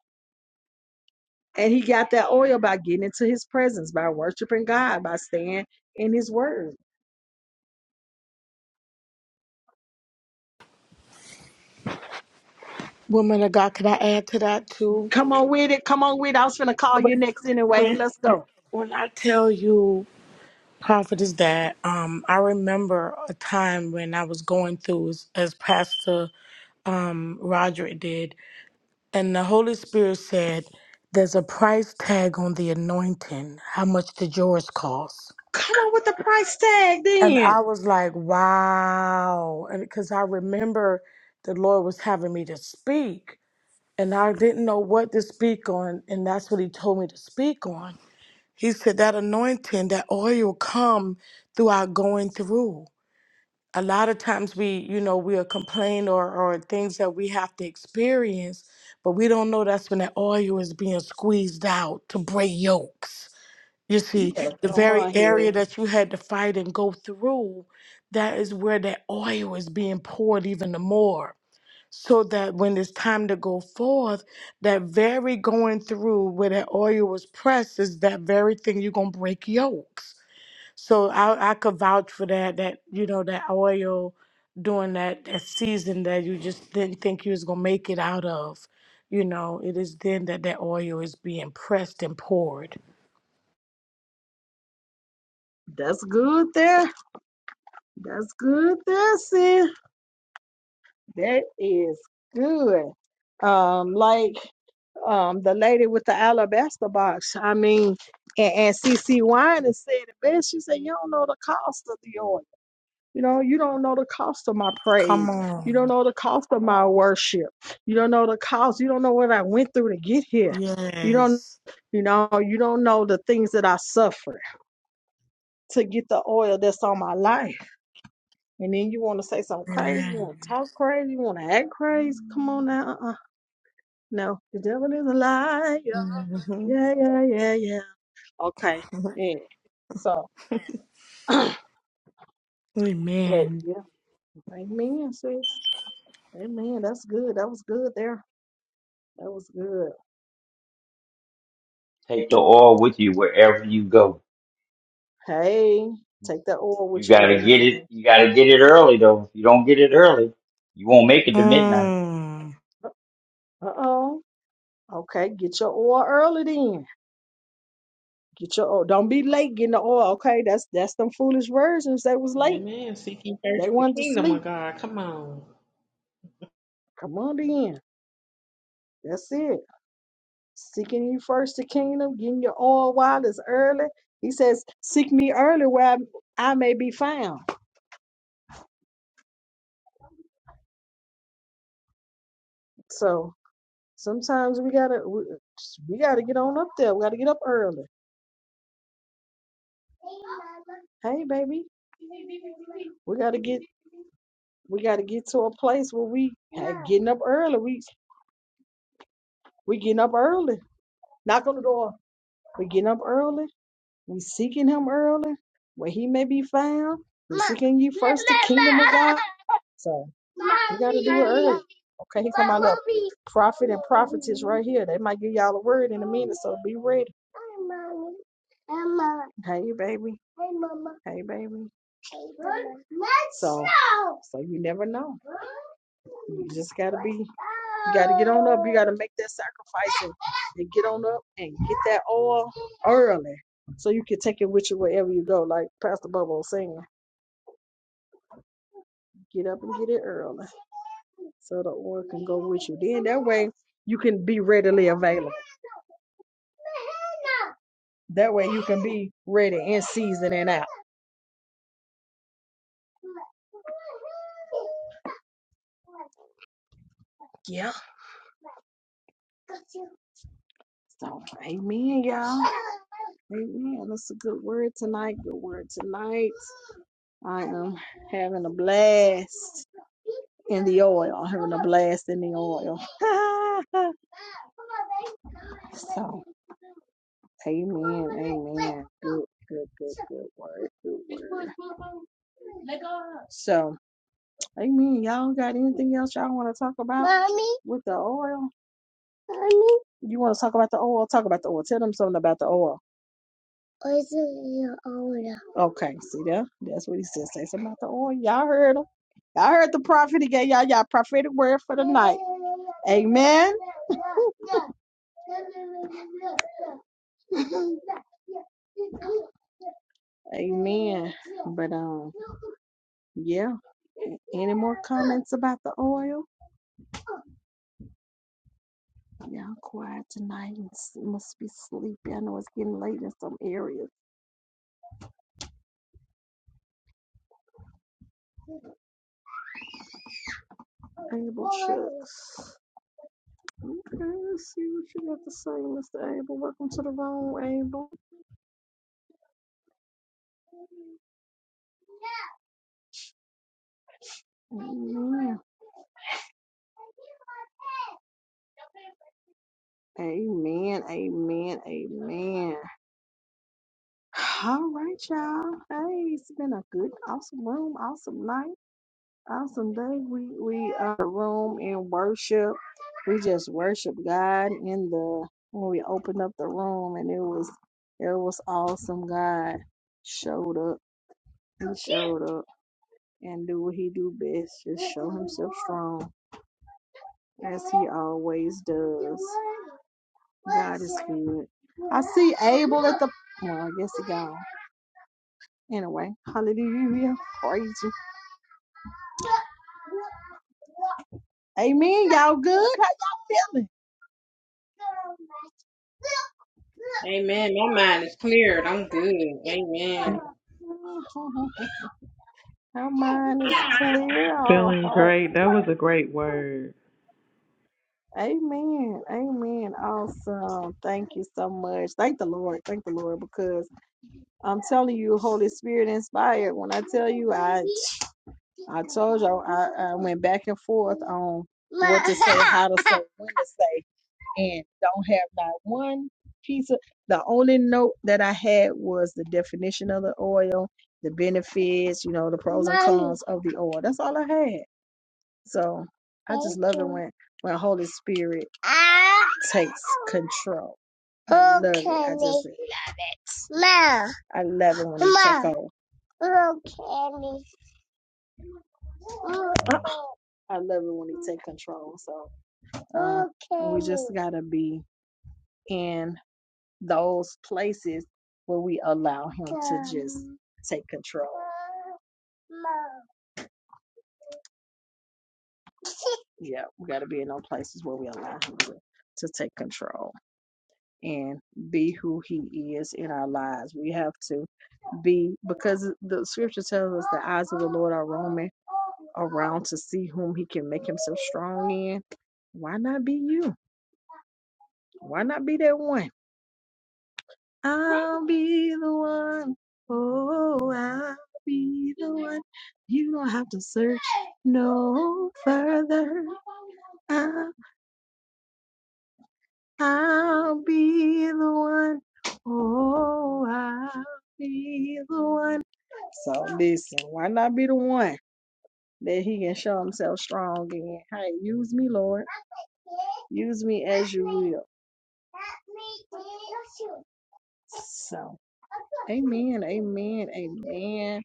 And he got that oil by getting into his presence, by worshiping God, by staying in his word. Woman of God, could I add to that too? Come on with it. Come on with it. I was going to call you When next anyway. when, Let's go. when I tell you, Prophet is that um, I remember a time when I was going through as, as Pastor um, Roderick did, and the Holy Spirit said, "There's a price tag on the anointing. How much did yours cost?" Come on with the price tag And I then. was like, "Wow!" And because I remember the Lord was having me to speak, and I didn't know what to speak on, and that's what He told me to speak on He said that anointing, that oil come through our going through. A lot of times we, you know, we'll complain or, or things that we have to experience, but we don't know that's when that oil is being squeezed out to break yokes. You You see, better the come very on area here. that you had to fight and go through, that is where that oil is being poured even the more so that when it's time to go forth, that very going through where that oil was pressed is that very thing you're gonna break yokes. So I, I could vouch for that. That you know that oil during that that season that you just didn't think you was gonna make it out of. You know, it is then that that oil is being pressed and poured. That's good there. That's good there, sis. That is good. Um, like um the lady with the alabaster box. I mean, and, and CC Wine said it best. She said, You don't know the cost of the oil. You know, you don't know the cost of my praise. Come You don't on. know the cost of my worship. You don't know the cost. You don't know what I went through to get here. You don't, Yes. you know, you don't know the things that I suffered to get the oil that's on my life. And then you want to say something crazy. You want to Amen. talk crazy. You want to act crazy. Come on now. Uh-uh. No, the devil is a liar. hmm Yeah, yeah, yeah, yeah. Okay. Yeah. So, *laughs* *clears throat* but Amen. yeah, amen, sis. Amen. That's good. That was good there. That was good. Take the oil with you wherever you go. Hey, take that oil You with you gotta wherever you get it. go. You gotta get it early though. If you don't get it early, you won't make it to midnight. Mm. Uh oh. Okay, get your oil early then. Get your oil. Don't be late getting the oil. Okay, that's that's them foolish virgins. They was late. Amen. Seek ye first They the wanted to kingdom sleep. of God. Come on. Come on then. That's it. Seeking you first the kingdom, getting your oil while it's early. He says, "Seek me early, where I, I may be found." So sometimes we gotta we, we gotta get on up there. We gotta get up early Hey, baby, we gotta get we gotta get to a place where we hey, getting up early. We we getting up early. Knock on the door. We getting up early. We seeking Him early, where He may be found. We seeking ye first the kingdom of God. So you got to do it early. Okay, here come my little prophet and prophetess right here. They might give y'all a word in a minute, so be ready. Hey, baby. Hey, baby. So, so you never know. You just got to be, you got to get on up. You got to make that sacrifice and, and get on up and get that oil early so you can take it with you wherever you go. Like Pastor Bubba was saying, get up and get it early so the oil can go with you. Then that way you can be readily available. That way you can be ready in season and out. Yeah. So amen, y'all. Amen. That's a good word tonight. Good word tonight. I am having a blast in the oil. I'm having a blast in the oil. *laughs* so. Amen. Amen. Good, good, good, good word. Good word. So, amen. Y'all got anything else y'all want to talk about with the oil? You want to talk about the oil? Talk about the oil. Tell them something about the oil. Okay, see there? That's what he said. Say something about the oil. Y'all heard him. Y'all heard the prophet. He gave y'all y'all prophetic word for the night. Amen. *laughs* Amen. But um, yeah. Any more comments about the oil? Y'all quiet tonight and s- must be sleepy. I know it's getting late in some areas. Abel shucks. Okay, let's see what you have to say, Mr. Abel. Welcome to the room, Abel. Amen. Amen. Amen. Amen. All right, y'all. Hey, it's been a good, awesome room, awesome night. Awesome day. We we are room in worship. We just worship God in the when we opened up the room and it was it was awesome. God showed up. He showed up and do what he do best. Just show himself strong as he always does. God is good. I see Abel at the well, I guess he gone. Anyway, hallelujah. Praise you. Amen. Y'all good? How y'all feeling? Amen. My mind is cleared. I'm good. Amen. Our mind is clear. Our Feeling heart. great. That was a great word. Amen. Amen. Awesome. Thank you so much. Thank the Lord. Thank the Lord because I'm telling you, Holy Spirit inspired. When I tell you, I I told you I, I went back and forth on what to say, how to say, when to say. and don't have not one piece of the only note that I had was the definition of the oil, the benefits, you know, the pros and cons of the oil. That's all I had. So I just love it when when Holy Spirit Ah. takes control. I love it. I just Okay. love it. Ma. I love it when it Ma. over. Okay. I love it when it takes control. So uh, we just gotta be in those places where we allow him to just take control. Yeah, we got to be in those places where we allow him to, to take control and be who he is in our lives. We have to be because the scripture tells us the eyes of the Lord are roaming around to see whom he can make himself strong in. Why not be you? Why not be that one? I'll be the one. Oh, I'll be the one. You don't have to search no further. I, I'll be the one. Oh, I'll be the one. So listen, why not be the one that he can show himself strong in? Hey, use me, Lord. Use me as you will. So, amen, amen, amen.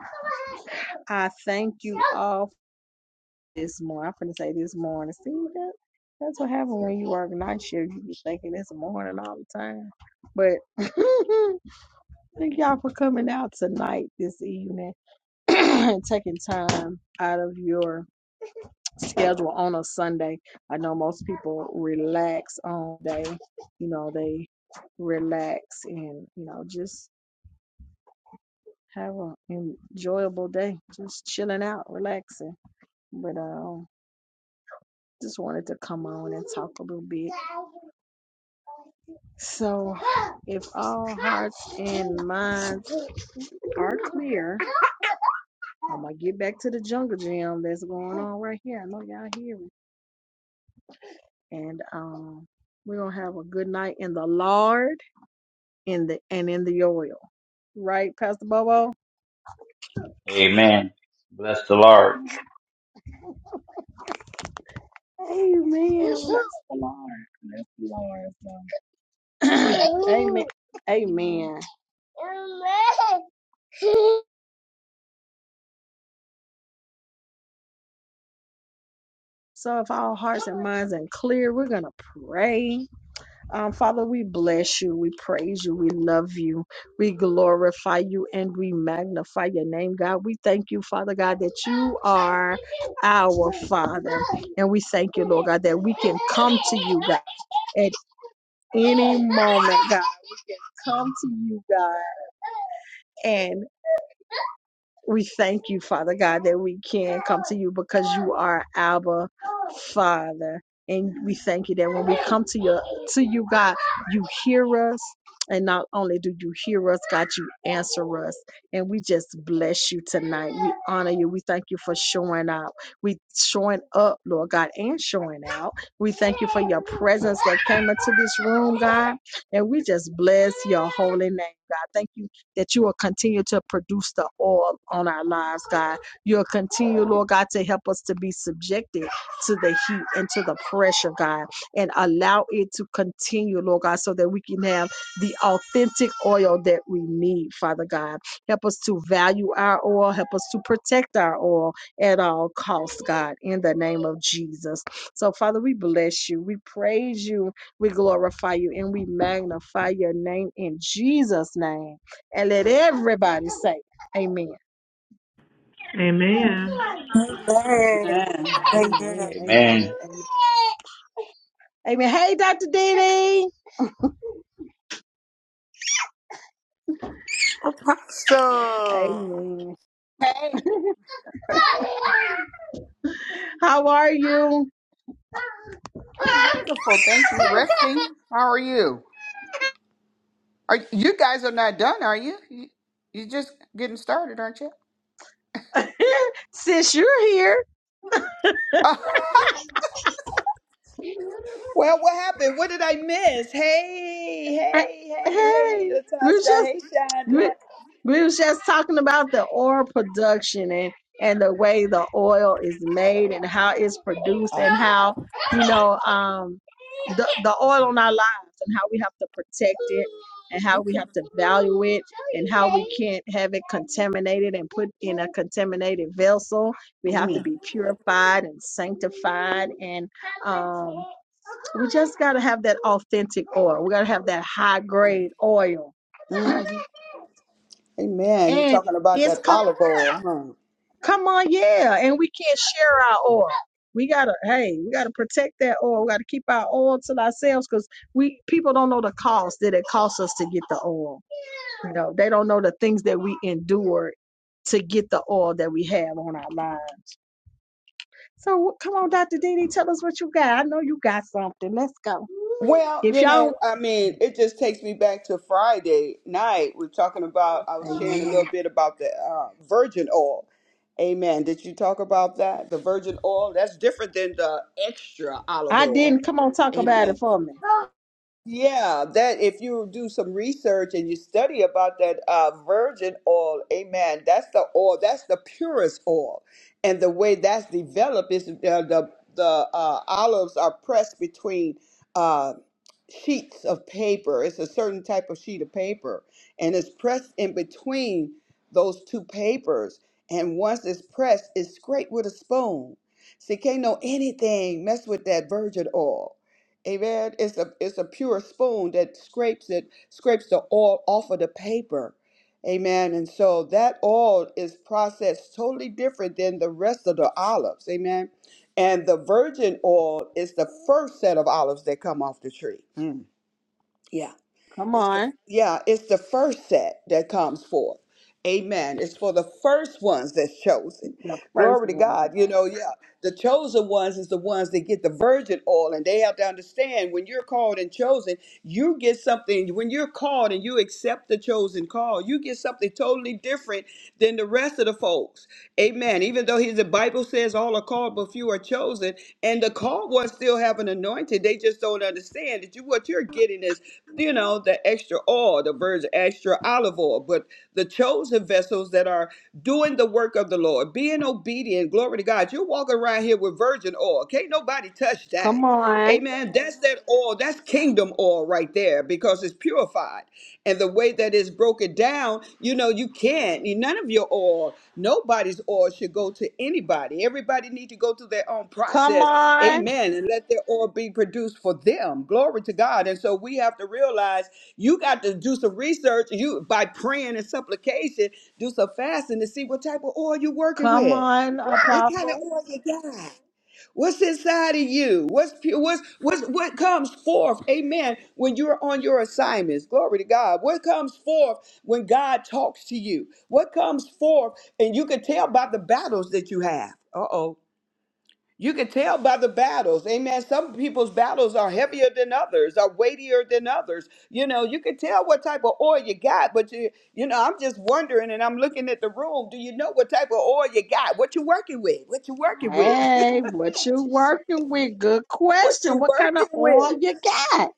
*laughs* I thank you all for this morning. I'm finna say this morning. See that? That's what happens when you work night shift. You be thinking it's morning all the time. But *laughs* thank y'all for coming out tonight, this evening, *clears throat* and taking time out of your schedule on a Sunday. I know most people relax on day. You know they relax and you know just have an enjoyable day, just chilling out, relaxing. But um. Just wanted to come on and talk a little bit. So, if all hearts and minds are clear, I'm gonna get back to the jungle jam that's going on right here. I know y'all hear me. And um, we're gonna have a good night in the Lord, in the and in the oil, right, Pastor Bobo? Amen. Bless the Lord. Amen. Bless the Lord. Bless the Lord. So, *coughs* *clears throat* Amen. Amen. So, if our hearts and minds are clear, we're going to pray. Um, Father, we bless you. We praise you. We love you. We glorify you and we magnify your name, God. We thank you, Father God, that you are our Father. And we thank you, Lord God, that we can come to you, God, at any moment, God. We can come to you, God. and we thank you, Father God, that we can come to you because you are our Father. And we thank you that when we come to your to you, God, you hear us. And not only do you hear us, God, you answer us. And we just bless you tonight. We honor you. We thank you for showing out. We showing up, Lord God, and showing out. We thank you for your presence that came into this room, God. And we just bless your holy name, God. Thank you that you will continue to produce the oil on our lives, God. You'll continue, Lord God, to help us to be subjected to the heat and to the pressure, God, and allow it to continue, Lord God, so that we can have the authentic oil that we need, Father God. Help us to value our oil. Help us to protect our oil at all costs, God, in the name of Jesus. So, Father, we bless you. We praise you. We glorify you and we magnify your name in Jesus' name and let everybody say amen. Amen. Amen. Amen. Amen. Amen. Amen. Amen. Amen. Hey, Dr. Dee Dee. Apostle. Amen. Hey, *laughs* How are you? I'm wonderful. Thank you. Resting. *laughs* How are you? Are you guys are not done, are you? You you just getting started, aren't you? Since you're here. *laughs* well, what happened? What did I miss? Hey, Hey, hey, hey, hey, hey, we're just Latasha. Hey, Shonda. we we was just talking about the oil production and and the way the oil is made and how it's produced Oh, and how you know um the, the oil on our lives and how we have to protect it and how we okay. have to value it and how we can't have it contaminated and put in a contaminated vessel we have to Mm, be purified and sanctified and um, we just got to have that authentic oil we got to have that high grade oil mhm. Amen. You're and talking about it's that co- olive oil, huh? Come on, yeah. And we can't share our oil. We gotta, hey, we gotta protect that oil. We gotta keep our oil to ourselves because we people don't know the cost that it costs us to get the oil. You know, they don't know the things that we endure to get the oil that we have on our lives. So come on, Dr. Dini, tell us what you got. I know you got something. Let's go. Well, If you know, y'all I mean, it just takes me back to Friday night. We're talking about, I was sharing a Amen. little bit about the uh, virgin oil. Amen. Did you talk about that? The virgin oil? That's different than the extra olive I oil. didn't come on talk about Amen. it for me. Yeah, that if you do some research and you study about that uh, virgin oil, amen, that's the oil, that's the purest oil. And the way that's developed is uh, the, the uh, olives are pressed between. uh, sheets of paper. It's a certain type of sheet of paper, and it's pressed in between those two papers. And once it's pressed, it's scraped with a spoon. See, can't know anything mess with that virgin oil. Amen. It's a it's a pure spoon that scrapes it, scrapes the oil off of the paper. Amen. And so that oil is processed totally different than the rest of the olives. Amen. And the virgin oil is the first set of olives that come off the tree. Mm. Yeah. Come It's the on. yeah, it's the first set that comes forth. Amen. It's for the first ones that's chosen. The first Glory to one. God. You know, yeah. The chosen ones is the ones that get the virgin oil, and they have to understand when you're called and chosen, you get something. When you're called and you accept the chosen call, you get something totally different than the rest of the folks. Amen. Even though he, the Bible says all are called, but few are chosen, and the called ones still have an anointing. They just don't understand that you what you're getting is you know, the extra oil, the virgin extra olive oil, but the chosen vessels that are doing the work of the Lord, being obedient, glory to God. You're walking around here with virgin oil. Can't nobody touch that. Come on. Amen. That's that oil. That's kingdom oil right there because it's purified. And the way that it's broken down, you know, you can't. None of your oil, nobody's oil should go to anybody. Everybody need to go through their own Come process on. Amen. And let their oil be produced for them. Glory to God. And so we have to realize you got to do some research. You by praying and supplication, do some fasting to see what type of oil you're working Come with. on, What kind of Apostle. oil you got? What's inside of you? What's pu- what's what's what comes forth? Amen. When you're on your assignments, glory to God. What comes forth when God talks to you? What comes forth, and you can tell by the battles that you have. Uh oh. You can tell by the battles. Amen. Some people's battles are heavier than others, are weightier than others. You know, you can tell what type of oil you got, but you, you know, I'm just wondering and I'm looking at the room. Do you know what type of oil you got? What you working with? What you working with? *laughs* Hey, what you working with? Good what question. you What kind of working with? oil you got?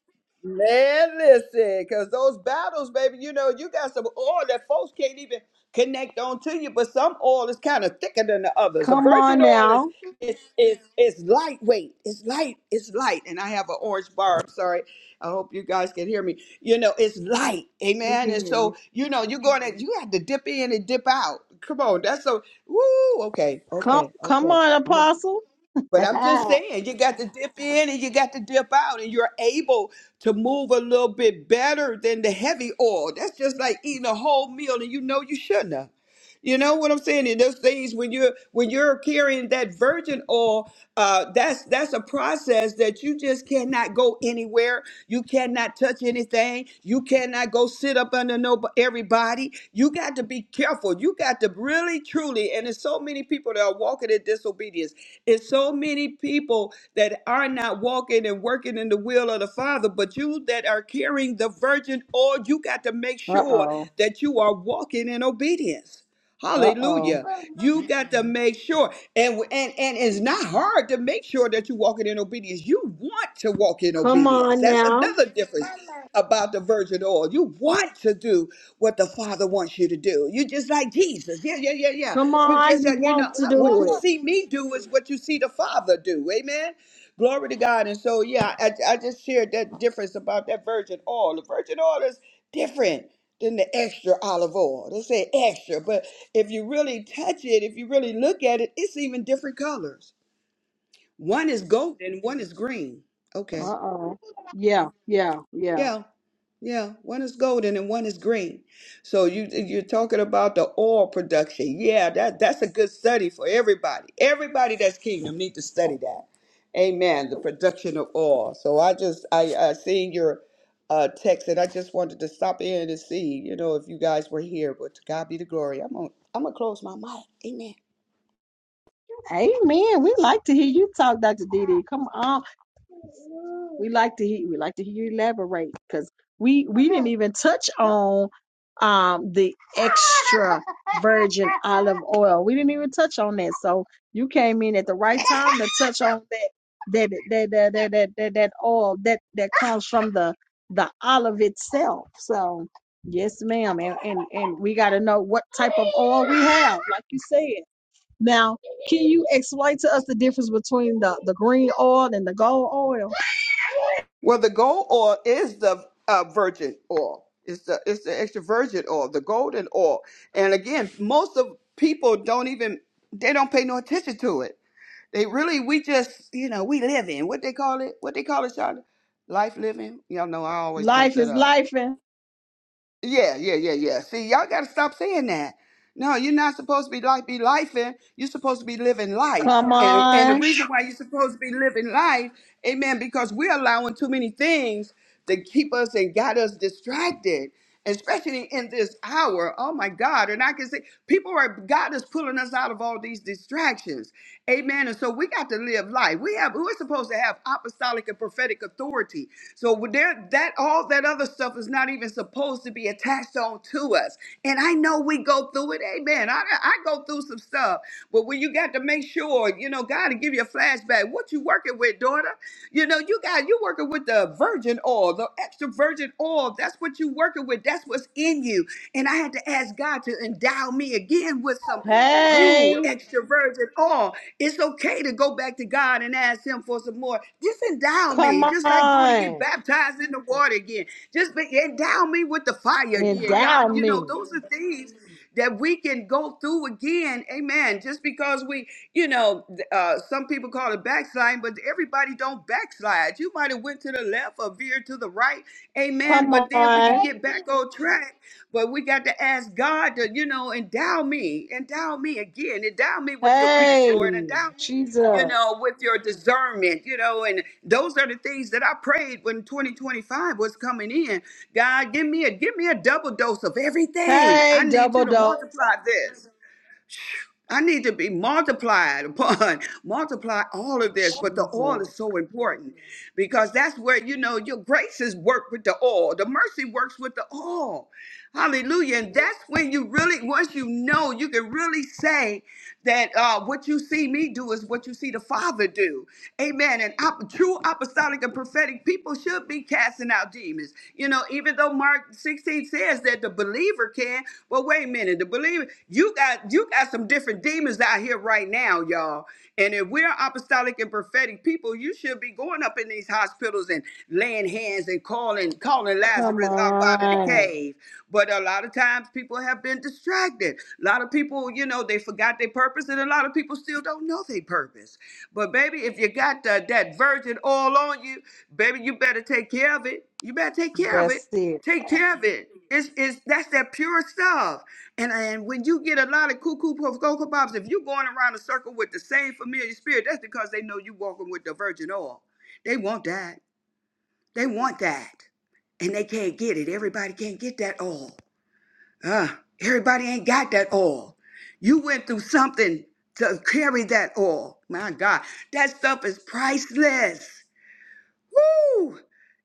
Man, listen, because those battles, baby, you know, you got some oil that folks can't even connect on to you, but some oil is kind of thicker than the others. The Come virgin on oil is now. it's it's it's lightweight. It's light, it's light. And I have an orange bar. I'm sorry. I hope you guys can hear me. You know, it's light. We can Amen. And hear so, you. you know, you're gonna you have to dip in and dip out. Come on, that's so woo, okay, Come, okay, come okay. on, Apostle. *laughs* But I'm just uh saying, you got to dip in and you got to dip out, and you're able to move a little bit better than the heavy oil. That's just like eating a whole meal and you know you shouldn't have. You know what I'm saying? And those things when you're when you're carrying that virgin oil, uh, that's that's a process that you just cannot go anywhere. You cannot touch anything. You cannot go sit up under no everybody. You got to be careful. You got to really truly. And there's so many people that are walking in disobedience. It's so many people that are not walking and working in the will of the Father, but you that are carrying the virgin oil, you got to make sure oh. that you are walking in obedience. Uh oh. Hallelujah. You got to make sure. And, and and it's not hard to make sure that you're walking in obedience. You want to walk in Come obedience. on That's now. another difference about the virgin oil. You want to do what the Father wants you to do. You just like Jesus. Yeah, yeah, yeah, yeah. Come You on, just you got, you know, want to I- what do you it. see me do is what you see the Father do. Amen. Glory to God. And so, yeah, I, I just shared that difference about that virgin oil. The virgin oil is different than the extra olive oil. They say extra, but if you really touch it, if you really look at it, it's even different colors. One is golden, one is green. Uh Okay. oh. Yeah, yeah, yeah. Yeah. Yeah, one is golden and one is green. So you you're talking about the oil production. Yeah, that that's a good study for everybody. Everybody that's kingdom need to study that. Amen. The production of oil. So I just I, I seen your uh, text and I just wanted to stop in and see you know if you guys were here. But to God be the glory. I'm gonna I'm gonna close my mic. Amen. Amen. We like to hear you talk, Dr. Didi. Come on. We like to hear we like to hear you elaborate because we we didn't even touch on um the extra virgin olive oil. We didn't even touch on that. So you came in at the right time to touch on that that that that that that, that, that oil that that comes from the the olive itself. So yes, ma'am. And and and we gotta know what type of oil we have, like you said. Now, can you explain to us the difference between the, the green oil and the gold oil? Well, the gold oil is the uh, virgin oil. It's the it's the extra virgin oil, the golden oil. And again, most of people don't even they don't pay no attention to it. They really we just you know we live in what they call it what they call it, Charlotte, life living. Y'all know I always mess Life that is up life. and- yeah, yeah, yeah, yeah. See, y'all got to stop saying that. No, you're not supposed to be like be lifing. You're supposed to be living life, Come and and the on. reason why you're supposed to be living life, amen, because we're allowing too many things to keep us and got us distracted, especially in this hour. Oh my God! And I can say people are God is pulling us out of all these distractions, amen. And so we got to live life. We have we're supposed to have apostolic and prophetic authority so there, that all that other stuff is not even supposed to be attached on to us. And I know we go through it. Amen. I, I go through some stuff, but when you got to make sure, you know, God to give you a flashback. What you working with, daughter? You know, you got you working with the virgin oil, the extra virgin oil. That's what you working with. That's what's in you. And I had to ask God to endow me again with some Hey, who extroverts and all it's okay to go back to god and ask him for some more just endow come me just like going to get on. baptized in the water again just be, endow me with the fire again god Endow you me. know those are things that we can go through again amen just because we you know uh, some people call it backsliding but everybody don't backslide you might have went to the left or veered to the right amen Come but then we can on. get back on track but we got to ask God to, you know, endow me, endow me again, endow me with your peace, Hey, Lord, endow me, you Jesus. know, with your discernment, you know, and those are the things that I prayed when 2025 was coming in. God, give me a give me a double dose of everything. I Hey, need you double to dose. multiply this. I need to be multiplied upon, *laughs* multiply all of this. But the oil is Jesus. so important because that's where, you know, your graces work with the oil. The mercy works with the oil. Hallelujah. And that's when you really, once you know, you can really say that uh, what you see me do is what you see the Father do. Amen. And op- true apostolic and prophetic people should be casting out demons. You know, even though Mark 16 says that the believer can, but wait a minute, the believer, you got you got some different demons out here right now, y'all. And if we're apostolic and prophetic people, you should be going up in these hospitals and laying hands and calling calling Come Lazarus up out of the on. cave. But a lot of times people have been distracted. A lot of people, you know, they forgot their purpose, and a lot of people still don't know their purpose. But baby, if you got that, that virgin oil on you, baby, you better take care of it. You better take care of it. That's it. Take care of it. It's, it's that's that pure stuff. And and when you get a lot of cuckoo puff cocoa pops, if you are going around a circle with the same familiar spirit, that's because they know you walking with the virgin oil. They want that. They want that. And they can't get it. Everybody can't get that oil. Uh, everybody ain't got that oil. You went through something to carry that oil. My God. That stuff is priceless. Woo!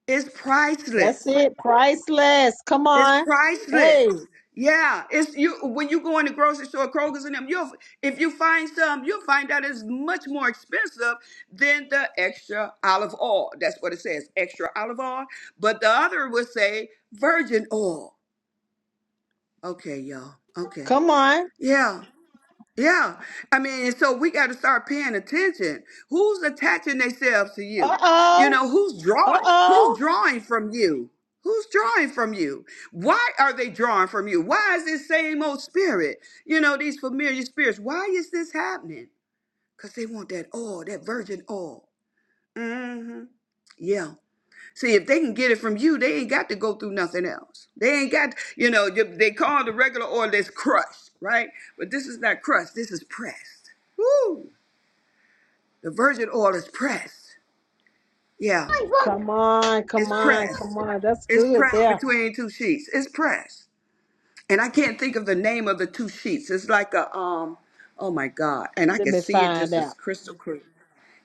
It's priceless. That's it. Priceless. Come It's on. Hey, priceless. Yeah, it's you when you go in the grocery store, Kroger's and them. You'll if you find some, you'll find out it's much more expensive than the extra olive oil. That's what it says, extra olive oil. But the other would say virgin oil. Okay, y'all. Okay, come on. yeah. Yeah. I mean, and so we got to start paying attention. Who's attaching themselves to Uh you? You oh. know, who's Uh drawing oh. who's drawing from you? Who's drawing from you? Why are they drawing from you? Why is this same old spirit? You know, these familiar spirits. Why is this happening? Cuz they want that oil, that virgin oil. Mhm. Yeah. See, if they can get it from you, they ain't got to go through nothing else. They ain't got, you know, you- they call the regular oil that's crushed, right? But this is not crushed. This is pressed. Woo! The virgin oil is pressed. Yeah, Come on, come it's on, pressed. come on. That's It's good pressed there. between two sheets. It's pressed. And I can't think of the name of the two sheets. It's like a um, oh my God. And I Let can me see it find just out. as crystal clear.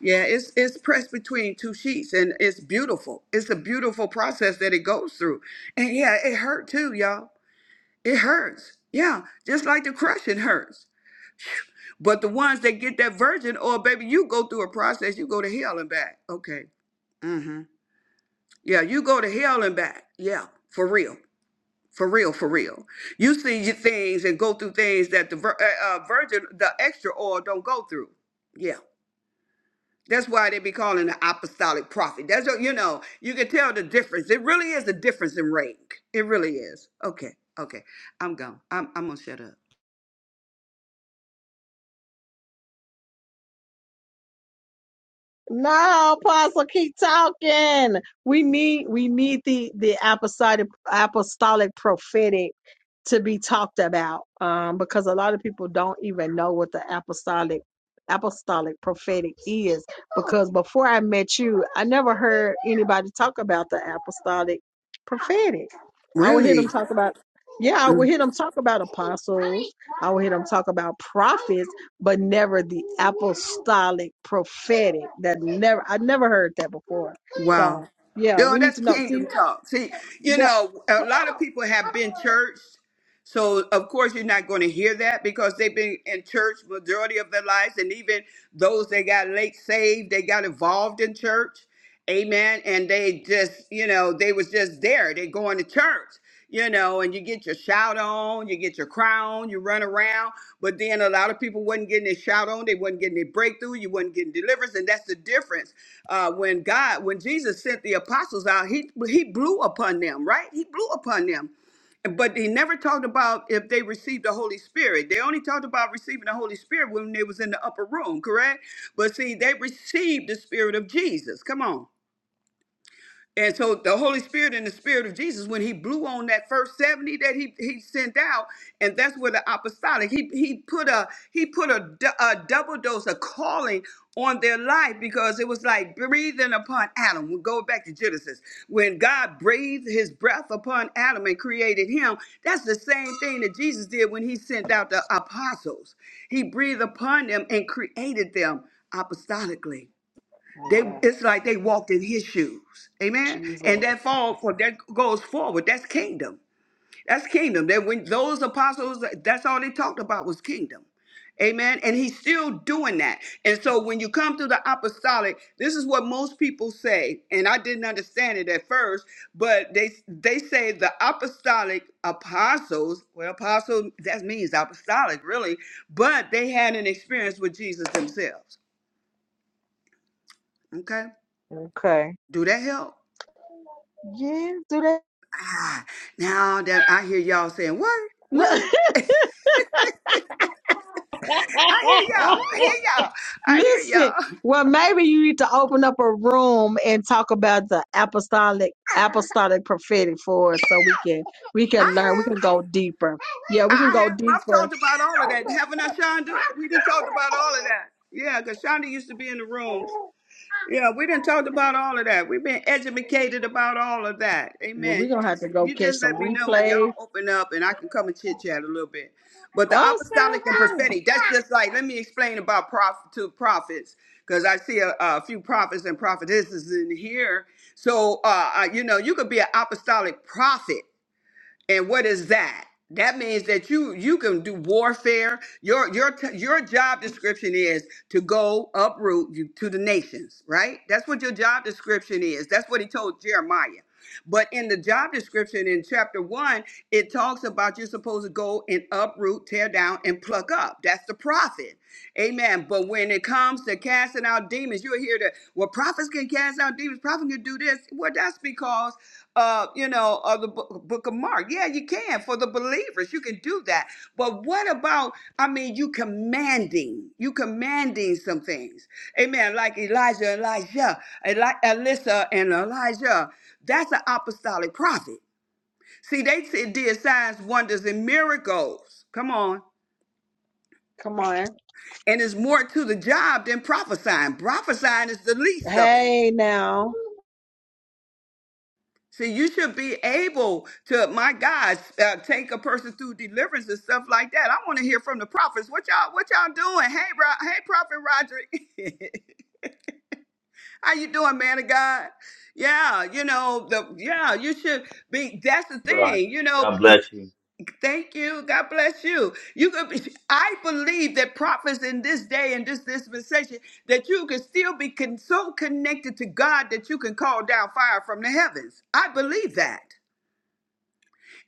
Yeah, it's it's pressed between two sheets and it's beautiful. It's a beautiful process that it goes through. And yeah, it hurt too, y'all. It hurts. Yeah, just like the crushing hurts. But the ones that get that virgin oil, baby, you go through a process, you go to hell and back. Okay. Mm-hmm. Yeah, you go to hell and back. Yeah, for real. For real, for real. You see your things and go through things that the vir- uh, uh, virgin, the extra oil don't go through. Yeah. That's why they be calling the apostolic prophet. That's what, you know, you can tell the difference. It really is a difference in rank. It really is. Okay, okay. I'm gone. I'm, I'm going to shut up. No, Apostle, keep talking. We need we need the the apostolic apostolic prophetic to be talked about. Um, because a lot of people don't even know what the apostolic apostolic prophetic is. Because before I met you, I never heard anybody talk about the apostolic prophetic. I would hear them Really? talk about yeah, I would hear them talk about apostles. I would hear them talk about prophets but never the apostolic prophetic that never I never heard that before. Wow. So yeah, You know, we need that's to know. See, kingdom talk. See, you yeah, know, a lot of people have been churched. So, of course, you're not going to hear that because they've been in church majority of their lives. And even those that got late saved, they got involved in church. Amen. And they just, you know, they was just there. They going to church you know, and you get your shout on, you get your crown, you run around. But then a lot of people wasn't getting their shout on, they wasn't getting their breakthrough, you wasn't getting deliverance, and that's the difference. Uh, when God, when Jesus sent the apostles out, he he blew upon them, right? He blew upon them. But he never talked about if they received the Holy Spirit. They only talked about receiving the Holy Spirit when they was in the upper room, correct? But see, they received the Spirit of Jesus. Come on. And so the Holy Spirit and the Spirit of Jesus, when he blew on that first 70 that he, he sent out, and that's where the apostolic, he, he put a he put a, du- a double dose of calling on their life because it was like breathing upon Adam. We go back to Genesis. When God breathed his breath upon Adam and created him, that's the same thing that Jesus did when he sent out the apostles. He breathed upon them and created them apostolically. They Yeah. it's like they walked in his shoes. Amen. Jesus. And that fall for that goes forward. That's kingdom. That's kingdom. That when those apostles, that's all they talked about was kingdom. Amen. And he's still doing that. And so when you come to the apostolic, this is what most people say, and I didn't understand it at first, but they they say the apostolic apostles, well, apostle that means apostolic, really, but they had an experience with Jesus themselves. Okay? Okay. Do that help? yes, do that. Ah, now that I hear y'all saying, what? Look, What? *laughs* I hear y'all. I hear y'all. I hear Listen, y'all. well, maybe you need to open up a room and talk about the apostolic apostolic prophetic for us, so we can we I can learn. We have. can go deeper. Yeah, we can I go have. I've deeper. talked about all of that. Haven't I, Shonda? We didn't talk about all of that. Yeah, because Shonda used to be in the rooms. Yeah, we didn't talked about all of that. We've been educated about all of that. Well, Amen. we're You gonna have just to go you catch just some let me know when y'all replay. open up and I can come and chit chat a little bit. But the Oh, apostolic and sounds good. prophetic, that's just like let me explain about prophet to prophets because I see a, a few prophets and prophetesses in here. So uh, I- you know, you could be an apostolic prophet and what is that? That means that you you can do warfare. Your your t- your job description is to go uproot you to the nations, right? That's what your job description is. That's what he told Jeremiah. But in the job description in chapter one, it talks about you're supposed to go and uproot, tear down, and pluck up. That's the prophet. Amen. But when it comes to casting out demons, you're here to, well, prophets can cast out demons, prophets can do this. Well, that's because uh, you know, of the book, book of Mark. Yeah, you can for the believers. You can do that. But what about, I mean, you commanding, you commanding some things. Amen. Like Elijah, Elijah, Eli- Alyssa, and Elijah. That's an apostolic prophet. See, they said- did signs, wonders, and miracles. Come on. Come on. And it's more to the job than prophesying. Prophesying is the least of it. Hey now. See, you should be able to, my God, uh, take a person through deliverance and stuff like that. I want to hear from the prophets. What y'all, what y'all doing? Hey, Ro- hey, Prophet Roger, *laughs* how you doing, man of God? Yeah, you know the, yeah, you should be. That's the God, thing, you know. God eh, bless you. Thank you, God bless you. You could be. I believe that prophets in this day and this dispensation that you can still be con- so connected to God that you can call down fire from the heavens. I believe that.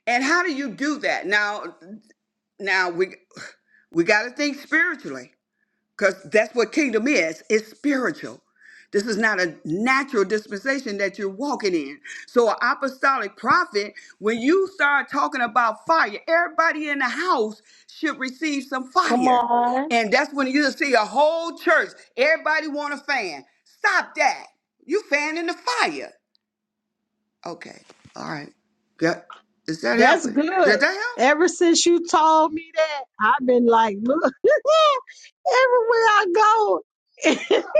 And how do you do that? Now, now we we got to think spiritually because that's what kingdom is. It's spiritual. This is not a natural dispensation that you're walking in. So, an apostolic prophet, when you start talking about fire, everybody in the house should receive some Come fire. on. And that's when you see a whole church, everybody want a fan. Stop that. You fanning the fire. Okay. All right. Yeah. Is that That's helping? good. Did that help? Ever since you told me that, I've been like, look, *laughs* everywhere I go. *laughs*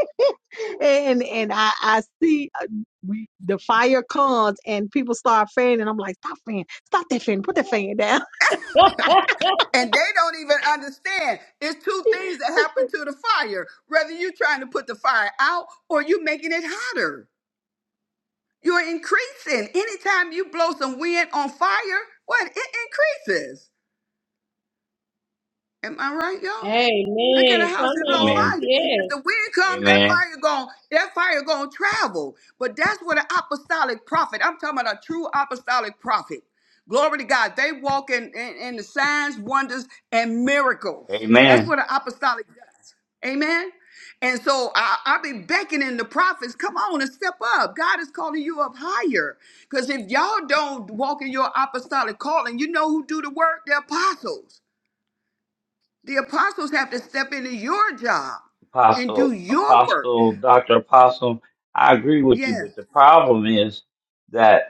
and and I, I see uh, we, the fire comes and people start fanning. I'm like, stop fanning. Stop that fan. Put that fan down. *laughs* And they don't even understand. It's two *laughs* things that happen to the fire. Whether you're trying to put the fire out or you're making it hotter, you're increasing. Anytime you blow some wind on fire, what? It increases. Am I right, y'all? Look at Amen. a house Come that's on on. Amen. fire. If Yes. the wind comes, that Amen. fire going that fire gonna travel. But that's what an apostolic prophet. I'm talking about a true apostolic prophet. Glory to God. They walk in, in, in the signs, wonders, and miracles. That's Amen. what an apostolic does. Amen. And so I, I've been beckoning the prophets, come on and step up. God is calling you up higher. Because if y'all don't walk in your apostolic calling, you know who do the work? The apostles. The apostles have to step into your job and do Apostle, your work. Apostle, Doctor Apostle, I agree with you, Yeah. but the problem is that.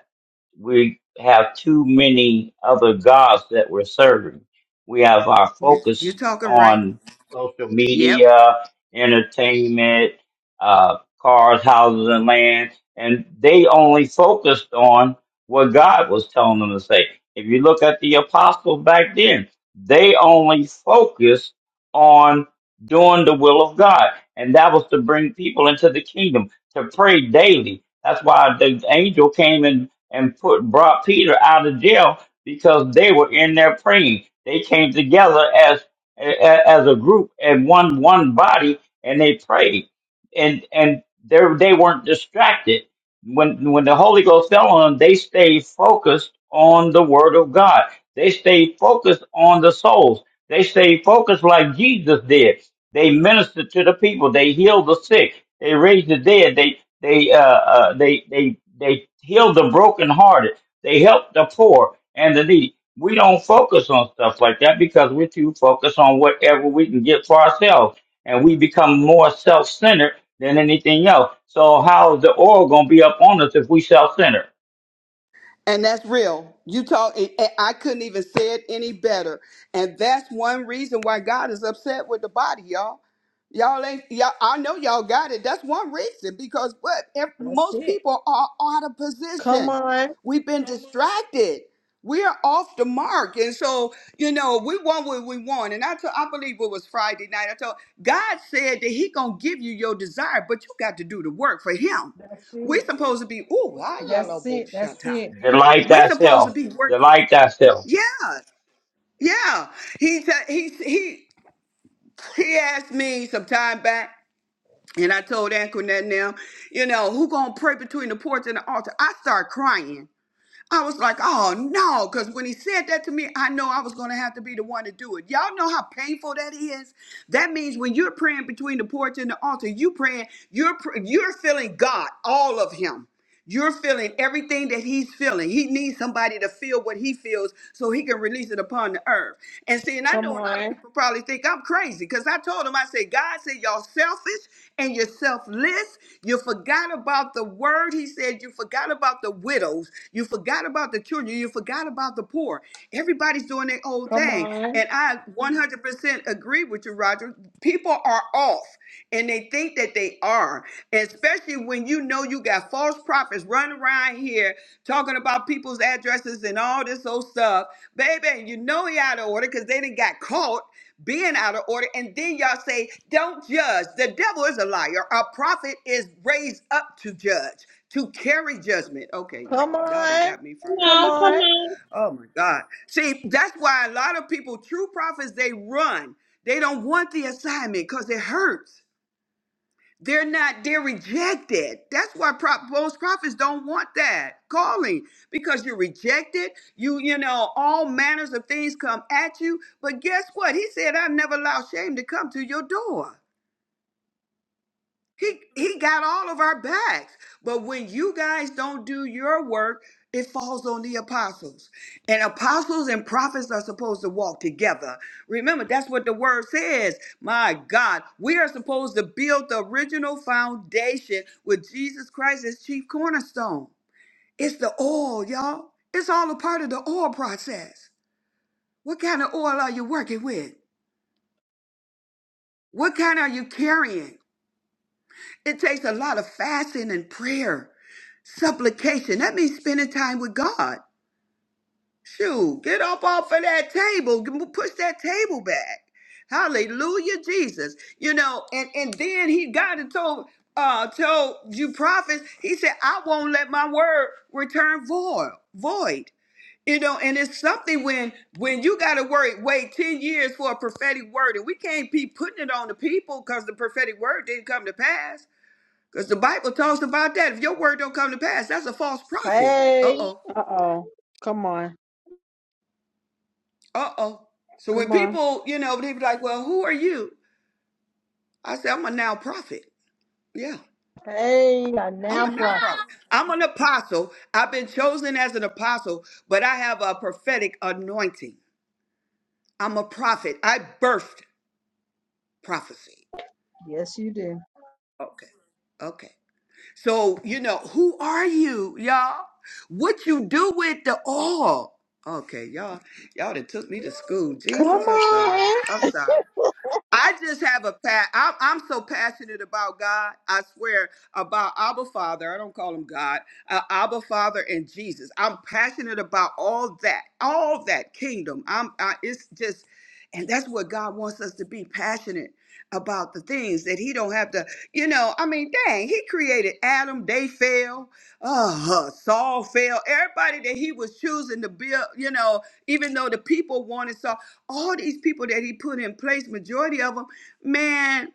we have too many other gods that we're serving. We have our You, you're focus talking right. on social Yep. media, entertainment, uh, cars, houses, and land, and they only focused on what God was telling them to say. If you look at the apostles back then, they only focused on doing the will of God, and that was to bring people into the kingdom to pray daily. That's why the angel came and and put brought Peter out of jail because they were in there praying. They came together as a- as a group and one one body, and they prayed, and and they they weren't distracted. When when the Holy Ghost fell on them, they stayed focused on the Word of God. They stayed focused on the souls. They stayed focused like Jesus did. They ministered to the people. They healed the sick. They raised the dead. They they uh, uh they they they heal the brokenhearted. They help the poor and the needy. We don't focus on stuff like that because we're too focused on whatever we can get for ourselves, and we become more self-centered than anything else. So how's the oil gonna be up on us if we self-centered? And that's real. You talk, and- and I couldn't even say it any better. And that's one reason why God is upset with the body, y'all. Y'all ain't, y'all, I know y'all got it. That's one reason because what? Ev- That's most it. people are out of Come position. on. We've been Mhm. distracted. We are off the mark. And so, you know, we want what we want. And I told, I believe it was Friday night. I told, God said that he going to give you your desire, but you got to do the work for him. That's We're it. supposed to be, ooh, I yellow That's bull it. That's shut up. it. Delight We supposed to thyself. be working. For, Delight thyself. yeah, yeah. He said he he he asked me some time back, and I told Antoinette now, you know, who gonna pray between the porch and the altar? I start crying. I was like, oh no, because when he said that to me, I know I was gonna have to be the one to do it. Y'all know how painful that is. That means when you're praying between the porch and the altar, you praying, you're pr- you're feeling God, all of Him. You're feeling everything that he's feeling. He needs somebody to feel what he feels so he can release it upon the earth. And see, and I Come know a lot of on. people probably think I'm crazy because I told him, I said, God said, y'all selfish and you're selfless. You forgot about the word. He said, you forgot about the widows. You forgot about the children. You forgot about the poor. Everybody's doing their own Come thing. on. And I 100% agree with you, Roger. People are off and they think that they are. Especially when you know you got false prophets running around here talking about people's addresses and all this old stuff, baby. And you know he out of order because they didn't got caught being out of order. And then y'all say, "Don't judge." The devil is a liar. A prophet is raised up to judge, to carry judgment. Okay, Come y'all, y'all done on. got me Come fired up. Come on. Come on. on. Oh my God. See, that's why a lot of people, true prophets, they run. They don't want the assignment because it hurts. They're not, they're rejected. That's why prop, most prophets don't want that calling because you're rejected. You, you know, all manners of things come at you. But guess what? He said, I've never allowed shame to come to your door. He he got all of our backs. But when you guys don't do your work, it falls on the apostles. And apostles and prophets are supposed to walk together. Remember, that's what the word says. My God, we are supposed to build the original foundation with Jesus Christ as chief cornerstone. It's the oil, y'all. It's all a part of the oil process. What kind of oil are you working with? What kind are you carrying? It takes a lot of fasting and prayer, supplication. That means spending time with God. Shoot, get up off of that table, G- push that table back. Hallelujah, Jesus. You know, and and then he got had told uh told you prophets, he said, I won't let my word return void void. You know, and it's something when when you gotta worry, wait 10 years for a prophetic word, and we can't be putting it on the people because the prophetic word didn't come to pass because the Bible talks about that. If your word don't come to pass, that's a false prophet. Uh Hey. oh. Uh oh. Come on. Uh oh. So when Come on. people, you know, they be like, well, who are you? I say, I'm a now prophet. Yeah, Hey. I I'm now a now profit. prophet. I'm an apostle. I've been chosen as an apostle, but I have a prophetic anointing. I'm a prophet. I birthed prophecy. Yes, you do. Okay. Okay. So, you know, who are you, y'all? What you do with the oil? Okay, y'all, y'all that took me to school. Come Jesus, I'm sorry. on. I'm sorry. I just have a pat. I'm, I'm so passionate about God. I swear about Abba Father. I don't call him God. Uh, Abba Father and Jesus. I'm passionate about all that, all that kingdom. I'm. I, it's just, and that's what God wants us to be passionate about the things that He don't have to. You know, I mean, dang, He created Adam. They fell. Uh, Saul fell. Everybody that He was choosing to build. You know, even though the people wanted Saul all these people that he put in place, majority of them, man,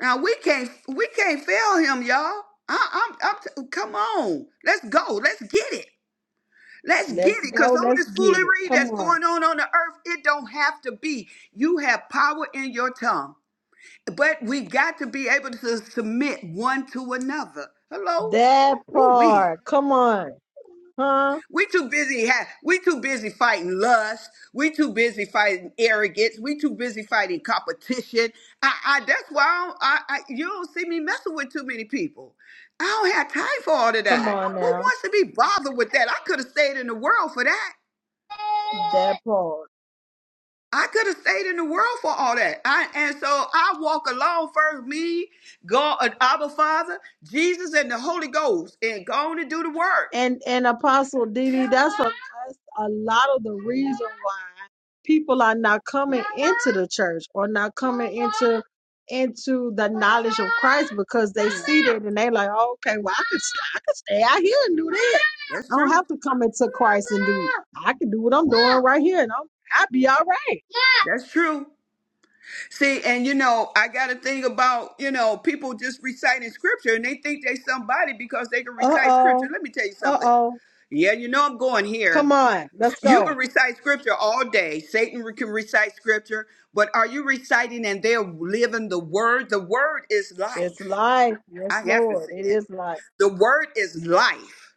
now we can't we can't fail him, y'all. I, I'm, I'm t- come on, let's go, let's get it, let's get Let's it, cause go. all Let's this get it. foolery Come that's on. going on on the earth, it don't have to be. You have power in your tongue, but we got to be able to submit one to another. Hello, That ooh part. Come on. Huh? We too busy ha- we too busy fighting lust. We too busy fighting arrogance. We too busy fighting competition. I, I that's why I, don't, I, I you don't see me messing with too many people. I don't have time for all of Come that. on Who now. wants to be bothered with that? I could have stayed in the world for that. That part. I could have stayed in the world for all that. I, and so I walk along first, me, God, uh, Abba Father, Jesus, and the Holy Ghost, and go on and do the work. And and Apostle Didi, that's a, a lot of the reason why people are not coming into the church or not coming into into the knowledge of Christ because they Yeah, see that and they like, oh, okay, well I could st- I could stay out here and do that. that's I don't true. have to come into Christ and do it. I can do what I'm doing right here and I'm I'll be all right. That's true. See, and you know, I got a thing about, you know, people just reciting scripture and they think they somebody because they can Uh recite oh. scripture. Let me tell you Uh something. oh. Yeah, you know I'm going Come here. on. Let's You go. can recite scripture all day. Satan re- can recite scripture, but are you reciting and they're living the word? The word is It's life. life. Yes, I have to Lord. say It that. is life. The word is life.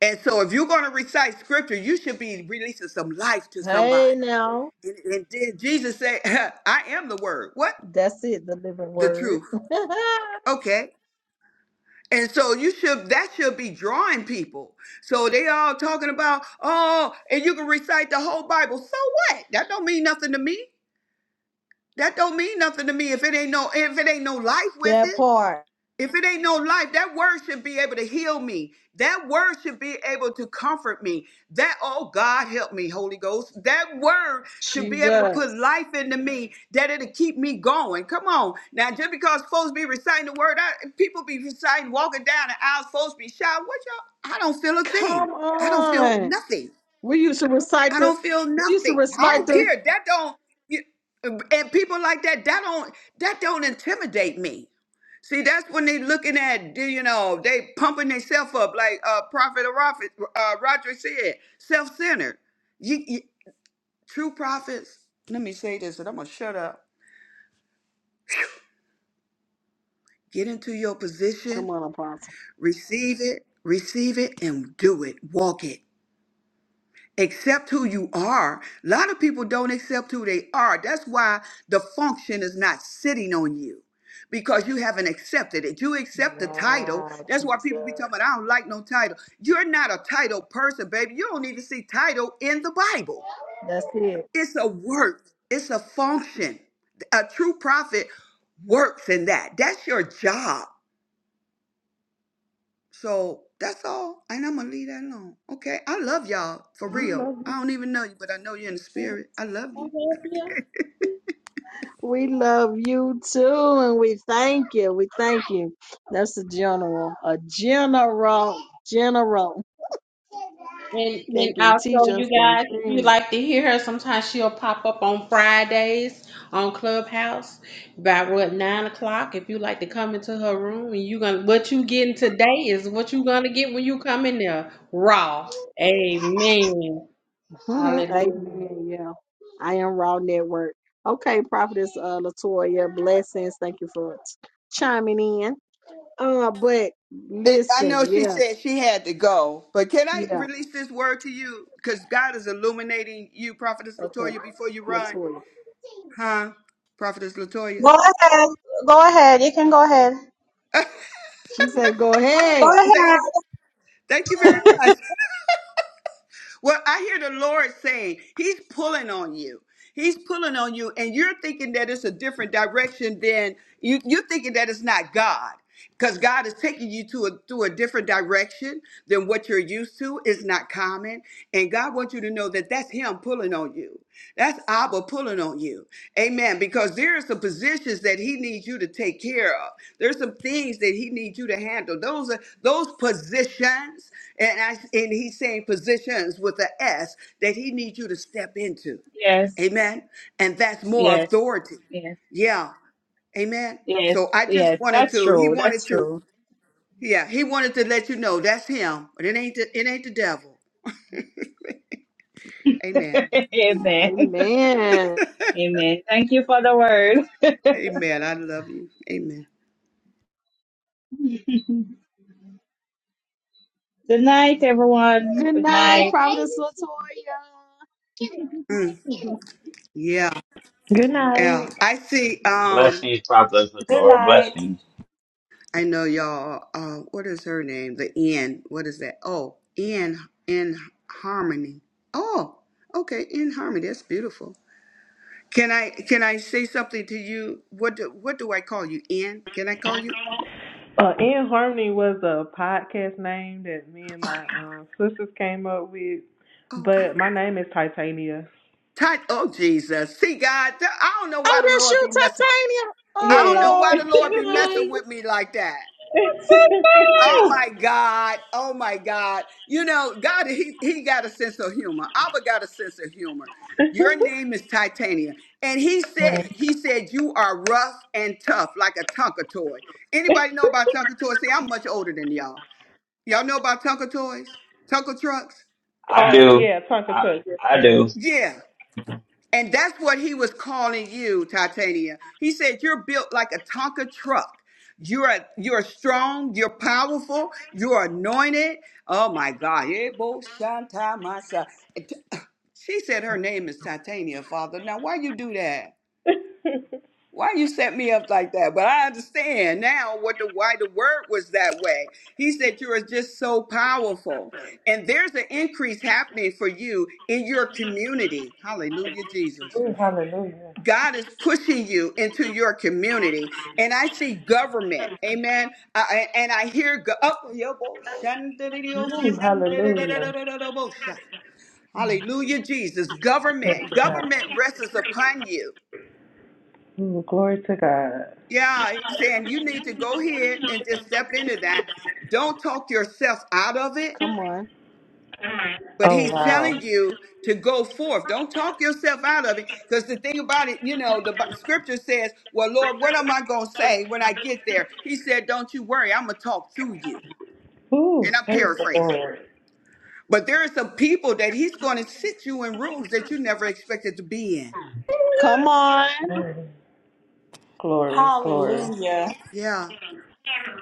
And so if you're going to recite scripture, you should be releasing some life to Hey, somebody. now. And, and then Jesus said, *laughs* I am the word. What? That's it, the living The word. truth. Okay. And so you should that should be drawing people. So they all talking about, oh, and you can recite the whole Bible. So what? That don't mean nothing to me. That don't mean nothing to me if it ain't no if it ain't no life *laughs* with that it. part. If it ain't no life, that word should be able to heal me. That word should be able to comfort me. That, oh God, help me, Holy Ghost. That word should be able to put Jesus. life into me that it'll keep me going. Come on. Now, just because folks be reciting the word, I, people be reciting, walking down the aisles, folks be shouting, what y'all? I don't feel a Come thing. I don't feel on. nothing. We used to recite I the, don't feel we used to nothing. I recite don't the, care. That don't, you- and people like that, that don't, that don't intimidate me. See, that's when they looking at, do you know, they pumping themselves up, like uh, Prophet Rofi- uh, Roger said, self-centered. You, you, true prophets, let me say this, and I'm going to shut up. Get into your come position, on, Apostle. receive it, receive it, and do it. Walk it. accept who you are. A lot of people don't accept who they are. That's why the function is not sitting on you because you haven't accepted it. You accept the title. Wow, That's why Jesus. people be talking about, I don't like no title. You're not a title person, baby. You don't even see title in the Bible. That's it. It's a work, it's a function. A true prophet works in that. That's your job so that's all. And I'm gonna leave that alone. Okay. I love y'all for We real. love you. I don't even know you, but I know you're in the spirit. I love I you. love you. We love you too, and we thank you. We thank you. That's a general, a general, general. *laughs* And They and can also teach you us some guys, if you things. like to hear her, sometimes she'll pop up on Fridays on Clubhouse about what nine o'clock. If you like to come into her room and you gonna what you getting today is what you gonna get when you come in there. Raw. Amen. *laughs* Hallelujah. Amen. Yeah. I am Raw Network. Okay, Prophetess uh, Latoya, blessings. Thank you for chiming in. Uh, but It, I know listen, she yeah, said she had to go, but can I yeah. release this word to you? Because God is illuminating you, Prophetess Okay, Latoya, before you run, Latoya. huh? Prophetess Go Latoya. ahead. Go ahead. You can go ahead. She said, "Go ahead." Go Thank ahead. you. Thank you very much. Well, I hear the Lord saying He's pulling on you. He's pulling on you, and you're thinking that it's a different direction than you, you're thinking that it's not God. Because God is taking you to a to a different direction than what you're used to. It's not common. And God wants you to know that that's Him pulling on you. That's Abba pulling on you. Amen. Because there are some positions that he needs you to take care of. There's some things that he needs you to handle. Those are those positions, and I and he's saying positions with an S that he needs you to step into. Yes, Amen. And that's more yes, authority. yes, Yeah. Amen. yes, So I just yes. wanted That's to, he true. That's wanted to, true. yeah, he wanted to let you know that's him. But it ain't the, it ain't the devil. *laughs* Amen. Amen. Amen. Amen. Thank you for the word. Amen. I love you. Amen. Good night, everyone. Good Good night, night. Prophetess Latoya. Mm, *laughs* yeah. Good Yeah, night. I see. Um, Blessings, Prophet Good Torah. night. Blessings. I know y'all. Uh, what is her name? The N. What is that? Oh, in in harmony. Oh, okay, in harmony. That's beautiful. Can I can I say something to you? What do, what do I call you? In? Can I call you? Uh, In Harmony was a podcast name that me and Oh, my um, sisters came up with, oh, okay. but my name is Titania. Ty- oh Jesus. See God, th- I don't know why Oh, the that's Lord you, be messing. Titania. Oh I don't Yes. know Lord. why *laughs* the Lord be messing Nice. with me like that. Oh Yes. my God. Oh my God. You know, God, he, he got a sense of humor. Abba got a sense of humor. Your name is Titania. And he said it. He said, You are rough and tough like a Tonka toy. Anybody know about Tonka toys? See, I'm much older than y'all. Y'all know about Tonka toys? Tonka trucks? I oh, do. yeah, Tonka I Chuck. Yes, I do. ma'am. Yeah. And that's what he was calling you, Titania. He said, You're built like a Tonka truck. You're you're strong, you're powerful, you're anointed. Oh my God. Yeah, bo- shanta masa. She said her name is Titania, Father. Now why you do that? *laughs* Why you set me up like that? But I understand now what the why the word was that way. He said you are just so powerful. And there's an increase happening for you in your community. Hallelujah, Jesus. hallelujah. God is pushing you into your community. And I see government, amen. Uh, and I hear, go- oh, yo, bo- shan- da- da- da- oh, Mm, shan- da- da- da- da- da- hallelujah. da- da- da- bo- sha. hallelujah, Jesus. Glory Government, to God. government rests upon you. Mm, glory to God. Yeah, he's saying you need to go ahead and just step into that. Don't talk yourself out of it. Come on. But Oh, he's wow. telling you to go forth. Don't talk yourself out of it. Because the thing about it, you know, the Bi- scripture says, Well, Lord, what am I going to say when I get there? He said, Don't you worry. I'm going to talk through you. And Ooh, I'm thank the paraphrasing. Lord. But there are some people that he's going to sit you in rooms that you never expected to be in. Come on. Hallelujah. Glory, glory. Hallelujah. Yeah.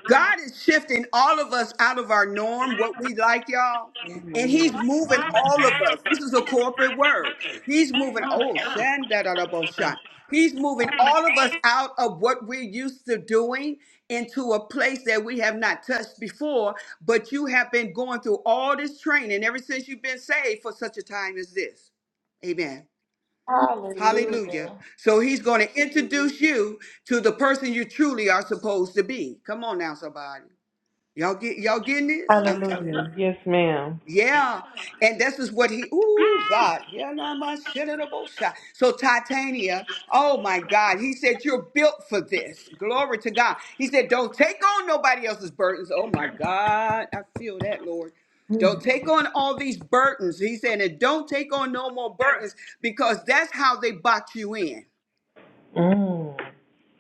God is shifting all of us out of our norm, what we like, y'all. And he's Amen. moving all of us. This is a corporate word. He's moving, oh, shandadadabosha. He's moving all of us out of what we're used to doing into a place that we have not touched before. But you have been going through all this training ever since you've been saved for such a time as this. Amen. Hallelujah. Hallelujah. So he's going to introduce you to the person you truly are supposed to be. Come on now, somebody. Y'all get y'all getting this? I'm telling you. Hallelujah. Yes, ma'am. Yeah. And this is what he ooh God. Yeah, nah, my shit in a bow shot. So Titania, oh my God. He said, You're built for this. Glory to God. He said, Don't take on nobody else's burdens. Oh my God. I feel that, Lord. Mm. Don't take on all these burdens. He said, and don't take on no more burdens because that's how they box you in. Mm.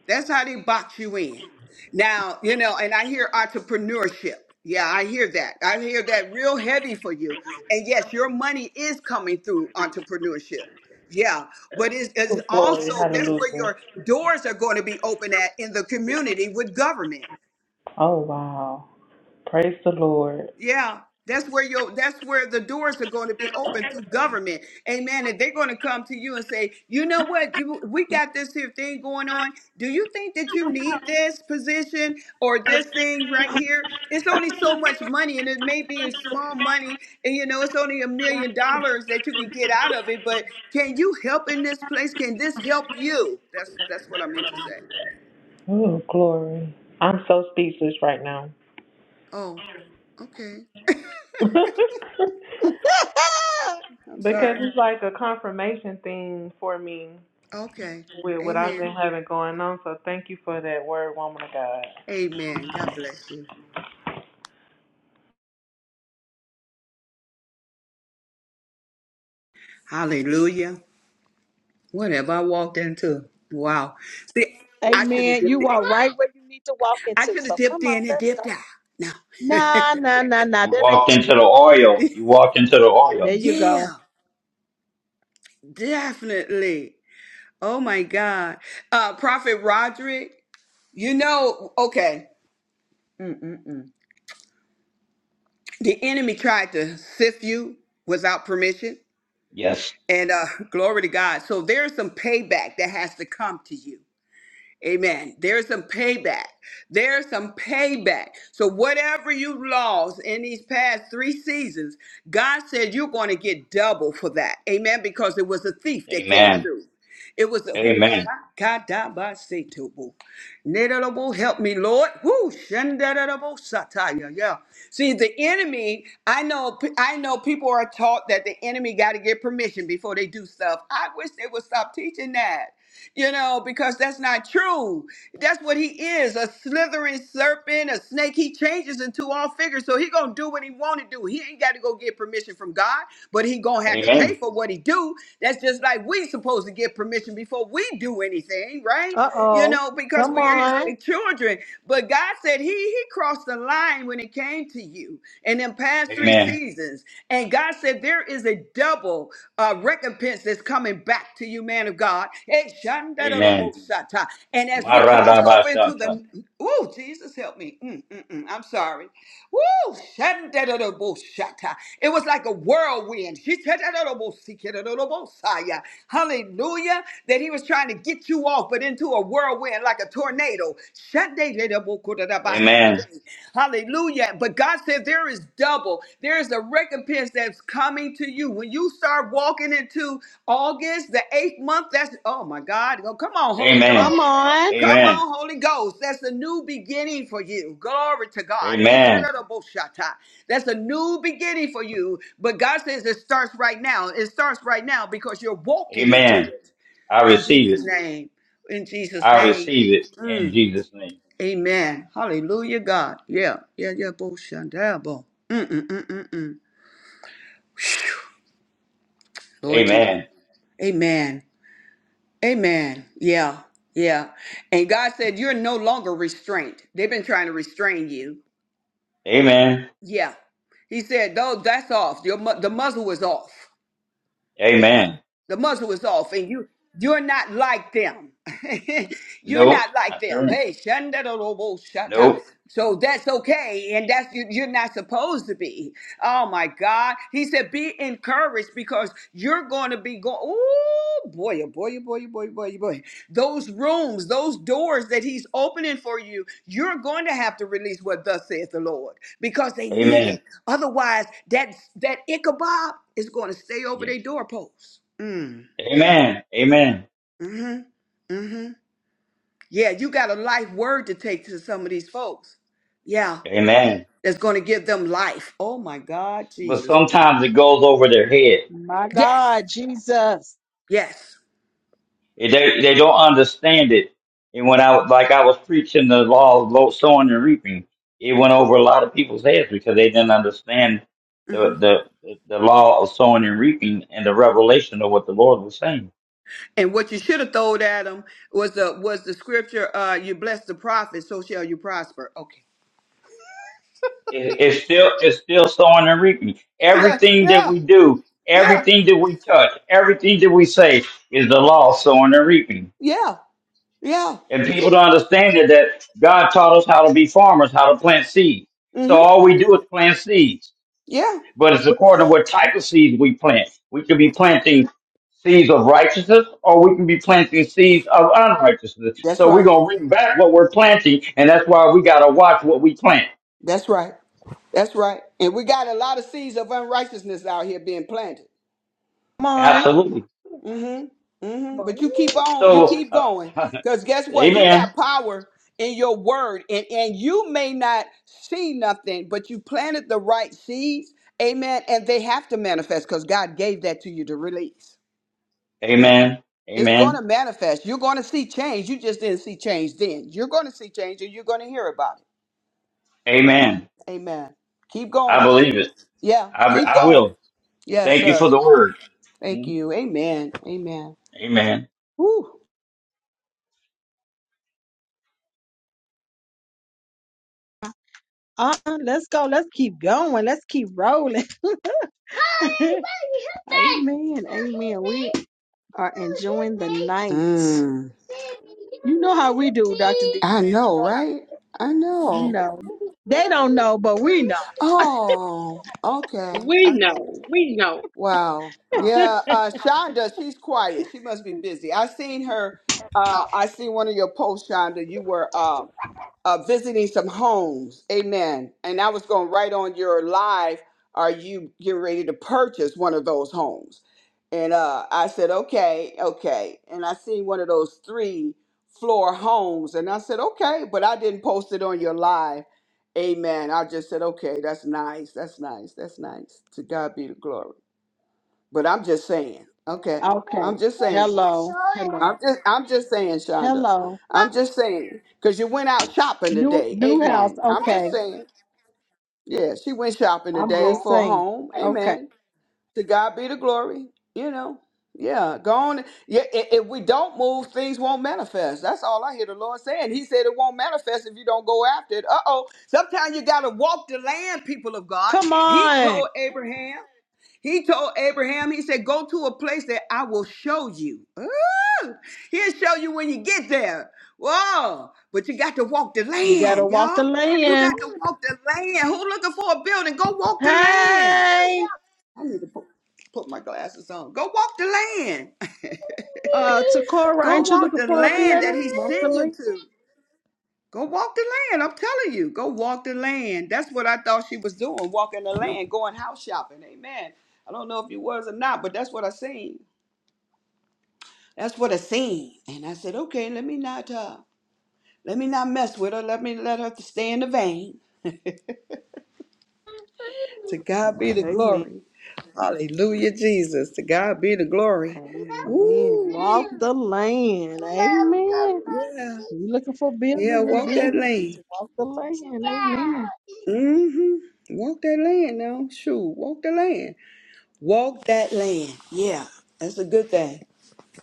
That's how they box you in. Now, you know, and I hear entrepreneurship. Yeah, I hear that. I hear that real heavy for you. And yes, your money is coming through entrepreneurship. Yeah, but it's, it's Ooh, glory, also that's where hallelujah. your doors are going to be open at in the community with government. Oh, wow. Praise the Lord. Yeah, that's where your that's where the doors are going to be open through government. Amen. And they're going to come to you and say, "You know what? You we got this here thing going on. Do you think that you need this position or this thing right here? It's only so much money and it may be a small money and you know, it's only a million dollars that you can get out of it, but can you help in this place? Can this help you?" That's that's what I meant to say. Oh, glory. I'm so speechless right now. Oh, okay. *laughs* because *laughs* I'm sorry. it's like a confirmation thing for me Okay. with what I've Amen. been having going on. So thank you for that word, woman of God. Amen. God bless you. Hallelujah. Whatever I walked into. Wow. See, I should have Amen. dipped You it. are right where you need to walk I into. should have So come dipped on, in and let's go. dipped out. No. *laughs* Nah, nah, nah, nah. You That ain't walked you. into the oil. You walked into the There oil. you go. yeah, definitely. Oh my God. Uh Prophet Roderick, you know, okay, the enemy tried to sift you without permission. Yes. And uh *laughs* glory to God. So there's some payback that has to come to you. Amen. There's some payback. There's some payback. So whatever you lost in these past three seasons, God said you're going to get double for that. Amen. Because it was a thief that came Amen. through. It was a who Amen. God God, by Satubu. Nedadabo, help me, Lord. Who Shandadabo Sataya. Yeah. See, the enemy, I know I know people are taught that the enemy got to get permission before they do stuff. I wish they would stop teaching that you know, because that's not true. That's what he is, a slithering serpent, a snake. He changes into all figures, so he gonna do what he wanna do. He ain't got to go get permission from God, but he gonna have to pay Amen. for what he do. That's just like we supposed to get permission before we do anything, right? Uh You oh. know, because Come we are on. his children. But God said He He crossed the line when it came to you. And in past three Amen. seasons, and God said there is a double uh, recompense that's coming back to you, man of God. Eh, Amen. shandarabosata. And as we cross over into Maradabashata. the oh Jesus help me. Mm, mm, mm. I'm sorry. Woo! shandarabosata. It was like a whirlwind. Shitadadabosikedadabosaya. Hallelujah. That he was trying to get you off, but into a whirlwind like a tornado. Amen. Hallelujah. But God said there is double. There is a recompense that's coming to you. When you start walking into August, the eighth month, that's, oh my God. Oh, come on, Holy Ghost. Amen. Come on. Come Amen. on, Holy Ghost. That's a new beginning for you. Glory to God. Amen. Yeteroboshata. That's a new beginning for you. But God says it starts right now. It starts right now because you're walking into Amen. it. I In receive Jesus' it. name. In Jesus' I name. receive it in Mm. Jesus' name. Amen. Hallelujah, God. Yeah. Yeah, yeah. Boshandabo. Mm, mm, mm, mm. Lord Jesus. Amen. Amen. Amen. Yeah. Yeah. And God said, You're no longer restrained. They've been trying to restrain you. Amen. Yeah. He said, though, that's off. Your mu- the muzzle is off. Yeah. Amen. The muzzle is off, and you you're not like them. *laughs* you're Nope. not like Not them. sure. Hey, shandadalobo shata. Nope. So that's okay, and that's you, you're not supposed to be. Oh my God, He said, be encouraged because you're going to be going. Oh boy, oh boy, oh boy, oh boy, oh boy, oh boy. Those rooms, those doors that He's opening for you, you're going to have to release what thus saith the Lord because they need Amen. it. Otherwise, that that Ichabod is going to stay over their Yes. doorposts. Mm, Amen. Amen. mm-hmm, mm-hmm. Yeah, you got a life word to take to some of these folks. Yeah, Amen. that's going to give them life. Oh my God, But Jesus. sometimes it goes over their head. My Yes, God, Jesus. yes. They they don't understand it. And when I like I was preaching the law of lo- sowing and reaping, it went over a lot of people's heads because they didn't understand hmm the the the law of sowing and reaping and the revelation of what the Lord was saying. And what you should have thrown at them was the was the scripture. Uh, you bless the prophet, so shall you prosper. Okay. It, it's still it's still sowing and reaping. Yeah, Everything that yeah, we do, yeah, everything that we touch, everything that we say is the law of sowing and reaping. yeah, yeah. And people don't understand it that God taught us how to be farmers, how to plant seeds. So hmm all we do is plant seeds Yeah. but it's according to what type of seeds we plant. We could be planting seeds of righteousness, or we can be planting seeds of unrighteousness. That's So we're right. gonna bring back what we're planting, and that's why we gotta watch what we plant. That's right. That's right. And we got a lot of seeds of unrighteousness out here being planted. Come on. Absolutely. hmm hmm But you keep on, you So, keep uh, going. *laughs* Because guess what? You got Amen, power in your word. And and you may not see nothing, but you planted the right seeds. Amen. And they have to manifest because God gave that to you to release. Amen, It's going Amen, to manifest. You're going to see change. You just didn't see change then. You're going to see change and you're going to hear about Amen. it. Amen. Keep I going. believe it. Yeah, I, keep I going. will. Yes, Thank you for sir. the word. Thank Mm, you. Amen. Amen. Amen. Woo. Uh uh-uh, uh. let us go. Let's keep going. Let's keep rolling. *laughs* amen. Amen. We are enjoying the night. Mm. You know how we do, Dr. D. I You know, know how we right? I You know. know. They don't know, but we know. Oh, okay. We Uh, know. We know. Wow. Yeah, uh Shonda, she's quiet. She must be busy. I seen her uh I seen one of your posts, Shonda. You were um uh, visiting some homes. Amen. And I was going right on your live. Are you getting ready to purchase one of those homes? And uh, I said, okay, okay. And I seen one of those three floor homes, and I said, okay, but I didn't post it on your live. Amen. I just said, okay, that's nice. That's nice. That's nice. To God be the glory. But I'm just saying, okay, Okay. I'm just saying. Hello. Hello. I'm just I'm just saying, Shonda. Hello. I'm just saying because you went out shopping New today. new house. Amen. I'm just Okay. saying. Yeah, she went shopping I'm today just for a saying. home. Okay. Amen. To God be the glory. You know. Yeah, go on. Yeah, i- if we don't move, things won't manifest. That's all I hear the Lord saying. He said it won't manifest if you don't go after it. Uh oh. Sometimes you got to walk the land, people of God. Come He told on. Abraham, he told Abraham, he said, Go to a place that I will show you. *laughs* He'll show you when you get there. Whoa. But you got to walk the You gotta land, walk y'all. the You land. got to walk the land. Who looking for a building? Go walk the land. Hey. I need to put, put my glasses on. Go walk the land. *laughs* Uh Takora, Go ain't you walk looking the for a land that building? he Walk the sent you land. to. Go walk the land. I'm telling you. Go walk the land. That's what I thought she was doing, walking the land, going house shopping. Amen. I don't know if you was or not, but that's what I seen. That's what I seen. And I said, okay, let me not uh Let me not mess with her. Let me let her stay in the vein. To God be the Amen. glory. Hallelujah, Jesus. To God be the glory. Amen. Woo, Walk we, the land. Amen. yeah, You looking for yeah, buildings and walk that businesses? lane. Walk the land. Amen. Mm-hmm. Walk that land now. Shoot, walk the land. Walk that land. Yeah, that's a good thing.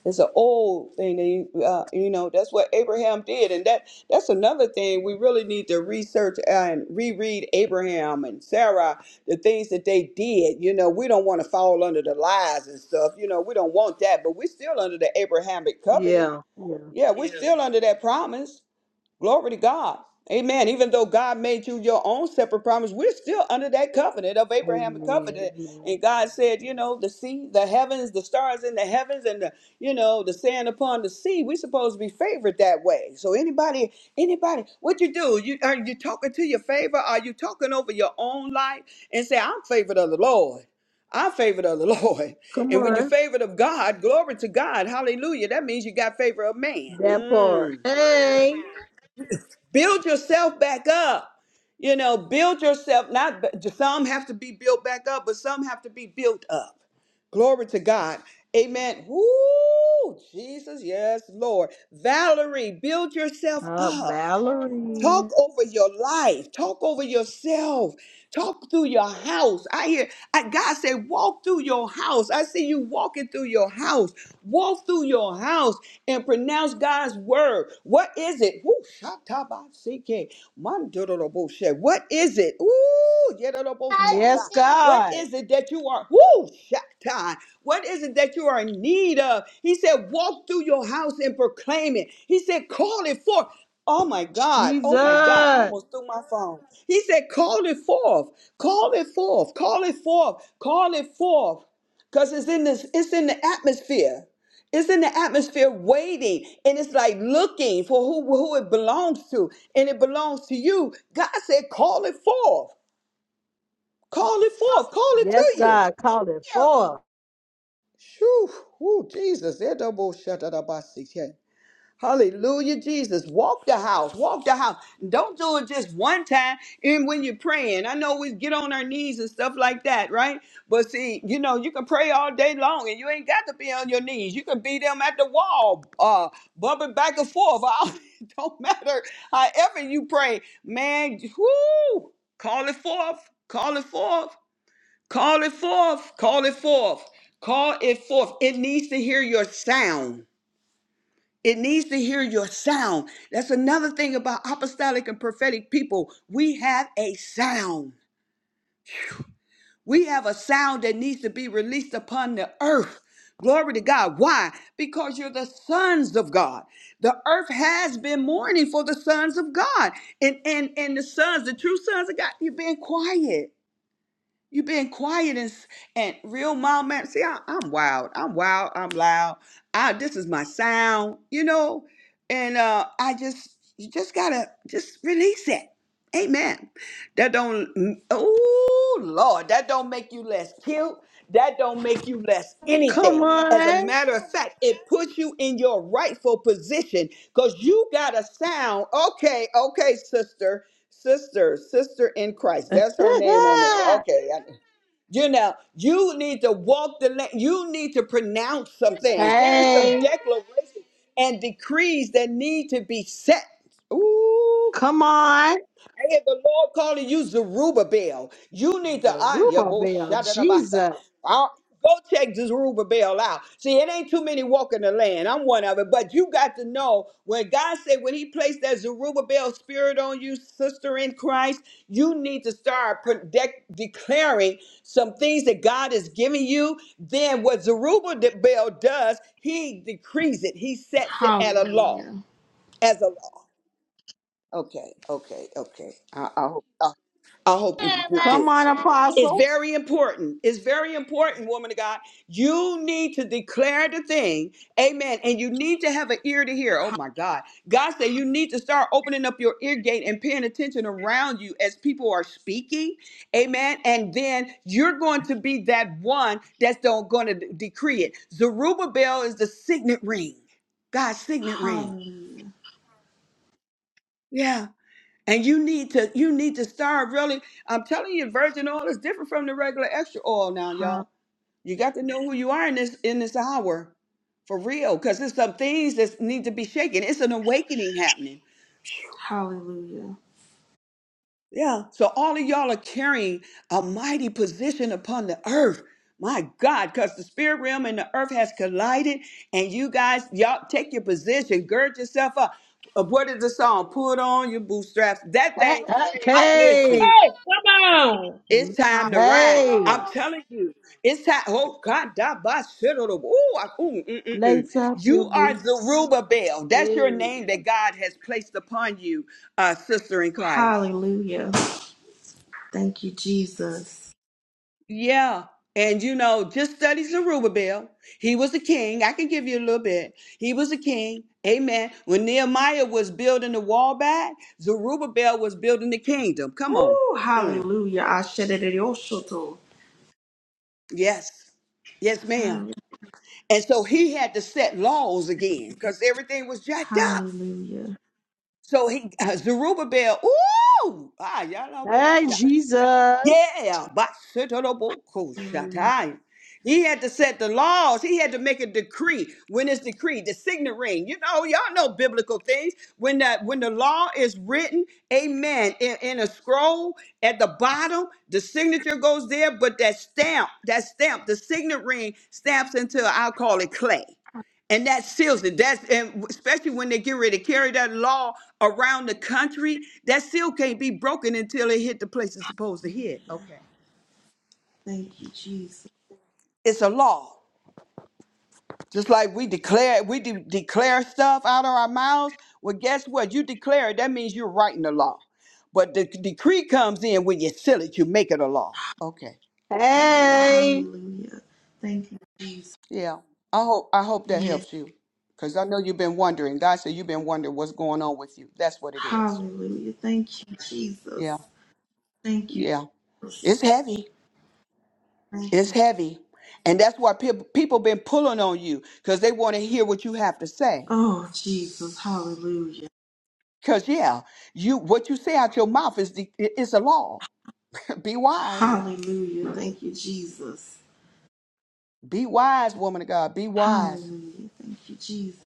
It's an old thing. They, uh, you know, that's what Abraham did, and that that's another thing we really need to research uh, and reread Abraham and Sarah, the things that they did. You know, we don't want to fall under the lies and stuff. You know, we don't want that, but we're still under the Abrahamic covenant. Yeah. Yeah. Yeah, we're Yeah. still under that promise. Glory to God. Amen. Even though God made you your own separate promise, we're still under that covenant of Abrahamic Amen. covenant. Amen. And God said, you know, the sea, the heavens, the stars in the heavens, and the, you know, the sand upon the sea. We're supposed to be favored that way. So anybody, anybody, what you do? You are you talking to your favor? Are you talking over your own life and say, I'm favored of the Lord? I'm favored of the *laughs* Lord. Come And when you're on. favored of God, glory to God, hallelujah, that means you got favor of man. That Mm part. Hey. build yourself back up you know build yourself not some have to be built back up but some have to be built up glory to god amen Woo, jesus yes lord valerie build yourself Uh, up Talk Valerie. over your life. Talk over yourself. Talk through your house. I hear I, God said, walk through your house. I see you walking through your house. Walk through your house and pronounce God's word. What is it? Woo, shatabaseke, mandoroboshe. What is it? Ooh, yedoroboshata. Yes, What God. is it that you are? Woo, shata. What is it that you are in need of? He said, walk through your house and proclaim it. He said, call it forth. Oh my God. Oh my God. I Jesus. almost threw my phone. He said, Call it forth. Call it forth. Call it forth. Call it forth. Because it's in this, it's in the atmosphere. It's in the atmosphere waiting. And it's like looking for who, who it belongs to. And it belongs to you. God said, Call it forth. Call it forth. Call it Yes, to you. God. Call it forth. Shoo. Ooh, Jesus. They're double shut up by six. Hallelujah, Jesus. Walk the house. Walk the house. Don't do it just one time. And when you're praying, I know we get on our knees and stuff like that, right? But see, you know, you can pray all day long and you ain't got to be on your knees. You can be them at the wall, uh, bumping back and forth. *laughs* It don't matter however you pray. Man, whoo, call it forth. Call it forth. Call it forth. Call it forth. Call it forth. It needs to hear your sound. It needs to hear your sound. That's another thing about apostolic and prophetic people. We have a sound. We have a sound that needs to be released upon the earth. Glory to God. Why? Because you're the sons of God. The earth has been mourning for the sons of God. And and and the sons, the true sons of God, you've been quiet. You've been quiet and, s- and real mom man. See, I, I'm wild. I'm wild. I'm loud. I this is my sound, you know. And uh I just you just gotta just release it. Amen. That don't oh Lord, that don't make you less cute. That don't make you less Come anything. As a on. matter of fact, it puts you in your rightful position because you got a sound. Okay, okay, sister. Sister, sister in Christ. That's her name on there. *laughs* Okay. I- You know, you need to walk the land. You need to pronounce some things. There are some hey. declarations and decrees that need to be set. Ooh. Come on. I hear the Lord calling you Zerubbabel. You need to Anya Zerubbabel. Boshadabasa. Jesus. Go check Zerubbabel out. See, it ain't too many walking the land. I'm one of it. But you got to know when God said, when He placed that Zerubbabel spirit on you, sister in Christ, you need to start pro- de- declaring some things that God is giving you. Then what Zerubbabel does, he decrees it, he sets it at Hallelujah. a law, as a law. Okay, okay, okay. I, I hope. I hope you can get Come this. on, It's Apostle. very important. It's very important, woman of God. You need to declare the thing. Amen. And you need to have an ear to hear. Oh my God. God said you need to start opening up your ear gate and paying attention around you as people are speaking. Amen. And then you're going to be that one that's going to decree it. Zerubbabel is the signet ring, God's signet ring. Hallelujah. Yeah. And you need to you need to start really. I'm telling you, virgin oil is different from the regular extra oil now, Hall- y'all. You got to know who you are in this in this hour. For real. Because there's some things that need to be shaken. It's an awakening happening. Hallelujah. Yeah. So all of y'all are carrying a mighty position upon the earth. My God, because the spirit realm and the earth has collided, and you guys, y'all take your position, gird yourself up. Uh, What is the song? Put on your bootstraps. That Hey. thing, I listen. Hey. Come on. It's time to ride. Hey. I'm telling you, it's time. Oh God, da ba shido do- ooh, I- ooh, mm, mm, mm. Lace up your you are boots. Zerubbabel. That's Yeah. your name that God has placed upon you, uh, sister in Christ. Hallelujah. Thank you, Jesus. Yeah. And you know, just study Zerubbabel. He was a king. I can give you a little bit. He was a king. Amen. When Nehemiah was building the wall back, Zerubbabel was building the kingdom. Come on. Woo, Mm. hallelujah. Ashedededoshoto. Yes. Yes, ma'am. Hall- And so he had to set laws again because everything was jacked up. Hallelujah. So he uh, Zerubbabel, ooh, ah, y'all both Hey, shot. Jesus. Yeah, but Hallelujah. he had to set the laws. He had to make a decree. When it's decreed, the signet ring. You know, y'all know biblical things. When that when the law is written, amen, in, in a scroll at the bottom, the signature goes there, but that stamp, that stamp, the signet ring stamps into I'll call it clay and that seals it. That's and especially when they get ready to carry that law around the country, that seal can't be broken until it hit the place it's supposed to hit. Hallelujah. Okay, Thank you, Jesus. it's a law. Just like we declare, we de- declare stuff out of our mouths. Well, guess what? You declare it. That means you're writing the law. But the decree comes in when you seal it. You make it a law. Okay. Hallelujah. Hey. Hallelujah. Thank you, Jesus. Yeah. I hope I hope that Yes. helps you, because I know you've been wondering. God said you've been wondering what's going on with you. That's what it is. Hallelujah. Thank you, Yeah. Jesus. Thank you, Yeah. It's Jesus. heavy. Thank It's you. heavy. And that's why people people been pulling on you because they want to hear what you have to say. Oh, Jesus. Hallelujah. Cause yeah, you what you say out your mouth is the, i- it's a law. *laughs* be wise. Hallelujah. Thank you, Jesus. Be wise, woman of God. Be wise. Hallelujah. Thank you, Jesus.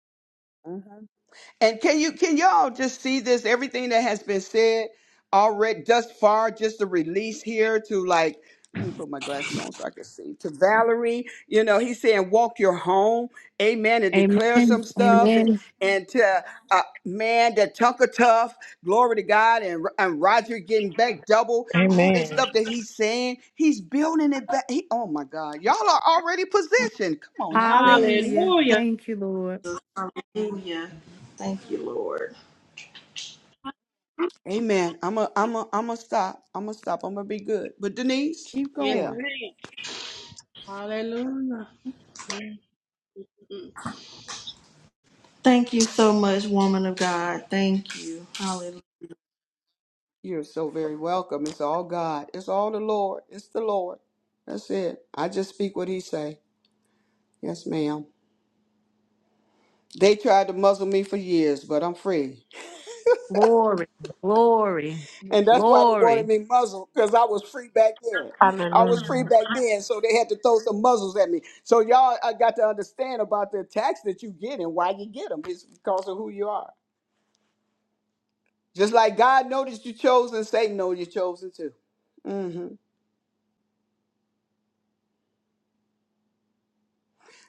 And can you can y'all just see this? Everything that has been said already thus far, just the release here to like let me put my glasses on so I can see. To Valerie, you know, he's saying walk your home, amen, and declare Amen. some stuff. And, Amen. and to uh, man, that Tunka Tough, glory to God, and, and Roger getting back double, all this Amen. stuff that he's saying, he's building it back. He, oh my God, y'all are already positioned. Come on now. Yes. Hallelujah. Hallelujah. Thank you, Lord. Hallelujah. Thank you, Lord. Amen. I'm a I'm a I'm a stop. I'm a stop. I'm gonna be good. But Denise, Keep Yes, yeah, going. ma'am. Hallelujah. Mm. Thank you so much, woman of God. Thank you. Hallelujah. you're so very welcome. It's all God. It's all the Lord. It's the Lord. That's it. I just speak what He say. Yes, ma'am. They tried to muzzle me for years, but I'm free, Glory, glory, *laughs* and that's why they wanted glory. me muzzled because I was free back then. I was free Hallelujah. back then, so they had to throw some muzzles at me. So y'all, I got to understand about the attacks that you get and why you get them. It's because of who you are. Just like God noticed you chosen, Satan knows you're chosen too. hmm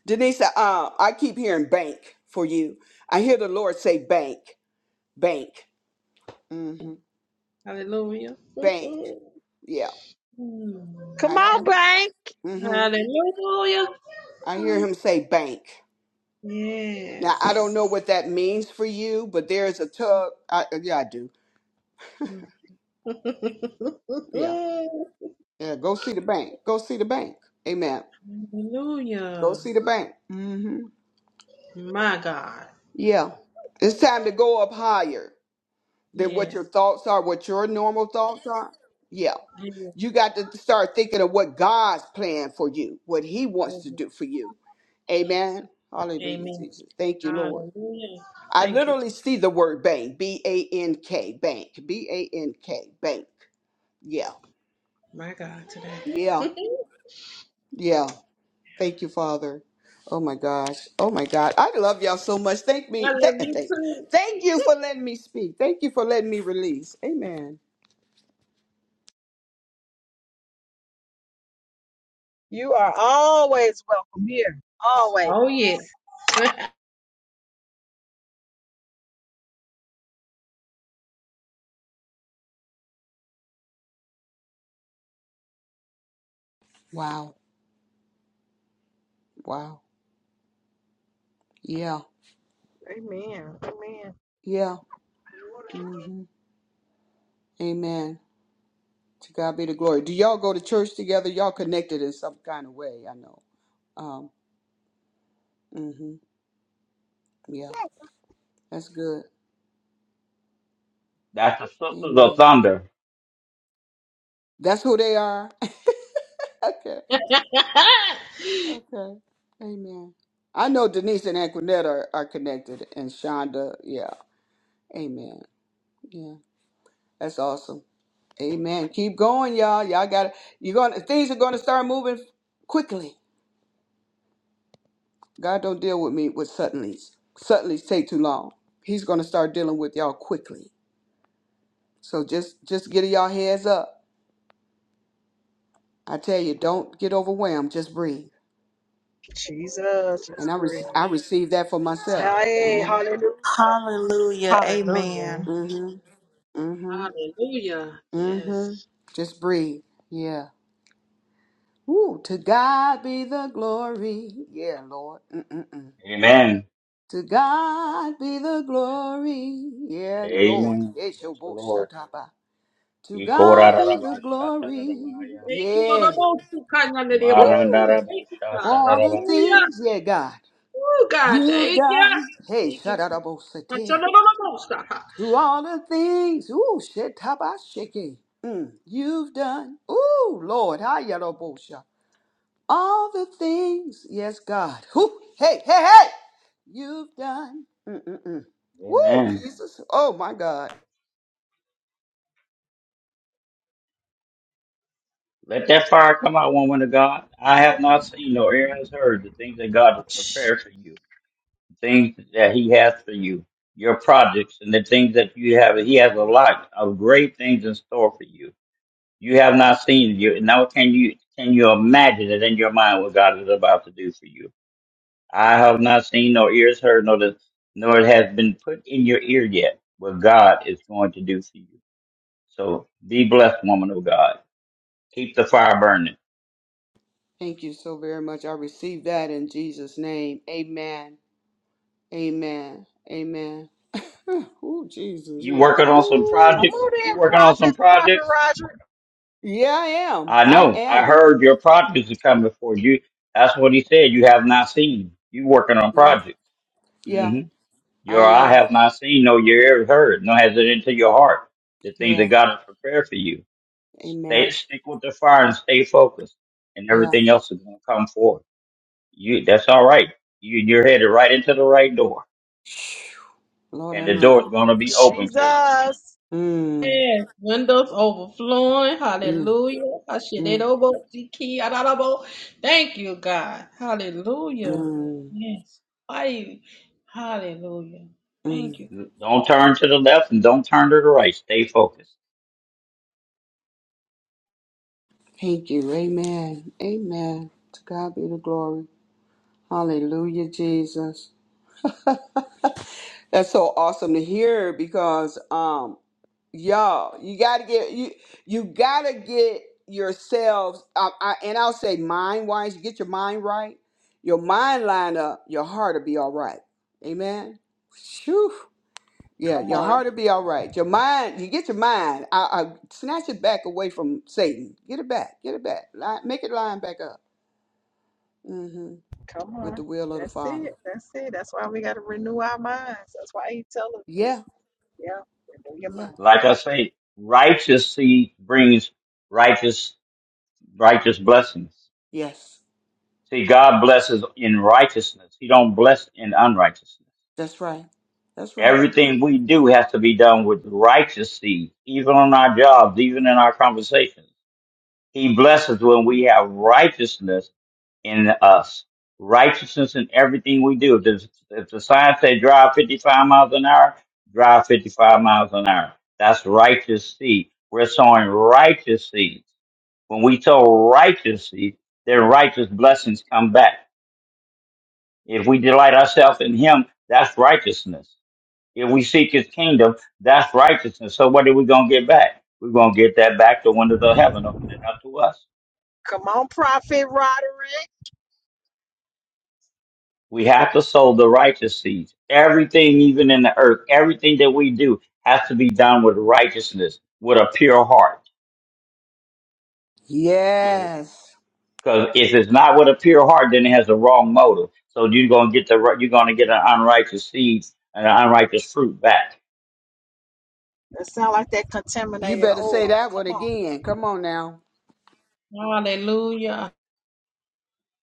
Denise, uh, I keep hearing bank for you. I hear the Lord say bank, bank, hmm Hallelujah. bank. *laughs* Yeah, Mm. Come I on, hear. Bank. hmm Hallelujah. I hear Mm. Him say bank. Now I don't Yes. know what that means for you, but there is a tug. I, yeah, I do. *laughs* Yeah, yeah. Go see the bank. Go see the bank. Amen. Go Hallelujah. see the bank. hmm My God. Yeah, it's time to go up higher. than what your Yes. thoughts are, what your normal thoughts are. Yeah. Amen. You got to start thinking of what God's plan for you, what He wants to do for you. Yes. Amen. Hallelujah, Amen. Jesus. Thank you, Lord. Hallelujah. I Thank you, literally see the word bank, B A N K, bank, B A N K, bank. Yeah. my God, today. Yeah. *laughs* Yeah. Thank you, Father. Oh my gosh. Oh my God. I love y'all so much. Thank me. Thank, thank, thank you for letting me speak. Thank you for letting me release. Amen. You are always welcome here. Always. Hallelujah. oh, Wow. Wow. Yeah. Amen. Amen. Yeah. hmm Amen. To God be the glory. Do y'all go to church together? Y'all connected in some kind of way, I know. Um, hmm Yeah. That's good. That's the sisters of Amen. thunder. That's who they are. *laughs* okay. yes. *laughs* Okay. Amen. I know Denise and Antoinette are, are connected and Shonda. Yeah. Amen. Yeah. That's awesome. Amen. Keep going, y'all. Y'all got to You're gonna things are gonna start moving quickly. God don't deal with me with suddenlies. Suddenlies take too long. He's gonna start dealing with y'all quickly. So just just get y'all heads up. I tell you, don't get overwhelmed. Just breathe. Jesus, just And I re- breathe. I receive that for myself. Hey, Amen. hallelujah. Hallelujah. Hallelujah. Amen. Mhm. Mhm. Hallelujah. Yes. Mhm. Just breathe. Yeah. Ooh. To God be the glory. Yeah, Lord. Mm-mm-mm. Amen. To God be the glory. Yeah, Lord. Amen. Yes, your That's the boy. Lord. Shut up. ah. To God be the glory. Thank you, Lord. Yeah. I'm all too kind under the elbow. Woo! Thank you, For God. all the Marandarabushatararabaya. Hallelujah. things, yeah, God, Oh, God. you've Thank you. done. Hey, Thank you. shut out To I'm sure the Lord will bless all the things, ooh, shit, tabashiki. Mm, you've done. Ooh, Lord, hayarabosha. All the things, yes, God. Whoo, hey, hey, hey, you've done. Mm-mm-mm. Woo, Amen. Jesus. Oh, my God. Let that fire come out, woman of God. I have not seen nor ear has heard the things that God has Shh. prepared for you, the things that He has for you, your projects, and the things that you have. He has a lot of great things in store for you. You have not seen you. Now, can you can you imagine it in your mind what God is about to do for you? I have not seen nor ears heard, nor the, nor it has been put in your ear yet what God is going to do for you. So be blessed, woman of God. Keep the fire burning. Thank you so very much. I receive that in Jesus' name. Amen. Amen. Amen. *sighs* Oh, Jesus. You Yeah. working on some Ooh. Come projects? on You in, working on some Prophet, Prophet projects? Roger. Yeah, I am. I I know. I am. heard your projects are coming for you. That's what he said. You have not seen. You working on Yeah. projects. Yeah, hmm I Your eye am. have not seen, no your ear heard, no has it into your heart. The things that Yeah. God has prepared for you. Stay Amen. stick with the fire and stay focused. And Yeah. everything else is gonna come forth. You that's all right. You you're headed right into the right door. *sighs* Phew. Lord And have the mercy. door's gonna be open for you Jesus. Mm, Windows overflowing. mm, Hallelujah. I should it mm, over. See key, I don't know. Thank you, God. Hallelujah. mm, Yes. Why? Hallelujah. mm. Thank you. Don't turn to the left and don't turn to the right. Stay focused. Thank you. Amen. Amen. To God be the glory. Hallelujah, Jesus. *laughs* That's so awesome to hear because um Yo, you gotta get you you gotta get yourselves I, I, and I'll say mind wise, you get your mind right, your mind lined up, your heart will be all right. Amen. Whew. Yeah, Come your on. heart will be all right. Your mind, you get your mind. I, I snatch it back away from Satan. Get it back. Get it back. Line, make it line back up. hmm Come With the on. will of the That's it. Father. That's it. That's why we got to renew our minds. That's why he tell us it. Yeah. Yeah. Renew your Yeah. mind. Like I say, righteous seed brings righteous righteous blessings. Yes. See, God blesses in righteousness. He don't bless in unrighteousness. That's right. That's right. Everything we do has to be done with righteous seed, even on our jobs, even in our conversations. He blesses when we have righteousness in us. Righteousness in everything we do. If the, if the sign say drive 55 miles an hour, drive 55 miles an hour. That's righteous seed. We're sowing righteous seeds. When we sow righteous seed, then righteous blessings come back. If we delight ourselves in Him, that's righteousness. If we seek His kingdom, that's righteousness. So what are we going to get back? We're going to get that back. The windows of heaven opening up to us. Come on, Prophet Roderick. We have to sow the righteous seeds. Everything, even in the earth, everything that we do has to be done with righteousness, with a pure heart. Yes. Because if it's not with a pure heart, then it has a wrong motive. So you're gonna get the ri- you're gonna get an unrighteous seed and an unrighteous fruit back. That sound like that You contaminated better say oil. that Come one on. again. Come on now. Hallelujah.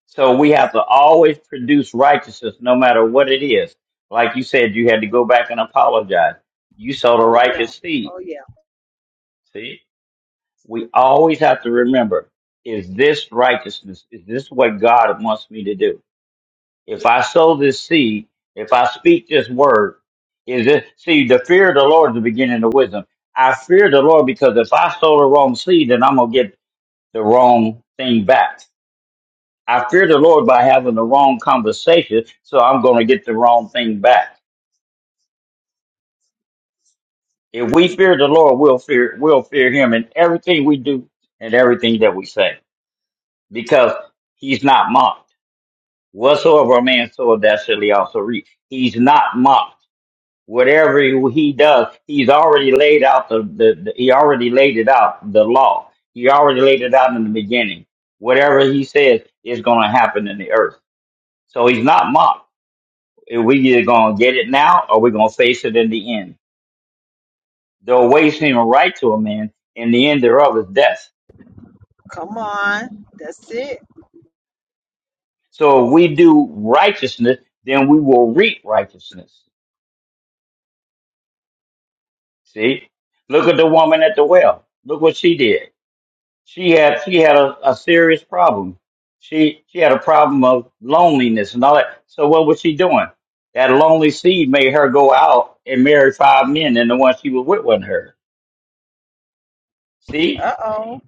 So we have to always produce righteousness, no matter what it is. Like you said, you had to go back and apologize. You sowed a Oh, yeah. righteous seed. Oh yeah. See. we always have to remember is this righteousness? Is this what God wants me to do? If I sow this seed, if I speak this word, is it see the fear of the Lord is the beginning of wisdom. I fear the Lord because if I sow the wrong seed, then I'm gonna get the wrong thing back. I fear the Lord by having the wrong conversation, so I'm gonna get the wrong thing back. If we fear the Lord, we'll fear we'll fear him in everything we do and everything that we say. Because he's not mocked. whatsoever a man soweth, that shall he also reap. He's not mocked. Whatever he does, he's already laid out the, the, the he already laid it out the law. He already laid it out in the beginning. Whatever he says is going to happen in the earth. So he's not mocked. We either going to get it now or we're going to face it in the end. The way seeming right to a man, and the end thereof is death. Come on. That's it. So if we do righteousness, then we will reap righteousness. See, look at the woman at the well. Look what she did. She had she had a, a serious problem. She she had a problem of loneliness and all that. So what was she doing? That lonely seed made her go out and marry five men, and the one she was with wasn't her. See, Uh oh.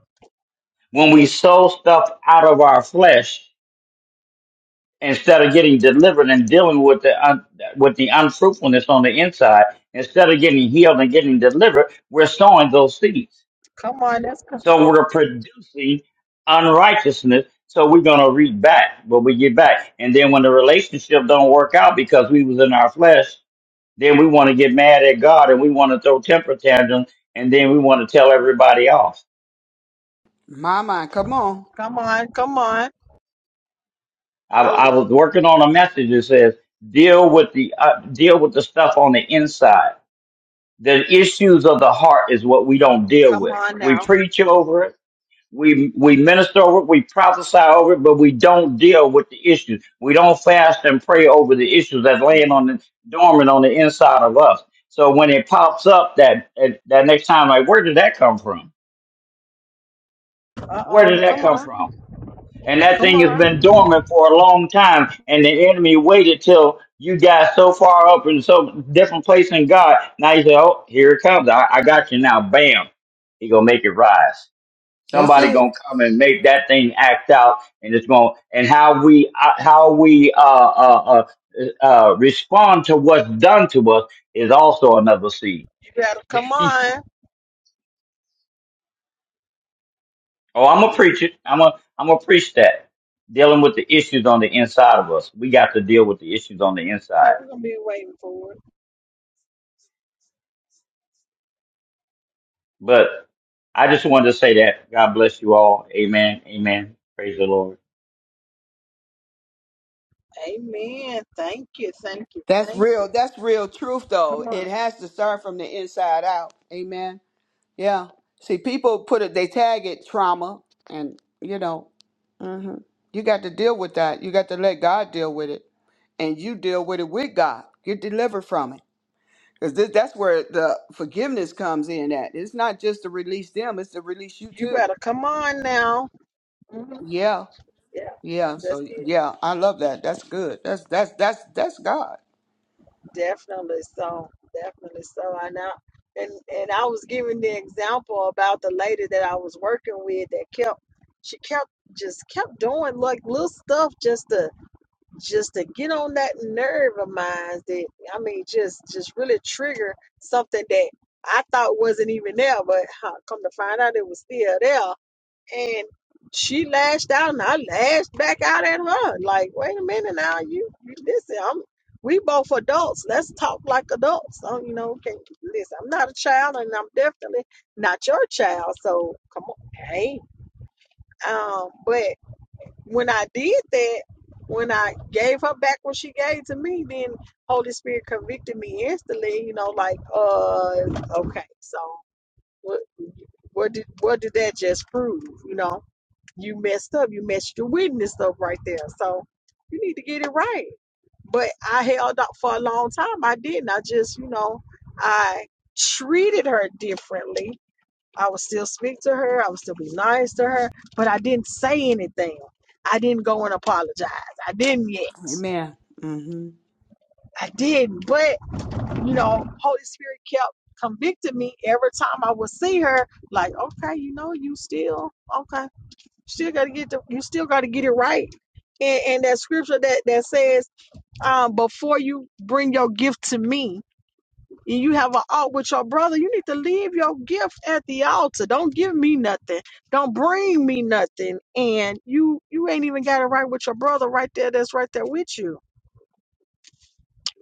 when we sow stuff out of our flesh instead of getting delivered and dealing with the un, with the unfruitfulness on the inside, instead of getting healed and getting delivered, we're sowing those seeds. Come on. That's co- So we're producing unrighteousness. So we're gonna reap back what we get back. And then when the relationship don't work out because we was in our flesh, then we want to get mad at God and we want to throw temper tantrums and then we want to tell everybody off. My mind, come on. come on. Come on. I, I was working on a message that says deal with the uh, deal with the stuff on the inside. The issues of the heart is what we don't deal Come with. on We now. preach over it We we minister over it, we prophesy over it, but we don't deal with the issues. We don't fast and pray over the issues that's laying on the dormant on the inside of us. So when it pops up, that that that next time, like where did that come from? Uh Where oh. did that Come come on. from? And that Come thing has been on. dormant for a long time, and the enemy waited till you got so far up in so different place in God. Now you say, "Oh, here it comes! I, I got you now!" Bam! He gonna make it rise. That's Somebody it. gonna come and make that thing act out, and it's gonna and how we uh, how we uh, uh, uh, uh, respond to what's done to us is also another seed. You better come *laughs* on. Oh, I'm gonna preach it. I'm gonna I'm gonna preach that. Dealing with the issues on the inside of us, we got to deal with the issues on the Hey, inside. we're gonna be waiting for it. But I just wanted to say that. God bless you all. Amen. Amen. Praise the Lord. Amen. Thank you. Thank you. That's Thank real. you. That's real truth though. Come on. It has to start from the inside out. Amen. Yeah. See, people put it they tag it trauma and you know, hmm you got to deal with that. You got to let God deal with it. And you deal with it with God. Get delivered from it. Because that's where the forgiveness comes in at. It's not just to release them, it's to release you You too. better come on now. Mhm. Yeah. Yeah. Yeah, That's so it. yeah, I love that. That's good. That's that's that's that's God. Definitely so. Definitely so. I know. And and I was giving the example about the lady that I was working with that kept she kept just kept doing like little stuff just to just to get on that nerve of mine that I mean just just really trigger something that I thought wasn't even there, but huh, come to find out it was still there and she lashed out and I lashed back out at her. Like, wait a minute now, you, you listen, I'm we both adults. Let's talk like adults. So, you know, can listen, I'm not a child and I'm definitely not your child. So come on. Hey. Um, but when I did that, when I gave her back what she gave to me, then Holy Spirit convicted me instantly, you know, like, uh, okay, so what what did what did that just prove? You know, you messed up. You messed your witness up right there. So you need to get it right. But I held up for a long time. I didn't. I just, you know, I treated her differently. I would still speak to her. I would still be nice to her, but I didn't say anything. I didn't go and apologize. I didn't yet. Amen. hmm I didn't. But, you know, Holy Spirit kept convicting me every time I would see her, like, okay, you know, you still, okay still got to get the, you still got to get it right. And, and that scripture that that says, um, before you bring your gift to me, and you have an art with your brother, you need to leave your gift at the altar. Don't give me nothing. Don't bring me nothing. And you you ain't even got it right with your brother right there. That's right there with you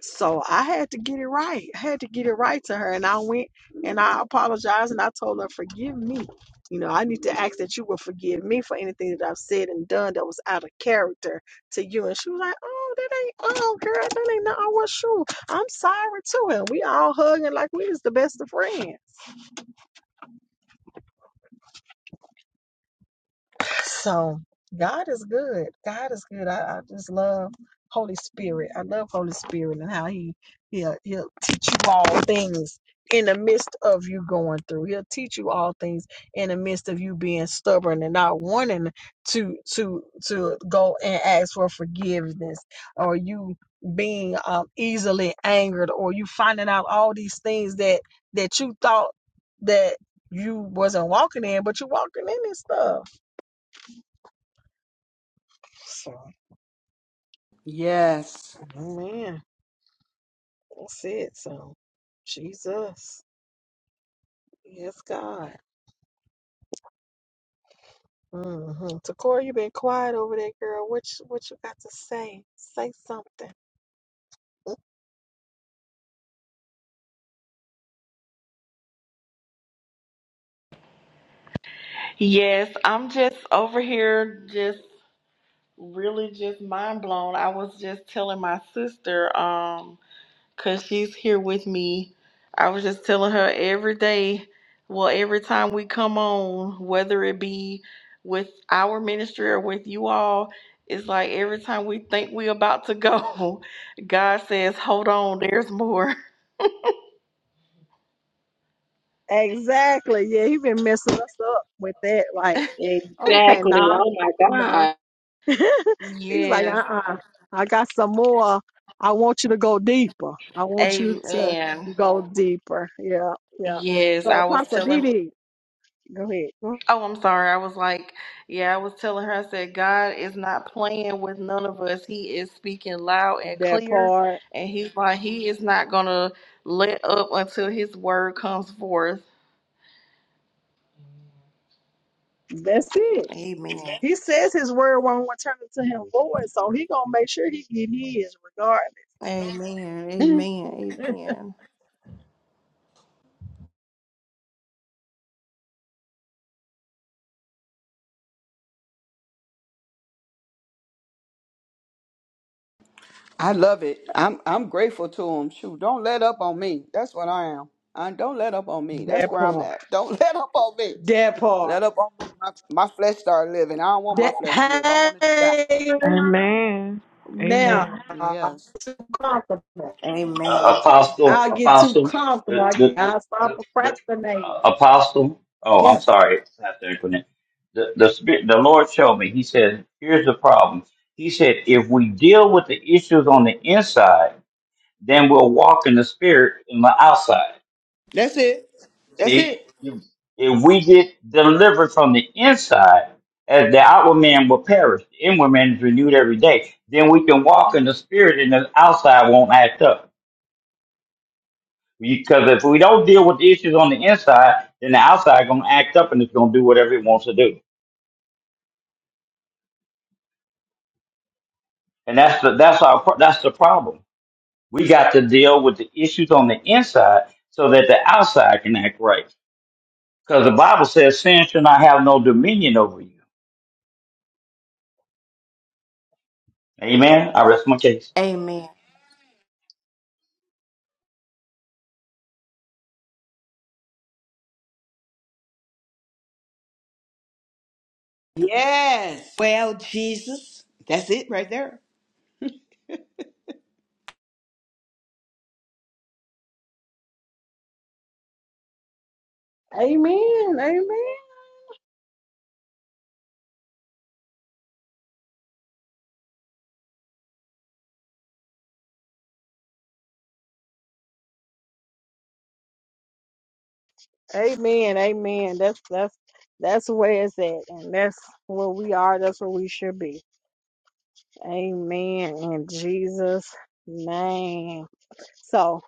so I had to get it right. I had to get it right to her. And I went and I apologized and I told her, forgive me. You know, I need to ask that you will forgive me for anything that I've said and done that was out of character to you. And she was like, oh, that ain't, oh, girl, that ain't, no, I was sure. I'm sorry too. And we all hugging like we was the best of friends. So God is good. God is good. I, I just love Holy Spirit. I love Holy Spirit and how He He'll He'll teach you all things in the midst of you going through. He'll teach you all things in the midst of you being stubborn and not wanting to to to go and ask for forgiveness or you being um, easily angered or you finding out all these things that that you thought that you wasn't walking in but you're walking in this stuff so, Yes. man, that's it. So, Jesus, yes, God. Mm-hmm. Takora, you been quiet over there, girl. What you, what you got to say? Say something. Yes, I'm just over here just really just mind blown. I was just telling my sister um because she's here with me. I was just telling her every day, well, every time we come on, whether it be with our ministry or with you all, it's like every time we think we're about to go, *laughs* God says, hold on, there's more. Exactly. Yeah, he been messing us up with that. Like, okay, Exactly. no, Oh, my no. God. *laughs* He's like, Yes. uh-uh. I got some more. I want you to go deeper. I *laughs* want you to Amen. go deeper. Yeah, yeah. Yes, So I was Apostle telling Didi, go ahead. Oh, I'm sorry. I was like, yeah, I was telling her, I said, God is not playing with none of us. He is speaking loud and That clear. part. And he's like, he is not going to let up until his word comes forth. That's it. Amen. He says his word won't return to him void, so he gonna make sure he get his Amen. regardless. Amen. *laughs* Amen. I love it. I'm I'm grateful to him. Shoot, don't let up on me. That's what I am. I don't let up on me. That's that where I'm part. at. Don't *laughs* let up on me. That part. Let up on me. My, my flesh start living. I don't want my flesh to live. I That want it to die. hey Amen. Amen. now I'm Yes. too comfortable. uh, Amen. apostle, I'll get too apostle, comfortable. the I the get, the, I'll start the, the procrastinating. uh, apostle. Oh, I'm Yes. sorry, it's not the acronym. The the spirit, the Lord showed me. He said, "Here's the problem." He said, "If we deal with the issues on the inside, then we'll walk in the spirit in the outside." That's it. That's See, it. if, if we get delivered from the inside, as the outward man will perish, the inward man is renewed every day. Then we can walk in the spirit, and the outside won't act up. Because if we don't deal with the issues on the inside, then the outside going to act up and it's going to do whatever it wants to do. And that's the that's our pro- that's the problem. We got to deal with the issues on the inside so that the outside can act right. Because the Bible says sin should not have no dominion over you. Amen. I rest my case. Amen. Yes. Well, Jesus. That's it right there. Amen. Amen. Amen. Amen. That's that's that's where it's at, and that's where we are. That's where we should be. Amen. In Jesus' name. So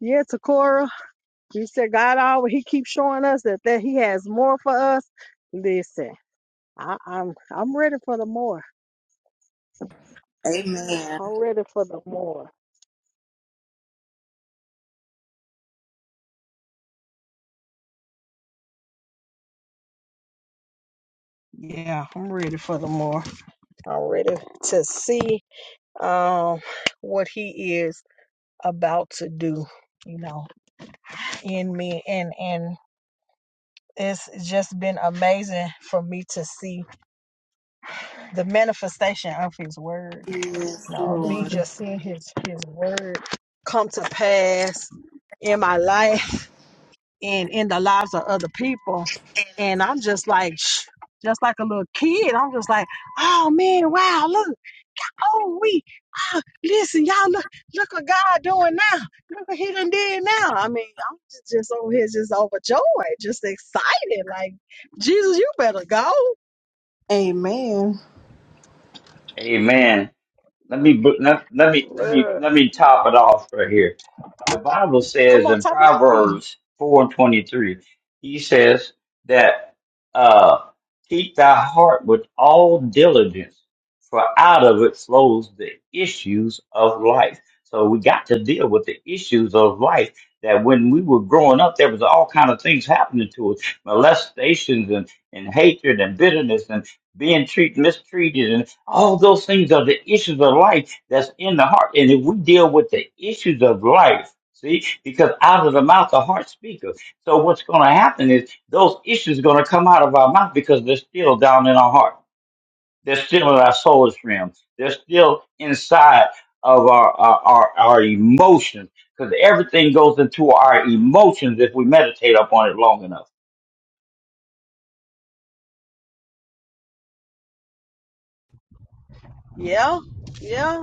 yeah, Takora, you said God always He keeps showing us that, that He has more for us. Listen, I, I'm I'm ready for the more. Amen. I'm ready for the more. Yeah, I'm ready for the more. I'm ready to see um what He is about to do. You know, in me and and. It's just been amazing for me to see the manifestation of his word. Yes, No, me Lord. just seeing his his word come to pass in my life and in the lives of other people. And I'm just like sh- just like a little kid. I'm just like, oh man, wow, look, oh we ah listen, y'all look look what God doing now. Look what he done did now. I mean, I'm just, just over here just overjoyed, just excited. Like, Jesus, you better go. Amen. Amen. let me let, let me let me Look, let me top it off right here. The Bible come says on, in top it up then. Proverbs four and twenty three, he says that uh, keep thy heart with all diligence, for out of it flows the issues of life. So we got to deal with the issues of life. That when we were growing up, there was all kind of things happening to us, molestations and, and hatred and bitterness and being treated mistreated all those things are the issues of life that's in the heart. And if we deal with the issues of life, see, because out of the mouth, the heart speaketh. So what's going to happen is those issues are going to come out of our mouth because they're still down in our heart. They're still in our soul stream. They're still inside of our, our, our, our emotions because everything goes into our emotions if we meditate upon it long enough. Yeah, yeah.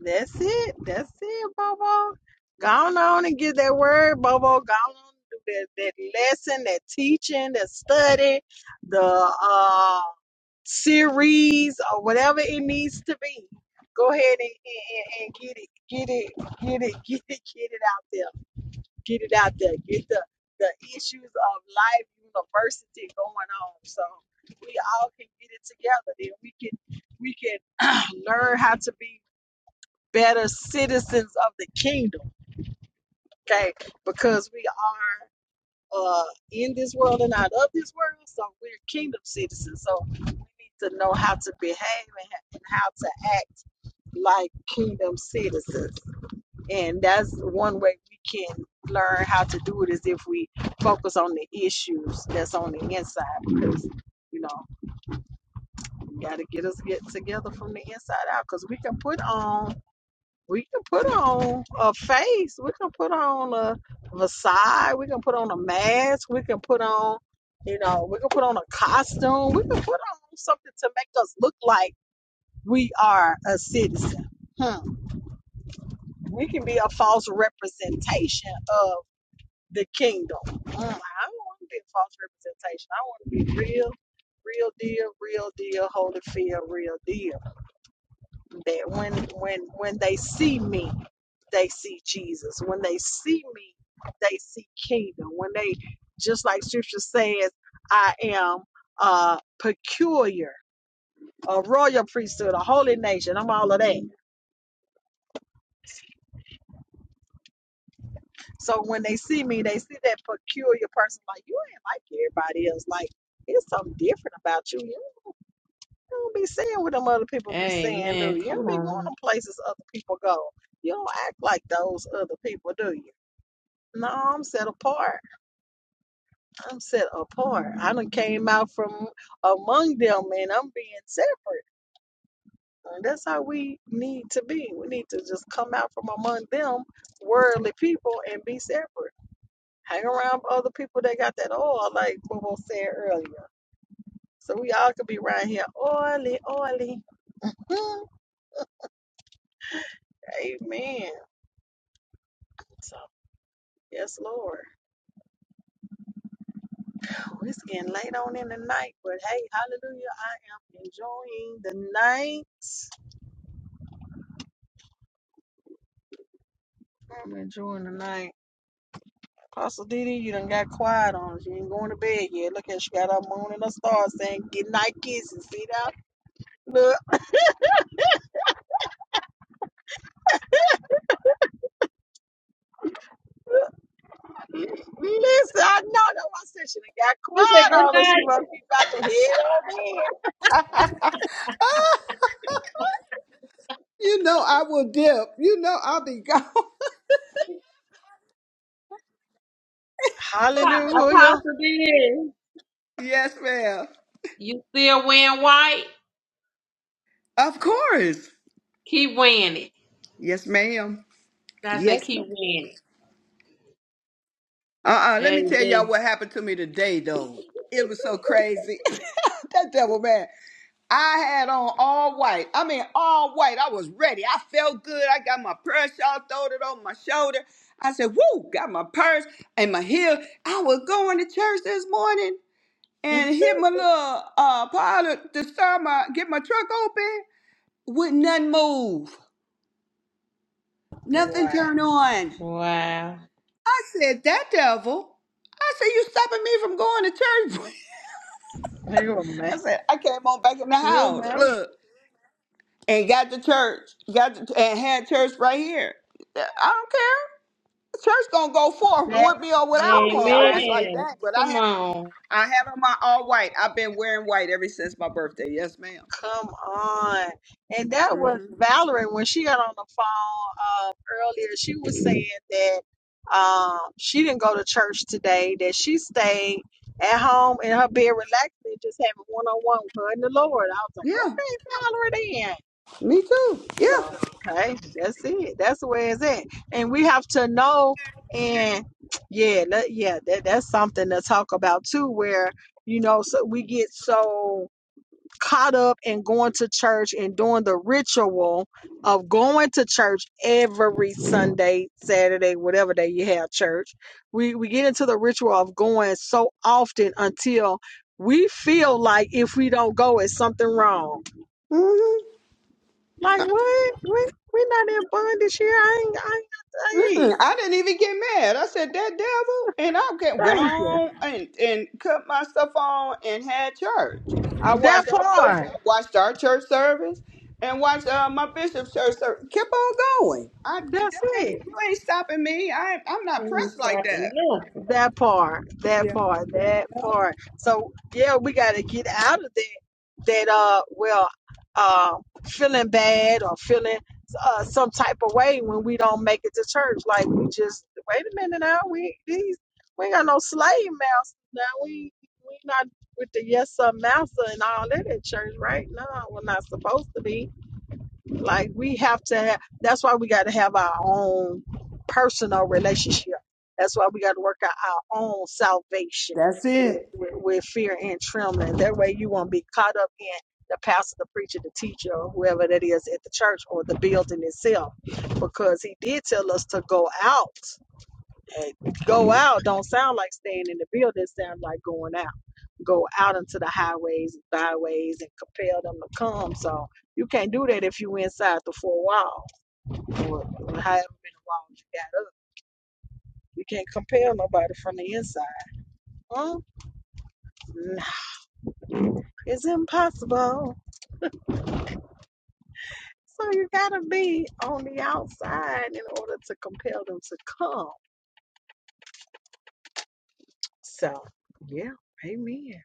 That's it. That's it, Bobo. Go on, on and get that word, Bobo. Go on and do that, that lesson, that teaching, that study, the uh, series or whatever it needs to be. Go ahead and, and, and and get it, get it, get it, *laughs* get it, get it out there. Get it out there. Get the, the issues of life, university going on. So we all can get it together. Then we can we can *clears throat* learn how to be better citizens of the kingdom, okay? Because we are uh, in this world and not of this world, so we're kingdom citizens. So we need to know how to behave and, and how to act like kingdom citizens. And that's one way we can learn how to do it is if we focus on the issues that's on the inside because, you know, we got to get us get together from the inside out because we can put on We can put on a face. We can put on a Versailles. We can put on a mask. We can put on, you know, we can put on a costume. We can put on something to make us look like we are a citizen. Hmm. We can be a false representation of the kingdom. Hmm. I don't want to be a false representation. I want to be real, real deal, real deal, holy fear, real deal. That when when when they see me. they see Jesus. When they see me, they see kingdom. When they, just like scripture says, I am uh, peculiar, a royal priesthood, a holy nation. I'm all of that. So when they see me, they see that peculiar person like, you ain't like everybody else. Like, it's something different about you. You don't be saying what them other people be saying, do Amen. you? You don't Come be going on. to places other people go. You don't act like those other people, do you? No, I'm set apart. I'm set apart. I done came out from among them and I'm being separate. And that's how we need to be. We need to just come out from among them, worldly people, and be separate. Hang around other people that got that oil, like Bobo said earlier. So we all could be right here, oily, oily. Hmm. Amen. So, yes, Lord. Oh, it's getting late on in the night, but hey, hallelujah. I am enjoying the night. I'm enjoying the night. Pastor Didi, you done got quiet on us. You ain't going to bed yet. Look at she got her moon and her stars saying good night kisses. See that? Look, look, listen, I know that I said she done got You said quiet good on us. You night, must be about to head on *laughs* You know I will dip. You know I'll be gone. *laughs* in. Hallelujah. Apostle D. Yes, ma'am. You still win white? Of course. Keep winning. it. Yes, ma'am. I said, Yes, keep ma'am. winning. Uh-uh. Let me tell y'all Amen. what happened to me today, though. It was so crazy. *laughs* that devil man. I had on all white. I mean, all white. I was ready. I felt good. I got my purse Y'all throwed it on my shoulder. I said, woo, got my purse and my heel. I was going to church this morning and *laughs* hit my little uh pilot to start my get my truck open. Would nothing move, nothing Wow. turn on. Wow. I said, that devil. I said, you stopping me from going to church. You a *laughs* I man. said, I came on back in the You a house, man. look, and got to church, got to, and had church right here. Yeah, I don't care. Church gonna go forth That, with me or without come me. I on. was like, Amen. dang, but I Come have, on. I have on my all white. I've been wearing white ever since my birthday. Yes, madam Come on. And that was Mm-hmm. Valerie when she got on the phone um, earlier. She was saying that um, she didn't go to church today, that she stayed at home in her bed relaxing, just having one on one with her and the Lord. I was Yeah, like, okay, Valerie, then. me too. Yeah. So, hey, that's it. That's where it's at. And we have to know. And yeah, that, yeah, that, that's something to talk about too, where, you know, so we get so caught up in going to church and doing the ritual of going to church every Sunday, Saturday, whatever day you have church. We we get into the ritual of going so often until we feel like if we don't go, it's something wrong. Mhm. Like what? We we're not in bondage here. I ain't I ain't got to Mm-mm, hey, I didn't even get mad. I said that devil, and I get, went Thank you. on and and cut my stuff on and had church. I That watched our church. I part. watched our church service and watched uh, my bishop's church service. Kept on going. I That's that, it. ain't you ain't stopping me. I I'm not Mm. pressed like that. That part, that Yeah, part, that part. So yeah, we got to get out of that. That uh, well, uh, feeling bad or feeling uh some type of way when we don't make it to church. Like we just wait a minute now. We these we ain't got no slave masters now. We we not with the yes sir master and all that at church, right? No, we're not supposed to be like we have to have that's why we gotta have our own personal relationship. That's why we gotta work out our own salvation that's with, it. with, with fear and trembling. That way you won't be caught up in the pastor, the preacher, the teacher, or whoever that is at the church or the building itself. Because he did tell us to go out. And go out don't sound like staying in the building, it sound like going out go out into the highways, and byways, and compel them to come. So you can't do that if you inside the four wall or, or however many walls you got up. You can't compel nobody from the inside. Huh? Nah, it's impossible. So you gotta be on the outside in order to compel them to come. So yeah, amen.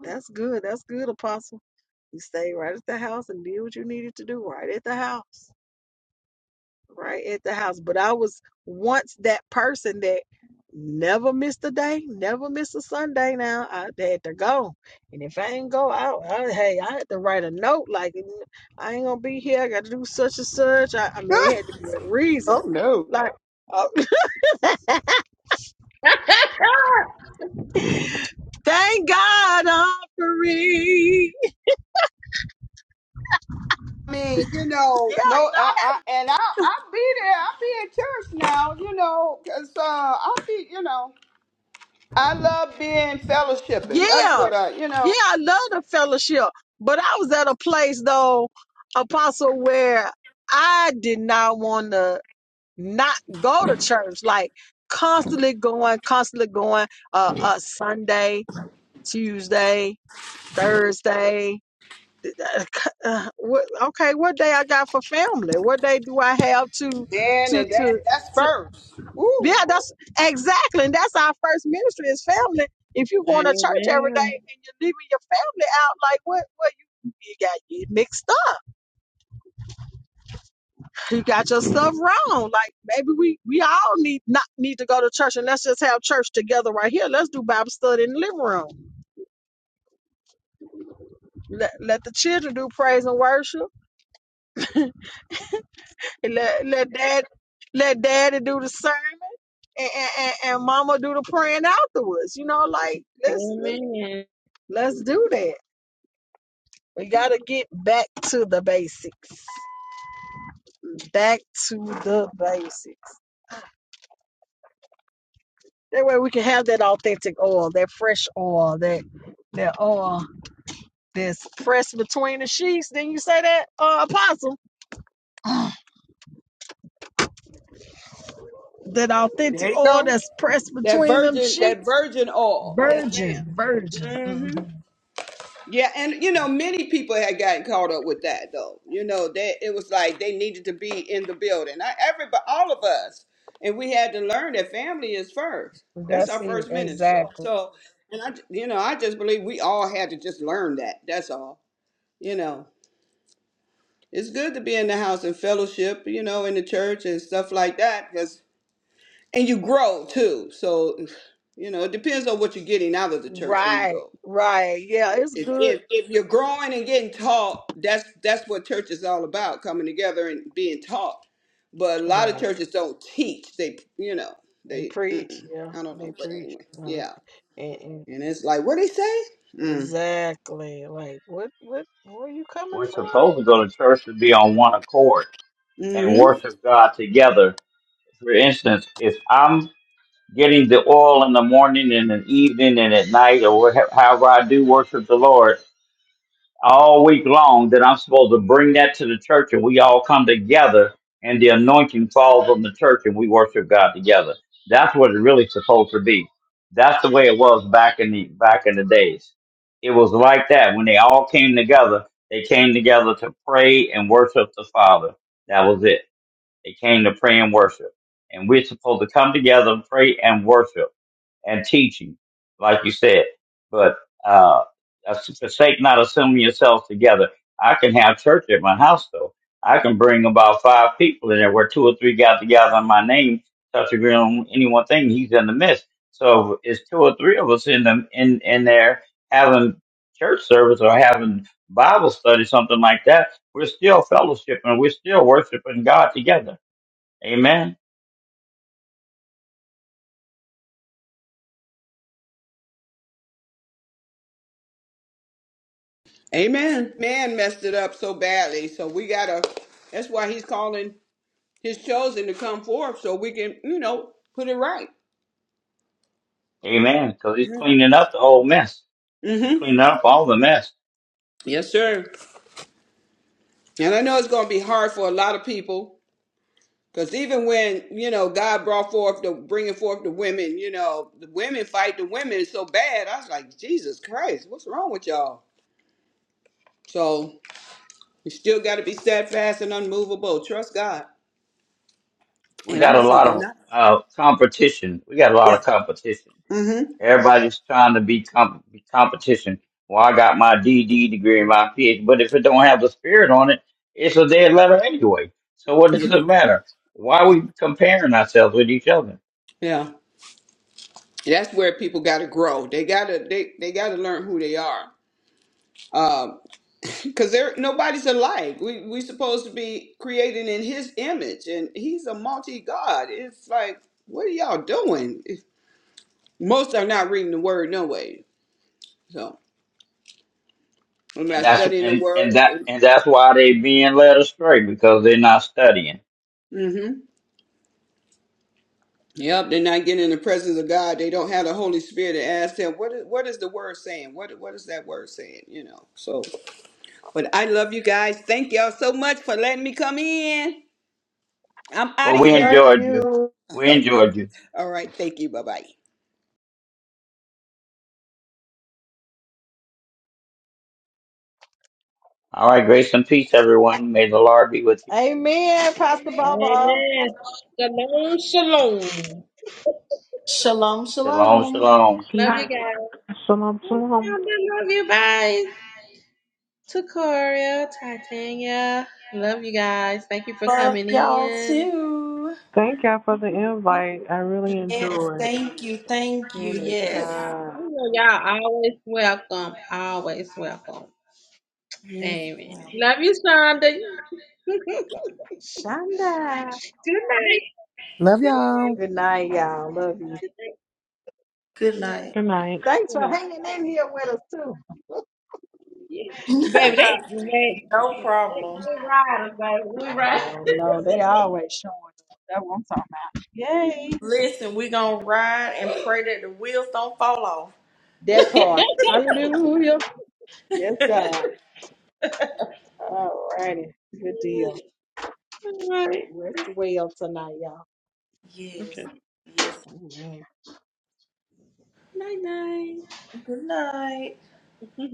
That's good. That's good, Apostle. You stayed right at the house and did what you needed to do right at the house. right at the house. But I was once that person that never missed a day, never missed a Sunday. Now I had to go, and if I ain't go out, I, hey, I had to write a note like "Mm, I ain't gonna be here. I got to do such and such. I, I *laughs* mean, it had to be a reason. oh no. Like, oh, *laughs* *laughs* thank God I'm free. *laughs* I mean, you know, no, I, Yeah, I and I I be there. I be in church now. You know, cause uh, I be you know. I love being and I, fellowshipping. That's yeah, what I, you yeah. know, I love the fellowship, but I was at a place though, Apostle, where I did not want to. not go to church, like constantly going, constantly going, uh, uh Sunday, Tuesday, Thursday. Uh, c- uh, what, okay, what day I got for family? What day do I have to, man, to, and that's to, that's to? first. Yeah, Woo! that's exactly, and that's our first ministry is family. If you going to church every day Amen. and you're leaving your family out, like what, what you, you got you mixed up you got your stuff wrong. Like maybe we we all need not need to go to church and let's just have church together right here. Let's do Bible study in the living room. Let let the children do praise and worship. And let let dad let daddy do the sermon and, and, and, and mama do the praying afterwards. You know, like let's Amen. let's do that. We gotta get back to the basics. Back to the basics. That way we can have that authentic oil, that fresh oil, that that oil that's pressed between the sheets. Then you say that, uh, Apostle, *sighs* Oh, that authentic There you oil go. that's pressed That between them virgin, that sheets, virgin oil. Yes, virgin, madam virgin. hmm hmm Yeah, and you know, many people had gotten caught up with that though. You know, that it was like they needed to be in the building. Not everybody, all of us, and we had to learn that family is first. That's our That's it, first ministry. exactly. So, and I, you know, I just believe we all had to just learn that. That's all. You know. it's good to be in the house and fellowship, you know, in the church and stuff like that. Cause and you grow too. So, you know, it depends on what you're getting out of the church when you Right, go. right. Yeah, it's If good. if, if you're growing and getting taught, that's that's what church is all about, coming together and being taught. But a lot of Right. churches don't teach. They, you know, They they. preach. Mm-mm, Yeah, I don't they know, but preach. anyway, Uh, yeah. and, and And it's like, what they say? Mm. exactly. Like, what, what, where you coming We're supposed from? to go to church to be on one accord and Mm-hmm. worship God together For instance, if I'm getting the oil in the morning and in the evening and at night or whatever, however I do worship the Lord all week long, then I'm supposed to bring that to the church and we all come together and the anointing falls on the church and we worship God together. That's what it's really supposed to be. That's the way it was back in the back in the days. It was like that when they all came together. They came together to pray and worship the Father. That was it. They came to pray and worship. And we're supposed to come together and pray and worship and teaching, like you said. But uh, forsake not assembling yourselves together. I can have church at my house, though. I can bring about five people in there where two or three got together in my name, touch agree on any one thing. He's in the midst. So it's two or three of us in them in, in there having church service or having Bible study, something like that. We're still fellowshipping. We're still worshiping God together Amen. Amen. Man messed it up so badly, so we gotta. That's why he's calling his chosen to come forth so we can, you know, put it right. Amen. Because he's cleaning up the whole mess. He's Mm-hmm. cleaning up all the mess. Yes, sir. And I know it's going to be hard for a lot of people because even when, you know, God brought forth the bringing forth the women, you know, the women fight the women so bad. I was like, Jesus Christ, what's wrong with y'all? So you still got to be steadfast and unmovable. Trust God. We And I'm got going a to say lot good of night. uh, competition. We got a lot Yeah. of competition. Mm-hmm. Everybody's trying to be comp- be competition. Well, I got my DD degree and my PhD, but if it don't have the spirit on it, it's a dead letter anyway. So what does it matter? Why are we comparing ourselves with each other? Yeah. That's where people got to grow. They got to they, they got to learn who they are. Um. because there nobody's alike. We we supposed to be created in His image, and He's a multi God. It's like, what are y'all doing? It's- Most are not reading the Word no way. So I'm And not that's studying the and, and Word. that and that's why they being led astray because they're not studying. Mm-hmm. Yep, they're not getting in the presence of God. They don't have the Holy Spirit to ask them what is what is the Word saying. What what is that Word saying? You know. So, but I love you guys. Thank y'all so much for letting me come in. I'm out Well, of we Love here. enjoyed you. you. *laughs* We All right. enjoyed you. All right. Thank you. Bye bye. All right, grace and peace, everyone. May the Lord be with you. Amen, Pastor Bobo. Amen. Shalom, shalom. Shalom, Shalom, shalom. shalom. Good Love you night. guys. Shalom, Love shalom. you. Bye. To Coria, Titania. Love you guys. Thank you for Love coming y'all in. too. Thank y'all for the invite. I really Yes, enjoyed. thank you. Thank you. You Yes. Anytime. know, y'all always welcome. Always welcome. Yes. Amen. Love you, Shonda. *laughs* Good Shanda. night. Love Good y'all. Good night, y'all. Love you. Good night. night. Good night. Thanks Good for night. hanging in here with us Yeah. *laughs* no too. Baby, they, they, they, problem. they riders, baby. We Yeah, ride. girl, no, they always showing up. That's what I'm talking about. Yay. Listen, we gonna ride and pray that the wheels don't fall *laughs* That part. Hallelujah. Yes, off. *laughs* God. All righty. Good deal. All right. Rest well tonight, y'all. Yes. Okay. Yes. Amen. Night Good night. night. *laughs*